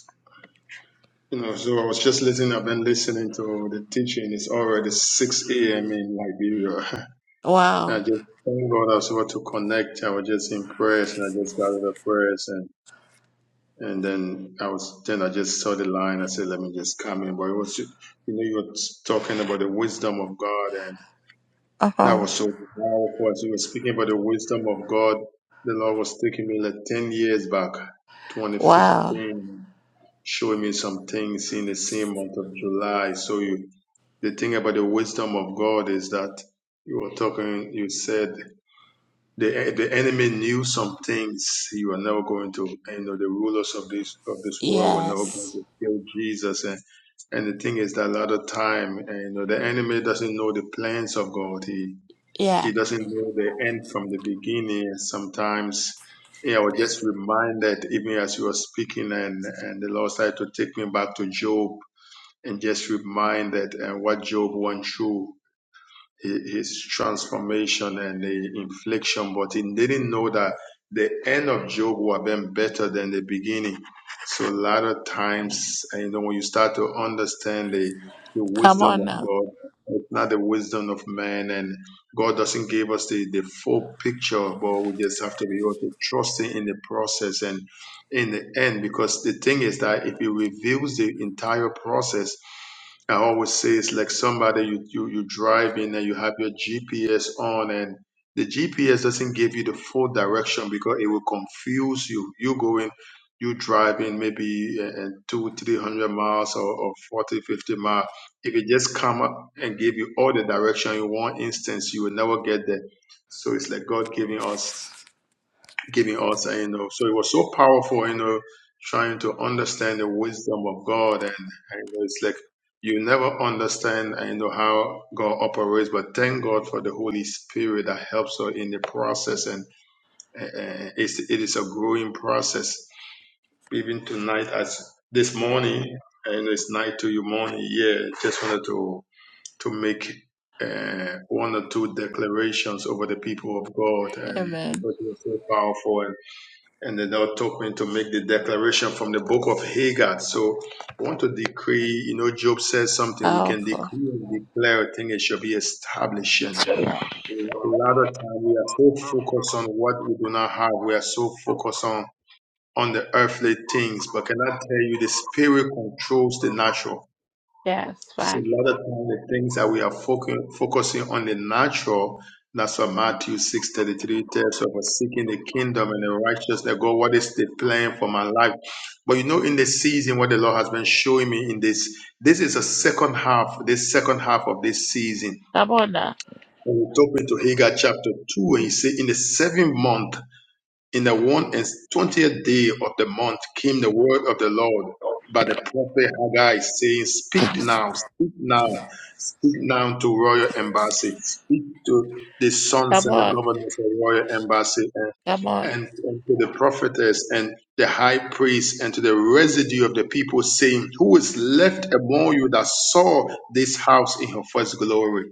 You know, so I was just listening. I've been listening to the teaching. It's already 6 a.m. in Liberia. I
Wow.
just thank God I was able to connect. I was just in prayers and I just gathered the prayers and and then I was then I just saw the line. I said, let me just come in. But it was you know you were talking about the wisdom of God That
Uh-huh.
was so powerful as you were speaking about the wisdom of God. The Lord was taking me like 10 years back,
Wow.
2015, showing me some things in the same month of July. So you, the thing about the wisdom of God is that you were talking, you said the, the enemy knew some things you are never going to, you know, the rulers of this, of this world were never going
Yes.
to kill Jesus. And, and the thing is that a lot of time, and, you know, the enemy doesn't know the plans of God. He
Yeah.
he doesn't know the end from the beginning. Sometimes yeah, I was just reminded, even as you were speaking, and, and the Lord started to take me back to Job and just remind that and what Job went through hi- his transformation and the infliction, but he didn't know that the end of Job would have been better than the beginning. So a lot of times, you know, when you start to understand the, the
Come
wisdom
on
of
now.
God, it's not the wisdom of man, and God doesn't give us the, the full picture, but we just have to be able to trust Him in the process and in the end, because the thing is that if He reveals the entire process, I always say it's like somebody you you you driving and you have your GPS on and the GPS doesn't give you the full direction because it will confuse you. You going, you driving maybe uh, uh, two, three hundred miles or, or 40, 50 miles. If it just come up and give you all the direction in one instance, you will never get there. So it's like God giving us giving us, uh, you know. So it was so powerful, you know, trying to understand the wisdom of God, and, and it's like you never understand, uh, you know, how God operates. But thank God for the Holy Spirit that helps us in the process, and uh, uh, it's, it is a growing process. Even tonight, as this morning, and it's night to you morning. Yeah, just wanted to to make. Uh, one or two declarations over the people of God, and
Amen.
because they are so powerful, and the Lord took me to make the declaration from the book of Hagar. So I want to decree, you know, Job says something we can
Powerful.
decree and declare a thing, it shall be established. And A lot of time we are so focused on what we do not have. We are so focused on on the earthly things. But can I tell you the spirit controls the natural?
Yes,
So
back.
a lot of times the things that we are focus, focusing on the natural, that's what Matthew 6.33 tells us, "For seeking the kingdom and the righteousness. of God, what is the plan for my life? But you know, in the season, what the Lord has been showing me in this, this is a second half, this second half of this season.
Come on now.
And we took me to Haggai chapter 2, and he said, in the seventh month, in the one and twentieth day of the month came the word of the Lord by the prophet Haggai saying, speak now, Speak now, Speak now to royal embassy. Speak to the sons
Come
and the
on.
governors of royal embassy and,
Come on.
and, and to the prophetess and the high priest and to the residue of the people, saying, Who is left among you that saw this house in her first glory?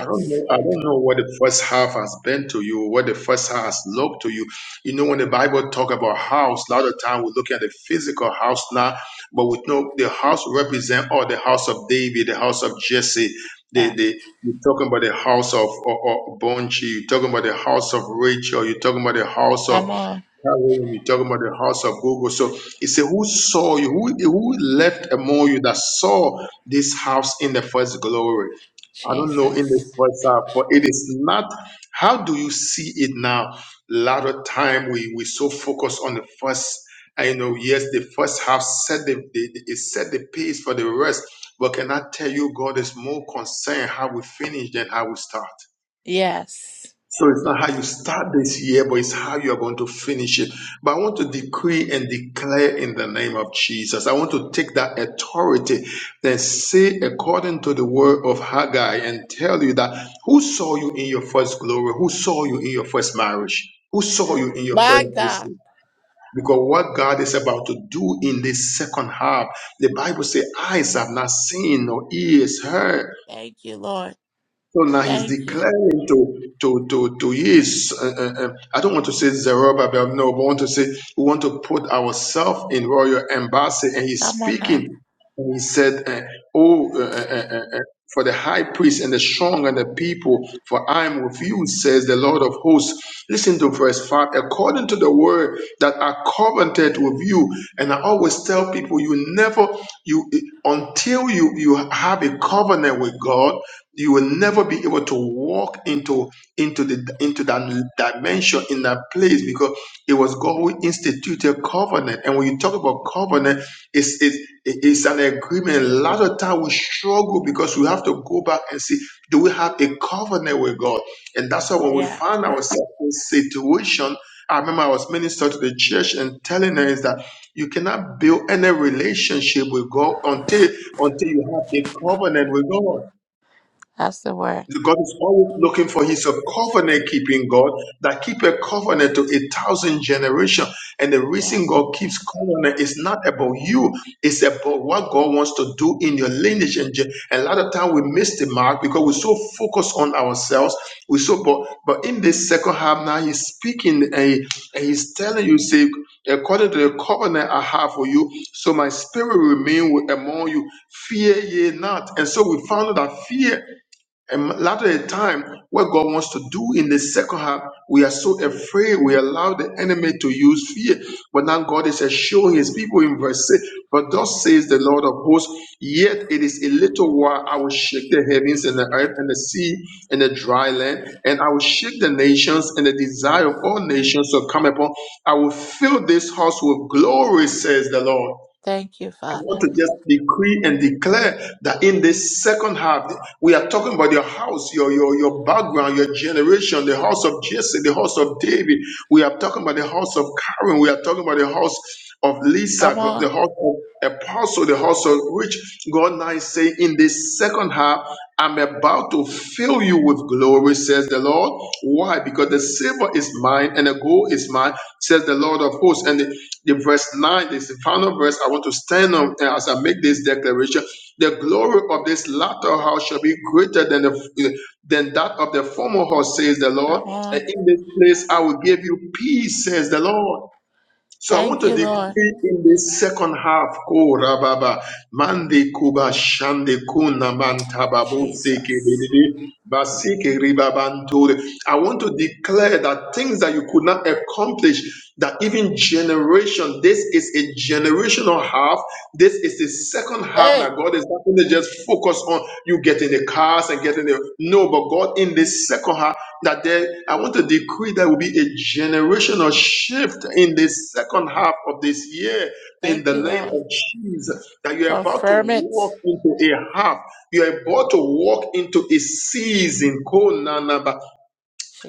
I don't know. I don't know what the first half has been to you, what the first half has looked to you. You know, when the Bible talk about house, a lot of time we're looking at the physical house now, but we know the house represent all the house of David, the house of Jesse. The,
Yeah.
the, you're talking about the house of, or or Bonchi, you're talking about the house of Rachel, you're talking about the house of
Come on.
Hallelujah. You're talking about the house of Google. So he said, Who saw you? Who, who left among you that saw this house in the first glory? I don't know in this
Jesus.
first half, but it is not. How do you see it now? A lot of time we we so focus on the first. I know, yes, the first half set the, the the- it set the pace for the rest. But can I tell you, God is more concerned how we finish than how we start.
Yes.
So it's not how you start this year, but it's how you are going to finish it. But I want to decree and declare in the name of Jesus. I want to take that authority that say according to the word of Haggai and tell you that who saw you in your first glory? Who saw you in your first marriage? Who saw you in your
My
first
God.
business? Because what God is about to do in this second half, the Bible says, eyes have not seen, nor ears heard
Thank you, Lord.
so now he's
Thank you.
declaring to to to to his. Uh, uh, uh, I don't want to say Zerubbabel, no, but I want to say we want to put ourselves in royal embassy, and he's
Come on now.
speaking. And he said, uh, "Oh, uh, uh, uh, uh, uh, for the high priest and the strong and the people, for I am with you," says the Lord of hosts. Listen to verse five. According to the word that I covenanted with you, and I always tell people, you never you until you you have a covenant with God you will never be able to walk into into the into that dimension in that place because it was God who instituted covenant. And when you talk about covenant, it's it's, it's an agreement. A lot of time we struggle because we have to go back and see do we have a covenant with God? And that's why when we
Yeah.
find ourselves in situation. I remember I was minister to the church and telling her is that you cannot build any relationship with God until until you have a covenant with God.
That's the word.
God is always looking for. He's a covenant keeping God that keep a covenant to a thousand generations. And the
Yeah.
reason God keeps covenant is not about you; it's about what God wants to do in your lineage. And gen- a lot of time we miss the mark because we're so focused on ourselves. We so but but in this second half now, He's speaking and, he- and He's telling you, say, according to the covenant I have for you, so my spirit remain with- among you. Fear ye not. And so we found out that fear. And a lot of the time, what God wants to do in the second half, we are so afraid. We allow the enemy to use fear. But now God is assuring his people in verse 6 But thus says the Lord of hosts, yet it is a little while I will shake the heavens and the earth and the sea and the dry land, and I will shake the nations, and the desire of all nations shall come upon. I will fill this house with glory, says the Lord.
Thank you,
I want
Father.
to just decree and declare that in this second half, we are talking about your house, your, your, your background, your generation, the house of Jesse, the house of David. We are talking about the house of Karen. We are talking about the house of Lisa,
Come
God- the
on.
house of Apostle, the house of Rich. God now is saying, in this second half, I'm about to fill you with glory, says the Lord. Why? Because the silver is mine and the gold is mine, says the Lord of hosts. And the verse 9 this is the final verse i want to stand on uh, as i make this declaration the glory of this latter house shall be greater than the than that of the former house says the lord
Come
and
on.
in this place i will give you peace says the lord so I want
Thank
to
you, Lord.
decree in the second half, Ko Rababa, Mande Kuba Shande Kuna Mantababu Seke
Jesus.
Bedede, Basike Ribabantore. I want to declare that things that you could not accomplish, that even generation, this is a generational half, this is the second half
Hey.
that God is not going to just focus on you getting the cars and getting the no, but God in this second half that there, I want to decree there will be a generational shift in the second half of this year in
Thank
the
you,
name
Lord.
of Jesus. That you're about to
Confirm it.
walk into a half, you're about to walk into a season.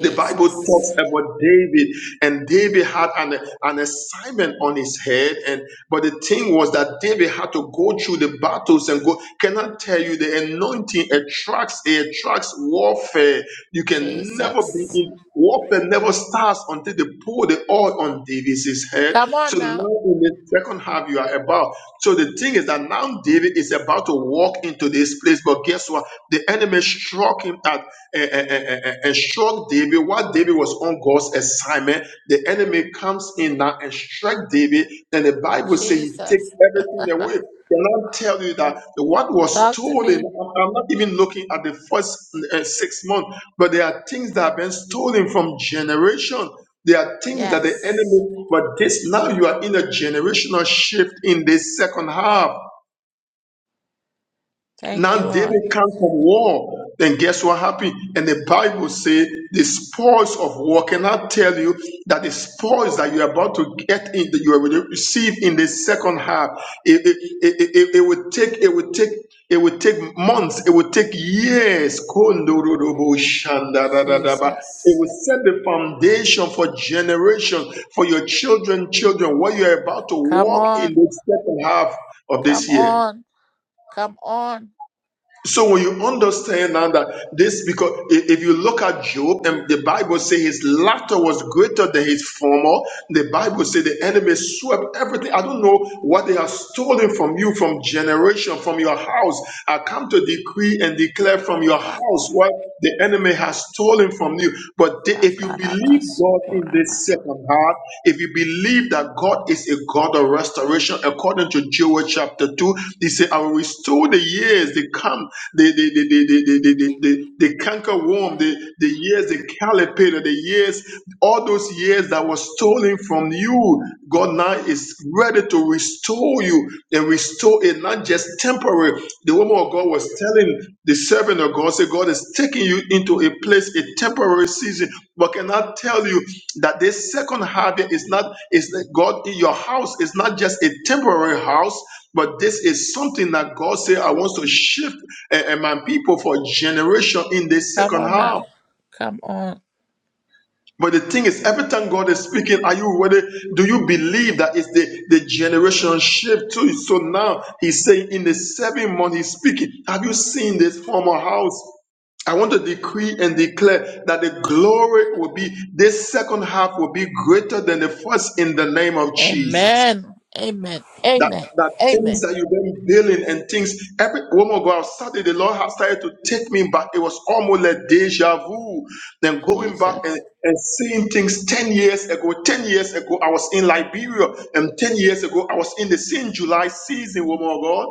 The Bible talks about David, and David had an, an assignment on his head. And but the thing was that David had to go through the battles and go. Can I tell you the anointing attracts it attracts warfare? You can never be
Jesus.
in warfare never starts until they pour the oil on David's head.
Come on
So now in
now.
the second half you are about. So the thing is that now David is about to walk into this place, but guess what? The enemy struck him at and, and, and, and- and struck David while David was on God's assignment. The enemy comes in now and struck David. Then the Bible says he takes
Jesus.
everything away. Can I tell you that the what was
Talk to
stolen?
me.
I'm I'm not even looking at the first uh, six months, but there are things that have been stolen from generation. There are things that the
Yes.
enemy, but this now you are in a generational shift in this second half.
Thank you,
Now
Lord.
David come from war. Then guess what happened? And the Bible says the spoils of war. Can I tell you that the spoils that you're about to get in, that you are going to receive in the second half, it, it, it, it, it would take, it would take, it would take months, it would take years. Kondorobo shandadadadaba. It
Jesus.
will set the foundation for generation, for your children, children, what you're about to
Come
walk in
on.
the second half of
Come
this year.
on. Come on.
So when you understand now that this, because i- if you look at Job, and the Bible says his laughter was greater than his former. The Bible says the enemy swept everything. I don't know what they have stolen from you, from generation, from your house. I come to decree and declare
Thank
from
you,
your
Father.
house what the enemy has stolen from you. But the- if you believe God in
Sakarabasukuraba.
this second half, if you believe that God is a God of restoration, according to Joel chapter 2, he said, I will restore the years, the come, the the the the the the, the, the, the canker worm, the, the years, the calipator, the years, all those years that were stolen from you. God now is ready to restore you and restore bestow it, not just temporary. The woman of God was telling the servant of God, say, God is taking you into a place, a temporary season. But can I tell you that this second harvest is not, is that God in your house is not just a temporary house, but this is something that God said, I want to shift eh, eh, my people for generation in this
Come
second
on now.
half.
Come on.
But the thing is, every time God is speaking, are you ready? Do you believe that it's the, the generation shift too? So now he's saying in the seven month he's speaking. Have you seen this former house? I want to decree and declare that the glory will be, this second half will be greater than the first in the name of Jesus.
Amen. Amen.
That
Amen.
that things
Amen.
that you've been dealing and things every woman go Saturday, the Lord has started to take me back. It was almost like deja vu. Then going back and,
Jesus.
and seeing things 10 years ago. 10 years ago, I was in Liberia, and 10 years ago, I was in the same July season, woman of God.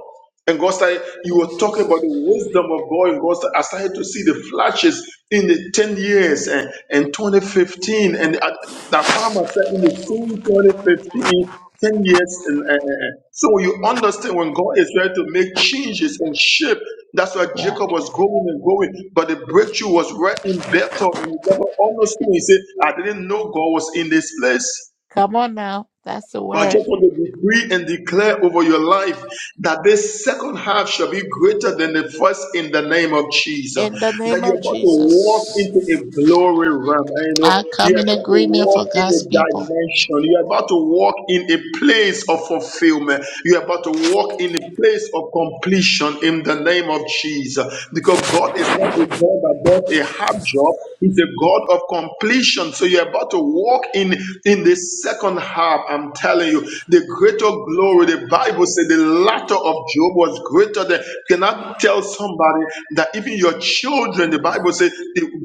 And God started, you were talking
Jesus.
about the wisdom of God. And God started, I started to see the flashes in the 10 years and, and 2015. And I, that farmer said in the same 2015, 10 years. And, uh, uh, uh. so you understand when God is ready to make changes and shift. That's why
Yeah.
Jacob was going and going. But the breakthrough was right in Bethel. And he never understood. He said, I didn't know God was in this place.
Come on now. That's the
But I just
word.
want to decree and declare over your life that this second half shall be greater than the first in the name of Jesus.
In the
That
name
you're
of
about to walk into a
Jesus.
glory realm. You know,
I come
you're
in
about to
agreement for
walk in a
God's people.
dimension. You're about to walk in a place of fulfillment. You're about to walk in a place of completion in the name of Jesus. Because God. God is not a God that does a half job. He's a God of completion. So you're about to walk in in the second half. I'm telling you, the greater glory. The Bible said the latter of Job was greater than. Can I tell somebody that even your children? The Bible said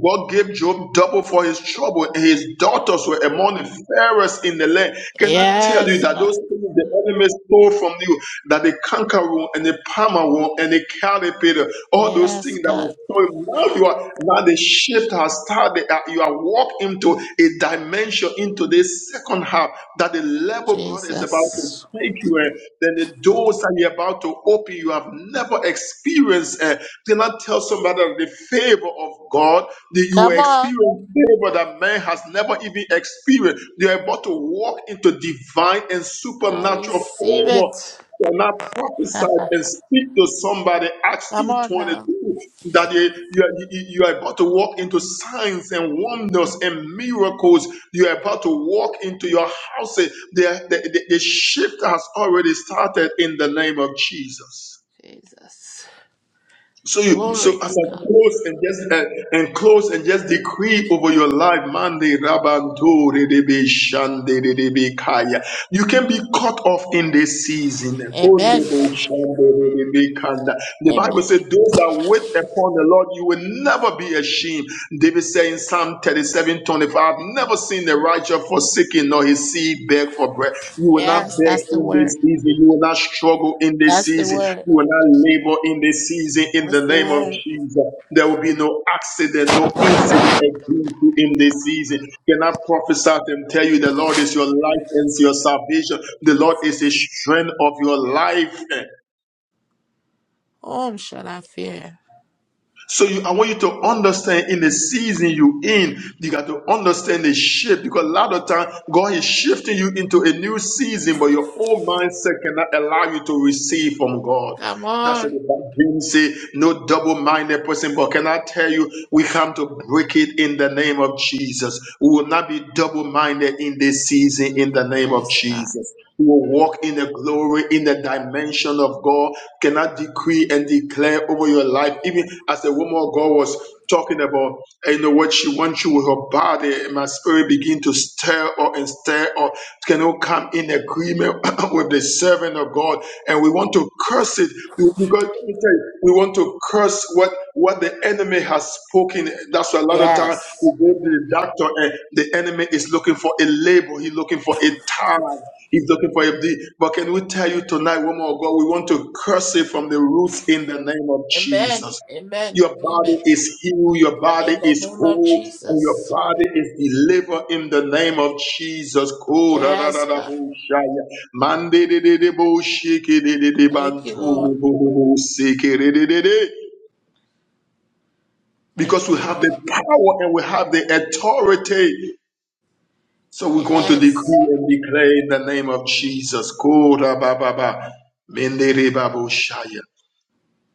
God gave Job double for his trouble, and his daughters were among the fairest in the land men. Can I tell you
Yes,
that those
God.
things the enemy stole from you, that the canker wound and the palmer wound and the calipator, all those
Yes,
things that were
God.
stolen, now you are now the shift has started. uh, You are walking into a dimension into this second half that the level God is about to
Jesus.
take you in, then the doors that you're about to open, you have never experienced. Did not tell somebody that the favor of God that you will
Come
experience
on.
favor that man has never even experienced. You're about to walk into divine and
I
supernatural
receive it.
favor. Cannot prophesy
come
and speak to somebody. Acts two
on
twenty
now.
two that you, you, are- you you are about to walk into signs and wonders and miracles. You are about to walk into your houses. The, the, the, the shift has already started in the name of Jesus.
Jesus.
So you, so
Glory
as
to
I
God.
close and just uh, and close and just decree over your life, Mande Rabanto Redebe Shande Redebe Kaya. You can be cut off in this season.
Amen.
Kondobo Shande Redebe Kanda. The
Amen.
Bible says, "Those that wait upon the Lord, you will never be ashamed." David said in Psalm 37 "I've never seen the righteous forsaken nor his seed beg for bread." You will not
Yes,
beg
that's the
in
word.
this season. You will not struggle in this
That's the
season.
word.
You will not labor in this season in
That's
the
the
name of
word.
Jesus. There will be no accident, no incident against you in this season. Can I prophesy and tell you the Lord is your life and your salvation? The Lord is the
Jesus.
strength of your life.
Whom shall I fear?
So you, I want you to understand in the season you in, you got to understand the shift because a lot of time God is shifting you into a new season, but your old mindset cannot allow you to receive from God.
Come
That's what the
on.
Bible say, no double-minded person. But can I tell you, we come to break it in the name of Jesus. We will not be double-minded in this season in the name of
Yes, God.
Jesus. We will walk in the glory, in the dimension of God. Can I decree and declare over your life, even as the woman of God was talking about, you know what she wants you with her body, and my spirit begin to stir or and stir or can all come in agreement with the servant of God, and we want to curse it because let me tell you, we want to curse what what the enemy has spoken. That's why a lot of time we
Yes.
go to the doctor and the enemy is looking for a label, he's looking for a tag. He's looking for you. The- But can we tell you tonight, woman of God, we want to curse it from the roots in the name of
Amen.
Jesus.
Amen.
Your body
Amen.
is healed, your body
In the
is
name of
whole, and your
Jesus.
body is delivered in the name of Jesus. Ko da da
Yes,
da da
God.
bo shaya. Mande de de de de bo shiki de de de
Thank you,
bantu
Lord.
bo bo bo siki de de de de. Because
Thank
we
you, Lord.
have the power and we have the authority So we're going to
Yes.
decree and declare in the name of Jesus. Kora ba ba ba. Mendere ba bo shaya.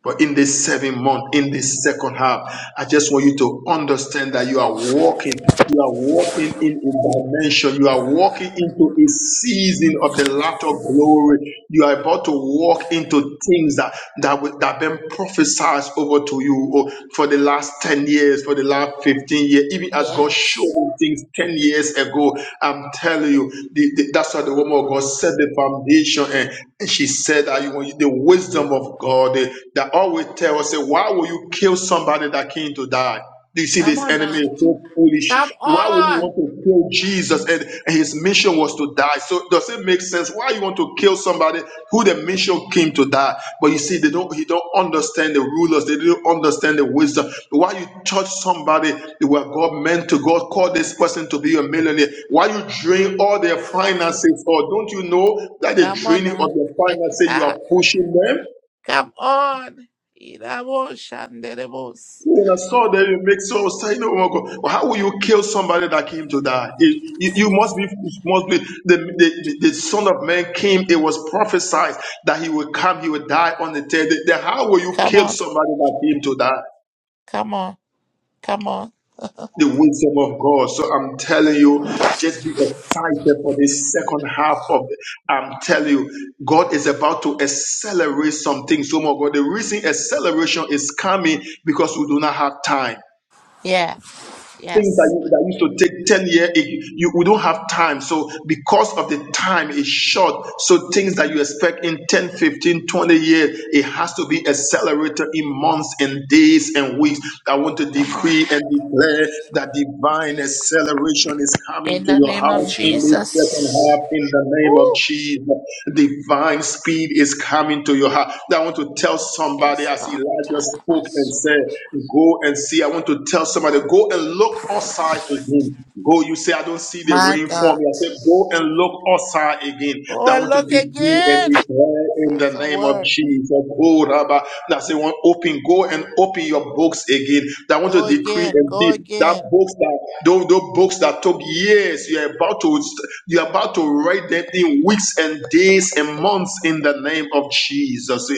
But in this seven month, in this second half, I just want you to understand that you are walking, you are walking in a dimension, you are walking into a season of the latter glory. You are about to walk into things that that were- that been prophesied over to you oh, for the last 10 years, for the last 15 years, even as God showed
Yes.
me things 10 years ago. I'm telling you, the, the- that's why the woman of God set the foundation and, and she said that you want the wisdom of God or they that always tell us, say, why will you kill somebody that came to die? Do you see
Come
this
on now.
enemy is so foolish?
Come
Why would you
on.
want to kill Jesus and, and his mission was to die? So does it make sense? Why you want to kill somebody who the mission came to die? But you see, they don't he don't understand the rulers, they don't understand the wisdom. Why you touch somebody where God meant to God call this person to be a millionaire? Why you drain all their finances? Or don't you know that the
Come on
draining of
now.
their finances you are pushing them?
Come on. Irabo shanderebos.
When I saw them, it makes so saying, "Oh my God, well, how will you kill somebody that came to die? It- you, you must be, must be the, the the Son of Man came. It was prophesied that he would come, he would die on the third day. Then how will you
Come
kill
on.
somebody that came to die?
Come on. Come on.
The wisdom of God. So I'm telling you, just be excited for this second half of. The, I'm telling you, God is about to accelerate some things. Oh my God, the reason acceleration is coming because we do not have time.
Yeah.
Things that,
Yes.
you, that used to take 10 years, it, you, we don't have time. So, because of the time is short, so things that you expect in 10, 15, 20 years, it has to be accelerated in months and days and weeks. I want to
Come on.
decree and declare that divine acceleration is coming
In
to
the
your
name of
house in this second
Jesus.
half in the name of
Ooh,
Jesus. Divine speed is coming to your house. I want to tell somebody
yes,
as
God.
Elijah spoke and
Tadabasuka.
said. Go and see. I want to tell somebody, go and look outside again. Go, you say, I don't see the
My
rain falling.
God.
I say, go and look outside again.
Go
I
and
want to
look
decree and
again.
declare in the
That's a
name of
word.
Jesus. Go, Rabba. That say, want open, go and open your books again. That want to
Go
decree
again.
and
Go
see that
again.
books that those, those books that took years. You're about to you're about to write them in weeks and days and months in the name of Jesus.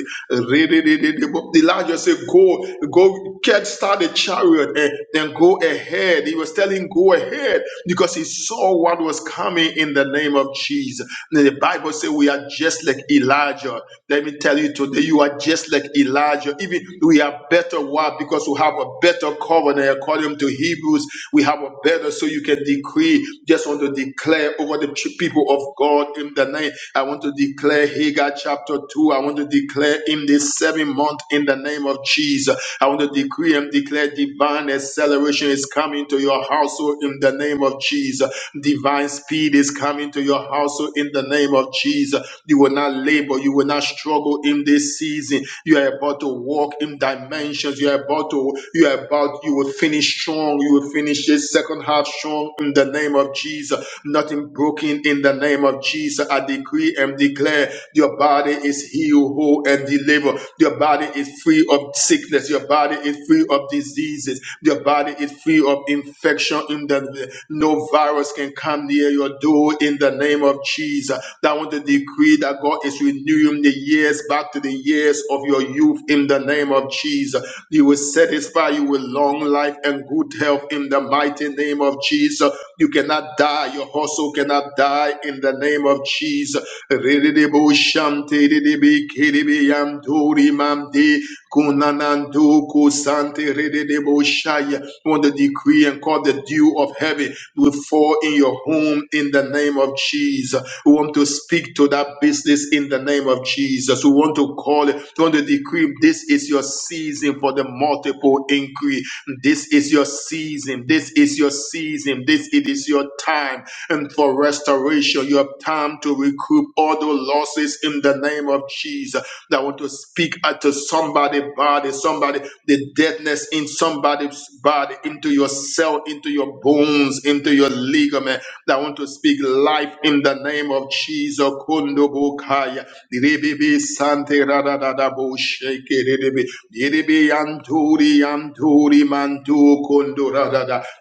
Elijah said, Go, go, get start the chariot and then go ahead. He was telling, Go ahead because he saw what was coming in the name of Jesus. And The Bible says, We are just like Elijah. Let me tell you today, you are just like Elijah. Even we are better. Why? Because we have a better covenant. According to Hebrews, we have a better, so you can decree. Just want to declare over the people of God in the name. I want to declare declare Hagar chapter 2. I want to declare in this seven month in the name of Jesus. I want to decree and declare divine acceleration is coming to your household in the name of Jesus. Divine speed is coming to your household in the name of Jesus. You will not labor, you will not struggle in this season. You are about to walk in dimensions. You are about to, you are about, you will finish strong. You will finish this second half strong in the name of Jesus. Nothing broken broken in the name of Jesus. I decree and declare your body is healed, whole, and delivered. Your body is free of sickness. Your body is free of diseases. Your body is free of infection. In the no virus can come near your door in the name of Jesus. I want to decree that God is renewing the years back to the years of your youth in the name of Jesus. You will satisfy you with long life and good health in the mighty name of name of Jesus. You cannot die. Your hustle cannot die in the name of Jesus. Rididibou shanti didibi kidibi yanduri mamdi kunanandu kusanti rididibou shaya. Want to decree and call the dew of heaven will fall in your home in the name of Jesus. We want to speak to that business in the name of Jesus. We want to call it, we want to decree this is your season for the multiple increase. This is your season. This is your season. This it is your time and for restoration. You have time to recoup all the losses in the name of Jesus. I want to speak out to somebody body, somebody, the deadness in somebody's body, into your cell, into your bones, into your ligament. I want to speak life in the name of Jesus. Kundubukaya. Ribibi Sante Radadadabo Sheke Ribibi. Yiribi yanturi yanturi mantu kondora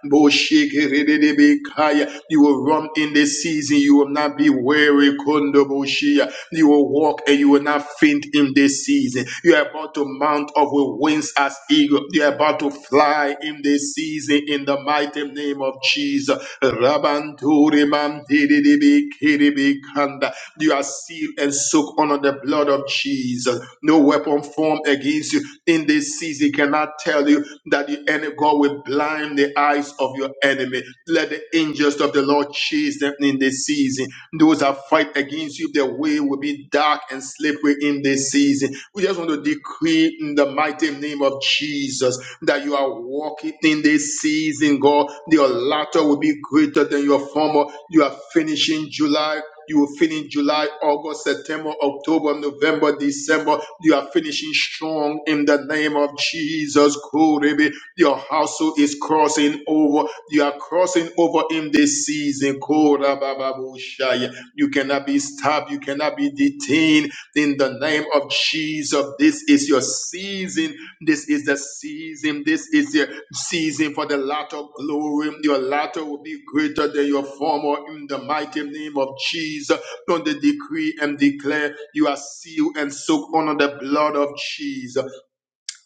Boshiki rididibi kaya. You will run in this season. You will not be weary. Kondo boshia. You will walk and you will not faint in this season. You are about to mount up with wings as eagle. You are about to fly in this season in the the mighty name of Jesus. Rabanturi mantididibi kiribikanda. You are sealed and soaked under the blood of Jesus. No weapon formed against you in this season cannot tell you that the enemy God will blind the eyes of your enemy. Let the angels of the Lord chase them in this season those that fight against you, their way will be dark and slippery in this season. We just want to decree in the mighty name of Jesus that you are walking in this season, God. Your latter will be greater than your former. You are finishing July you will finish July, August, September, October, November, December. You are finishing strong in the name of Jesus. Glory be. Your household is crossing over. You are crossing over in this season. Kora baba bushaya. You cannot be stopped. You cannot be detained in the name of Jesus. This is your season this is the season. This is the season for the latter glory. Your latter will be greater than your former in the mighty name of Jesus. On the decree and declare you are sealed and soaked under the blood of Jesus.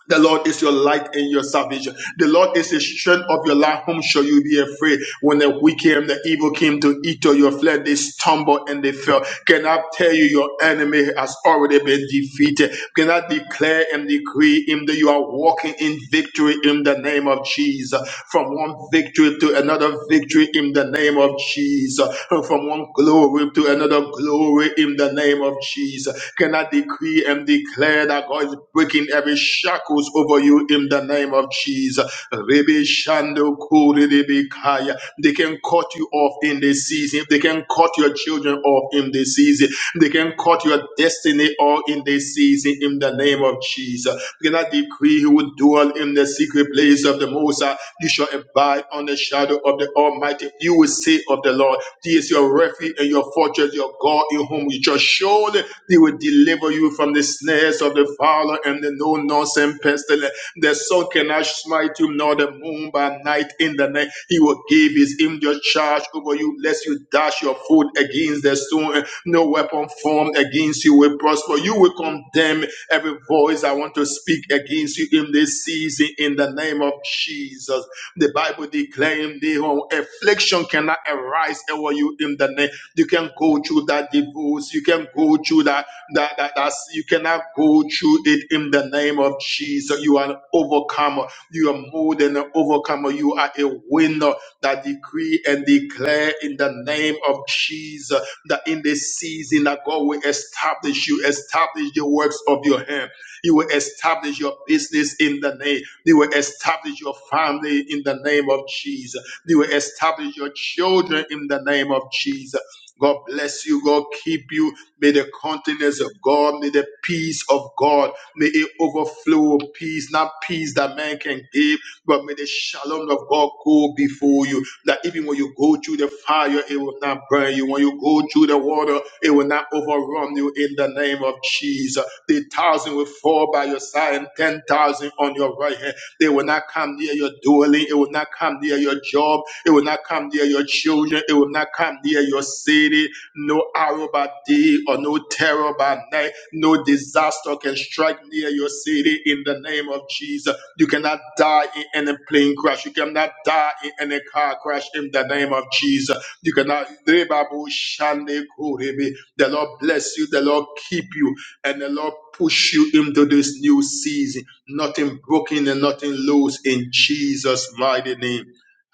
The Lord is your light and your salvation. The Lord is the strength of your life. Whom shall you be afraid? When the wicked and the evil came to eat of your flesh, they stumbled and they fell. Can I tell you your enemy has already been defeated? Can I declare and decree him that you are walking in victory in the name of Jesus. From one victory to another victory in the name of Jesus. From one glory to another glory in the name of Jesus. Can I decree and declare that God is breaking every shackles over you in the name of Jesus? Rebe shando kore rebe kaya. They can cut you off in this season. They can cut your children off in this season. They can cut your destiny all in this season in the name of Jesus. Begin to decree he will dwell in the secret place of the Most High. You shall abide on the shadow of the Almighty. You will say of the Lord, He is your refuge and your fortress, your God in whom you trust. Surely He will deliver you from the snares of the fowler and the no nonsense pestilence. The sun cannot smite you, nor the moon by night in the night. He will give his angel charge over you, lest you dash your foot against the stone. No weapon formed against you will prosper. You will condemn every voice I want to speak against you in this season in the name of Jesus. The Bible declaring the whole affliction cannot arise over you in the name. You can go through that divorce. You can go through that, that, that, that. You cannot go through it in the name of Jesus. You are an overcomer. You are more than an overcomer. You are a winner that decree and declare in the name of Jesus that in this season that God will establish you, establish the works of your hand. You will establish your business in the name. You will establish your family in the name of Jesus. You will establish your children in the name of Jesus. God bless you. God keep you. May the countenance of God, may the peace of God, may it overflow with peace, not peace that man can give, but may the shalom of God go before you that even when you go through the fire, it will not burn you. When you go through the water, it will not overrun you in the name of Jesus. The thousand will fall by your side and ten thousand on your right hand. They will not come near your dwelling. It will not come near your job. It will not come near your children. It will not come near your city. No arrow by day or no terror by night. No disaster can strike near your city in the name of Jesus. You cannot die in any plane crash. You cannot die in any car crash in the name of Jesus. You cannot. The Lord bless you. The Lord keep you. And the Lord push you into this new season. Nothing broken and nothing loose in Jesus' mighty name.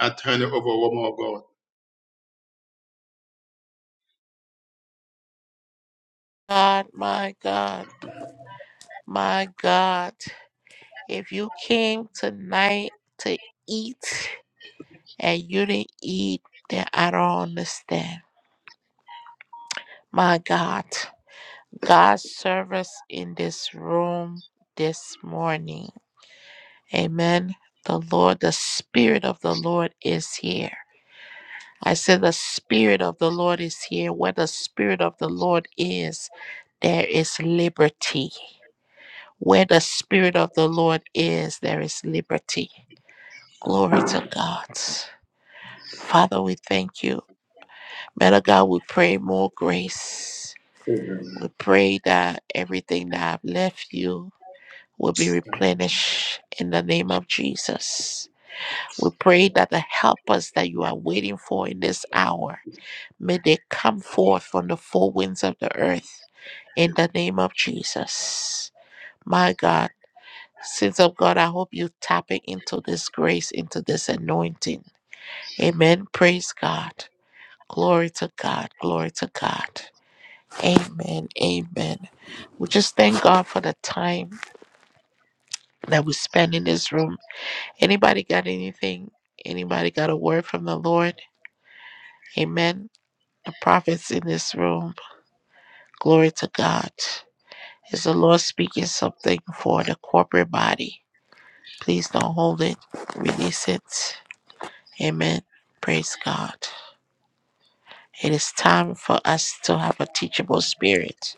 I turn it over one more God.
God, my God. My God. If you came tonight to eat and you didn't eat, then I don't understand. My God. God's service in this room this morning. Amen. The Lord, the Spirit of the Lord is here. I said, The Spirit of the Lord is here. Where the Spirit of the Lord is, there is liberty. Where the Spirit of the Lord is, there is liberty. Glory to God. Father, we thank you. Man of God, we pray more grace. We pray that everything that I've left you will be replenished in the name of Jesus. We pray that the helpers that you are waiting for in this hour, may they come forth from the four winds of the earth in the name of Jesus. My God, sins of God, I hope you tapping into this grace, into this anointing. Amen. Praise God. Glory to God. Glory to God. Amen. Amen. We just thank God for the time that we spend in this room. Anybody got anything? Anybody got a word from the Lord? Amen. the prophets in this room. Glory to God. Is the Lord speaking something for the corporate body? Please don't hold it. Release it. Amen. Praise God. It is time for us to have a teachable spirit.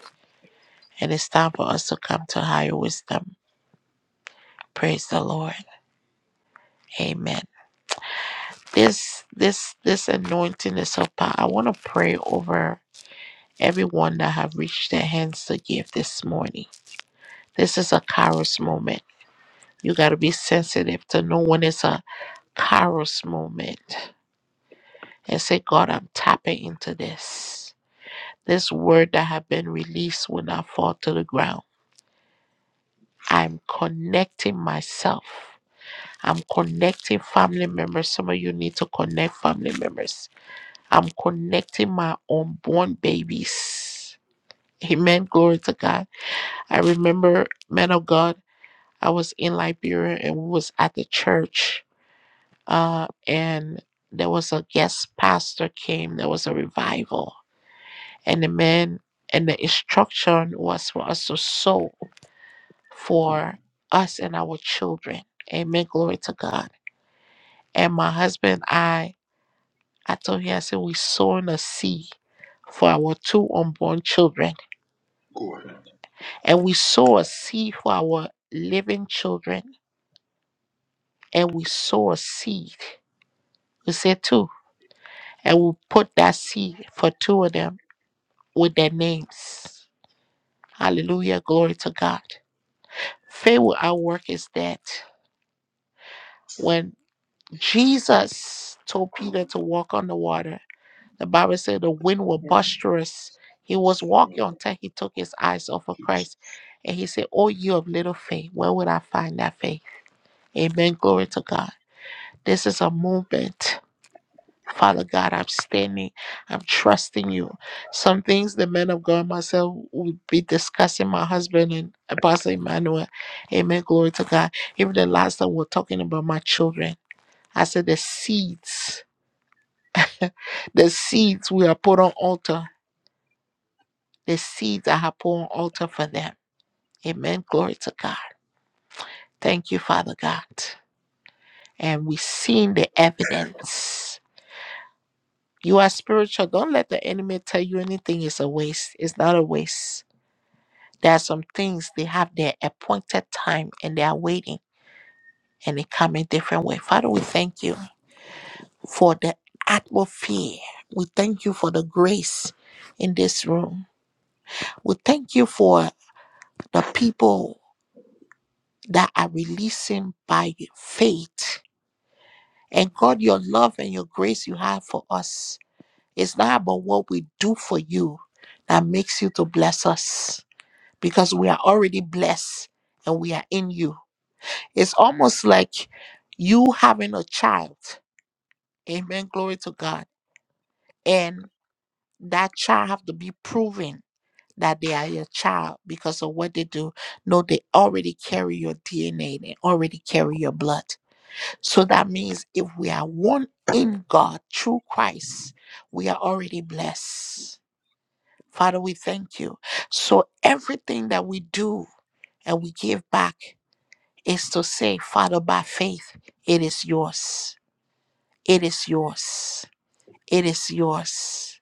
And it's time for us to come to higher wisdom. Praise the Lord. Amen. This this this anointing is so power. I want to pray over everyone that have reached their hands to give this morning. This is a Kairos moment. You got to be sensitive to know when it's a kairos moment and say, God, I'm tapping into this. This word that have been released will not fall to the ground. I'm connecting myself. I'm connecting family members. Some of you need to connect family members. I'm connecting my unborn babies. Amen. Glory to God. I remember, man of God, I was in Liberia and we was at the church uh, and there was a guest pastor came. There was a revival, and the man and the instruction was for us to sow for us and our children. Amen. Glory to God. And my husband, I, I told him, I said, we sowing a seed for our two unborn children,
Go ahead.
and we sow a seed for our living children, and we sow a seed. We said two, and we put that seed for two of them with their names. Hallelujah. Glory to God. Faith without work is dead. When Jesus told Peter to walk on the water, the Bible said the wind was boisterous. He was walking until he took his eyes off of Christ. And he said, Oh, you of little faith, where would I find that faith? Amen. Glory to God. This is a movement. Father God, I'm standing, I'm trusting you. Some things the men of God, myself, would be discussing, my husband and Apostle Emmanuel. Amen. Glory to God. Even the last time we we're talking about my children, I said the seeds, the seeds we are put on altar, the seeds I have put on altar for them. Amen. Glory to God. Thank you, Father God. And we've seen the evidence. You are spiritual. Don't let the enemy tell you anything is a waste. It's not a waste. There are some things they have their appointed time and they are waiting and they come in different way. Father, we thank you for the atmosphere. We thank you for the grace in this room. We thank you for the people that are releasing by faith. And God, your love and your grace you have for us. is not about what we do for you that makes you to bless us because we are already blessed and we are in you. It's almost like you having a child. Amen. Glory to God. And that child have to be proven that they are your child because of what they do. No, they already carry your DNA. They already carry your blood. So that means if we are one in God through Christ, we are already blessed. Father, we thank you. So everything that we do and we give back is to say, Father, by faith, it is yours. It is yours. It is yours.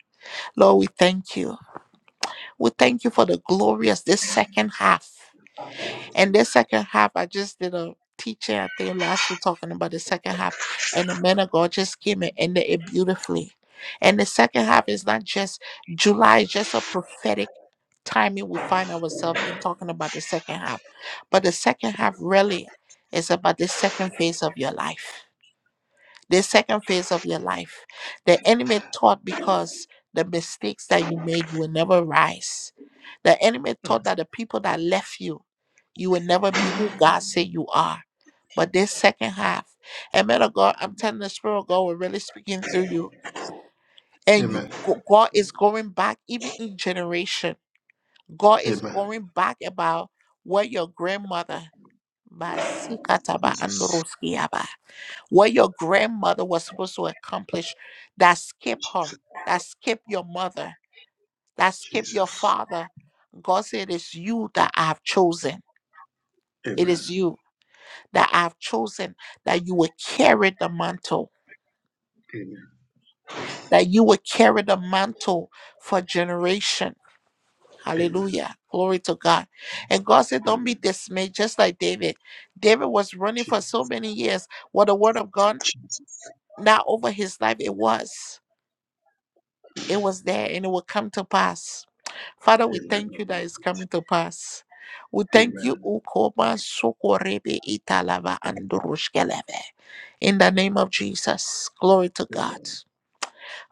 Lord, we thank you. We thank you for the glorious this second half. And this second half, I just did a teaching, I think last week talking about the second half. And the man of God just came and ended it beautifully. And the second half is not just July, is just a prophetic timing we find ourselves in talking about the second half. But the second half really is about the second phase of your life the second phase of your life. The enemy thought because the mistakes that you made, you will never rise. The enemy thought that the people that left you, you will never be who God said you are. But this second half, and man of God, I'm telling the Spirit of God, we're really speaking through you. And you
Amen.
go- God is going back, even in generation. God is
Amen.
going back about what your grandmother, Masikataba
Jesus.
what your grandmother was supposed to accomplish that skip her,
Jesus.
that skip your mother, that skip your
Jesus.
father. God said, It is you that I have chosen. It
Amen.
is you that I have chosen that you will carry the mantle,
Amen.
that you will carry the mantle for generation.
Amen.
Hallelujah. Glory to God. And God said, Don't be
Amen.
dismayed, just like David. David was running
Jesus.
for so many years. What the word of God, not over his life, it was. It was there and it will come to pass. Father, we
Amen.
thank you that it's coming to pass. We thank you,
Amen.
Ukoma Sokorebe Italava and Andorushkeleve. In the name of Jesus, glory to
Amen.
God.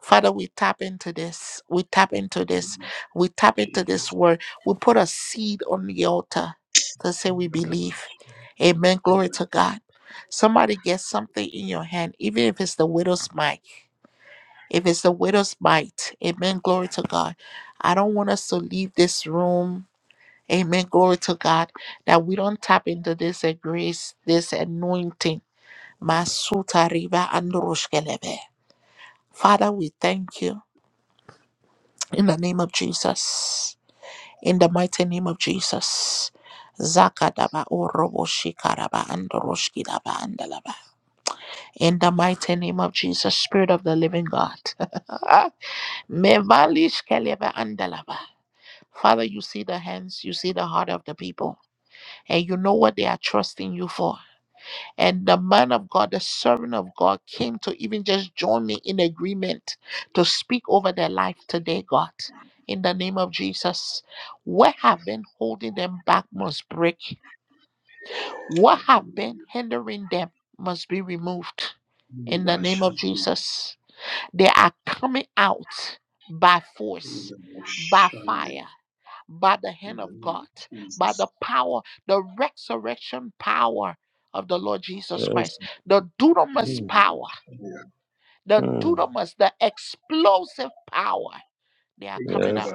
Father, we tap into this. We tap into this. We tap into this
Jesus.
word. We put a seed on the altar to say we
Amen.
believe. Amen. Glory to God. Somebody gets something in your hand, even if it's the widow's mite. If it's a widow's mite, amen. Glory to God. I don't want us to leave this room. Amen. Glory to God. That we don't tap into this uh, grace, this anointing. Masuta riba androshkelebe. Father, we thank you in the name of Jesus. In the mighty name of Jesus. Zakadaba oroboshikaraba andoroshkidaba andalaba. In the mighty name of Jesus, Spirit of the Living God. Mevalish kelebe andalaba. Father, you see the hands, you see the heart of the people, and you know what they are trusting you for. And the man of God, the servant of God, came to even just join me in agreement to speak over their life today, God. In the name of Jesus, what have been holding them back must break. What have been hindering them must be removed.
You
In the
are
name of
Shandy
Jesus, they are coming out by
in
force,
the
by
Moshandi
fire by the
in
hand
the
of
name
God,
of
by
Jesus.
the power, the resurrection power of the Lord Jesus
Yes.
Christ, the dunamis
Mm.
power, the
Mm.
dunamis, the explosive power. They are coming
Yes.
out.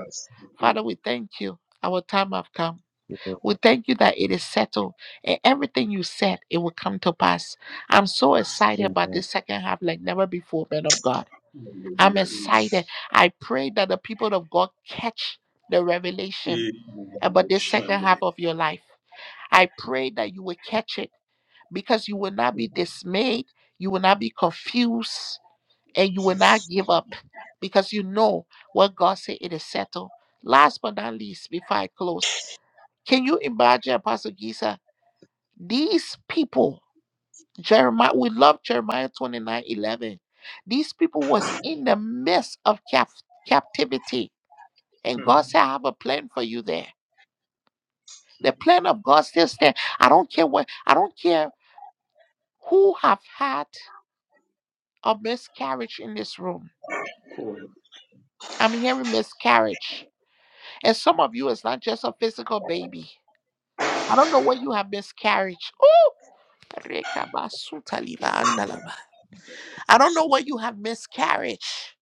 Father, we thank you. Our time have come. We thank you that it is settled. And everything you said, it will come to pass. I'm so excited about
Amen.
this second half like never before, man of God. I'm
Yes.
excited. I pray that the people of God catch the revelation about the second half of your life. I pray that you will catch it because you will not be dismayed, you will not be confused, and you will not give up because you know what God said it is settled. Last but not least, before I close, can you imagine, Apostle Giza, these people, Jeremiah, we love Jeremiah 29 11. These people was in the midst of cap- captivity. And God said, I have a plan for you there. The plan of God still stands. I don't care what I don't care who have had a miscarriage in this room. I'm hearing miscarriage. And some of you it's not just a physical baby. I don't know what you have miscarriage. Oh I don't know what you have miscarriage.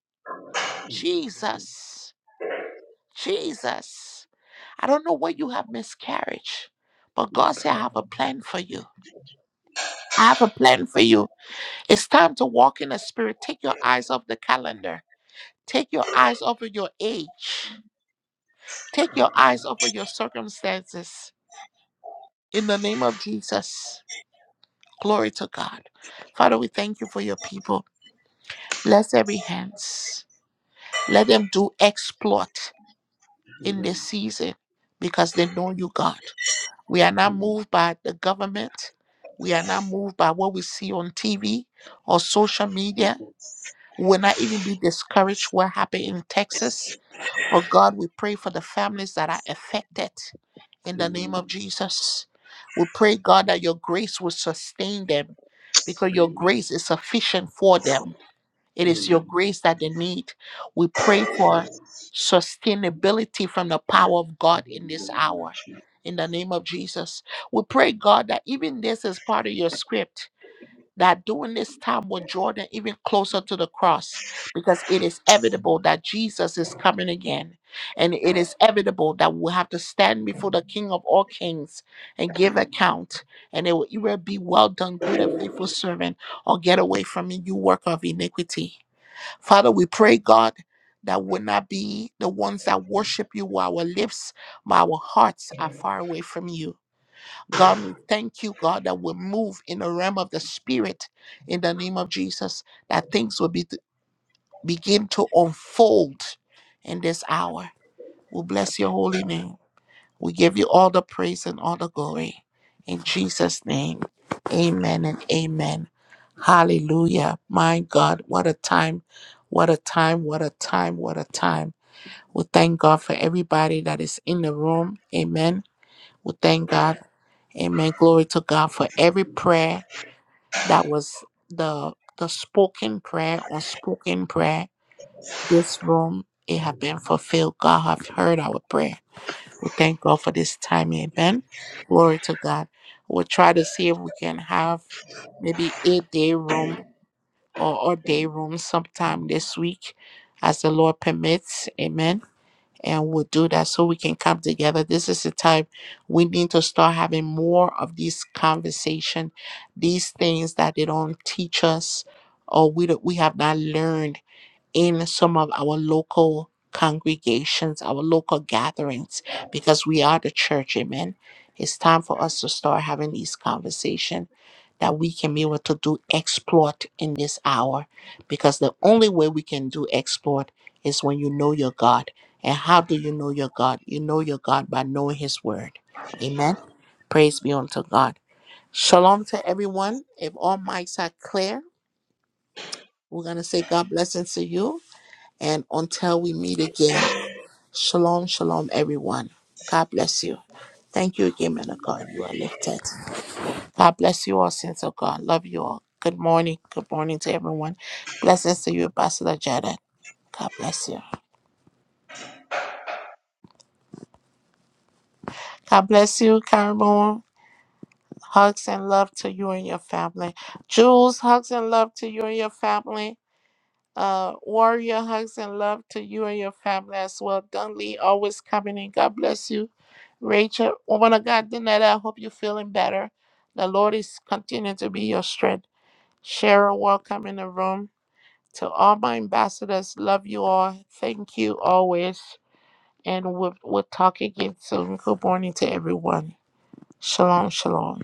Jesus. Jesus. I don't know what you have miscarriage. But God said I have a plan for you. I have a plan for you. It's time to walk in the spirit. Take your eyes off the calendar. Take your eyes off of your age. Take your eyes off of your circumstances. In the name of Jesus. Glory to God. Father, we thank you for your people. Bless every hands. Let them do exploit in this season because they know you, God. We are not
Amen.
moved by the government. We are not moved by what we see on TV or social media. We will not even be discouraged what happened in Texas Oh God, we pray for the families that are affected in the name
Amen.
of Jesus. We pray, God, that your grace will sustain them because your
Amen.
grace is sufficient for them. It is your
Amen.
grace that they need. We pray for sustainability from the power of God in this hour. In the name of Jesus, we pray, God, that even this is part of your script that during this time will draw them even closer to the cross because it is inevitable that Jesus is coming again. And it is inevitable that we'll have to stand before the King of all kings and give account. And it will either be well done, good and faithful servant, or get away from me, you worker of iniquity. Father, we pray, God. That would not be the ones that worship you while our lips, but our hearts are far away from you. God, we thank you, God, that we move in the realm of the Spirit in the name of Jesus, that things will be, begin to unfold in this hour. We bless your holy name. We give you all the praise and all the glory. In Jesus' name, amen and amen. Hallelujah. My God, what a time, what a time, what a time, what a time. We thank God for everybody that is in the room. Amen we thank God. Amen. Glory to God for every prayer that was the the spoken prayer, unspoken prayer. This room, it have been fulfilled. God have heard our prayer. We thank God for this time. Amen. Glory to God. We'll try to see if we can have maybe eight day room or a day room sometime this week as the Lord permits. Amen and we'll do that so we can come together. This is the time we need to start having more of these conversation, these things that they don't teach us or we don't, we have not learned in some of our local congregations, our local gatherings, because we are the church, amen. It's time for us to start having these conversations that we can be able to do exploit in this hour, because the only way we can do exploit is when you know your God. And how do you know your God? You know your God by knowing His Word, amen. Praise be unto God. Shalom to everyone. If all mics are clear, we're going to say God blessings to you. And until we meet again, shalom, shalom, everyone. God bless you. Thank you again, man of God. You are lifted. God bless you all, saints of God. Love you all. Good morning. Good morning to everyone. Blessings to you, Pastor Janet. God bless you. God bless you, Carmel. Hugs and love to you and your family. Jules, hugs and love to you and your family. Uh, warrior hugs and love to you and your family as well. Dunley always coming in. God bless you. Rachel, woman of God, Danetta, I hope you're feeling better. The Lord is continuing to be your strength. Cheryl, welcome in the room. To all my ambassadors, love you all. Thank you always. And we'll, we'll talk again soon. Good morning to everyone. Shalom, shalom.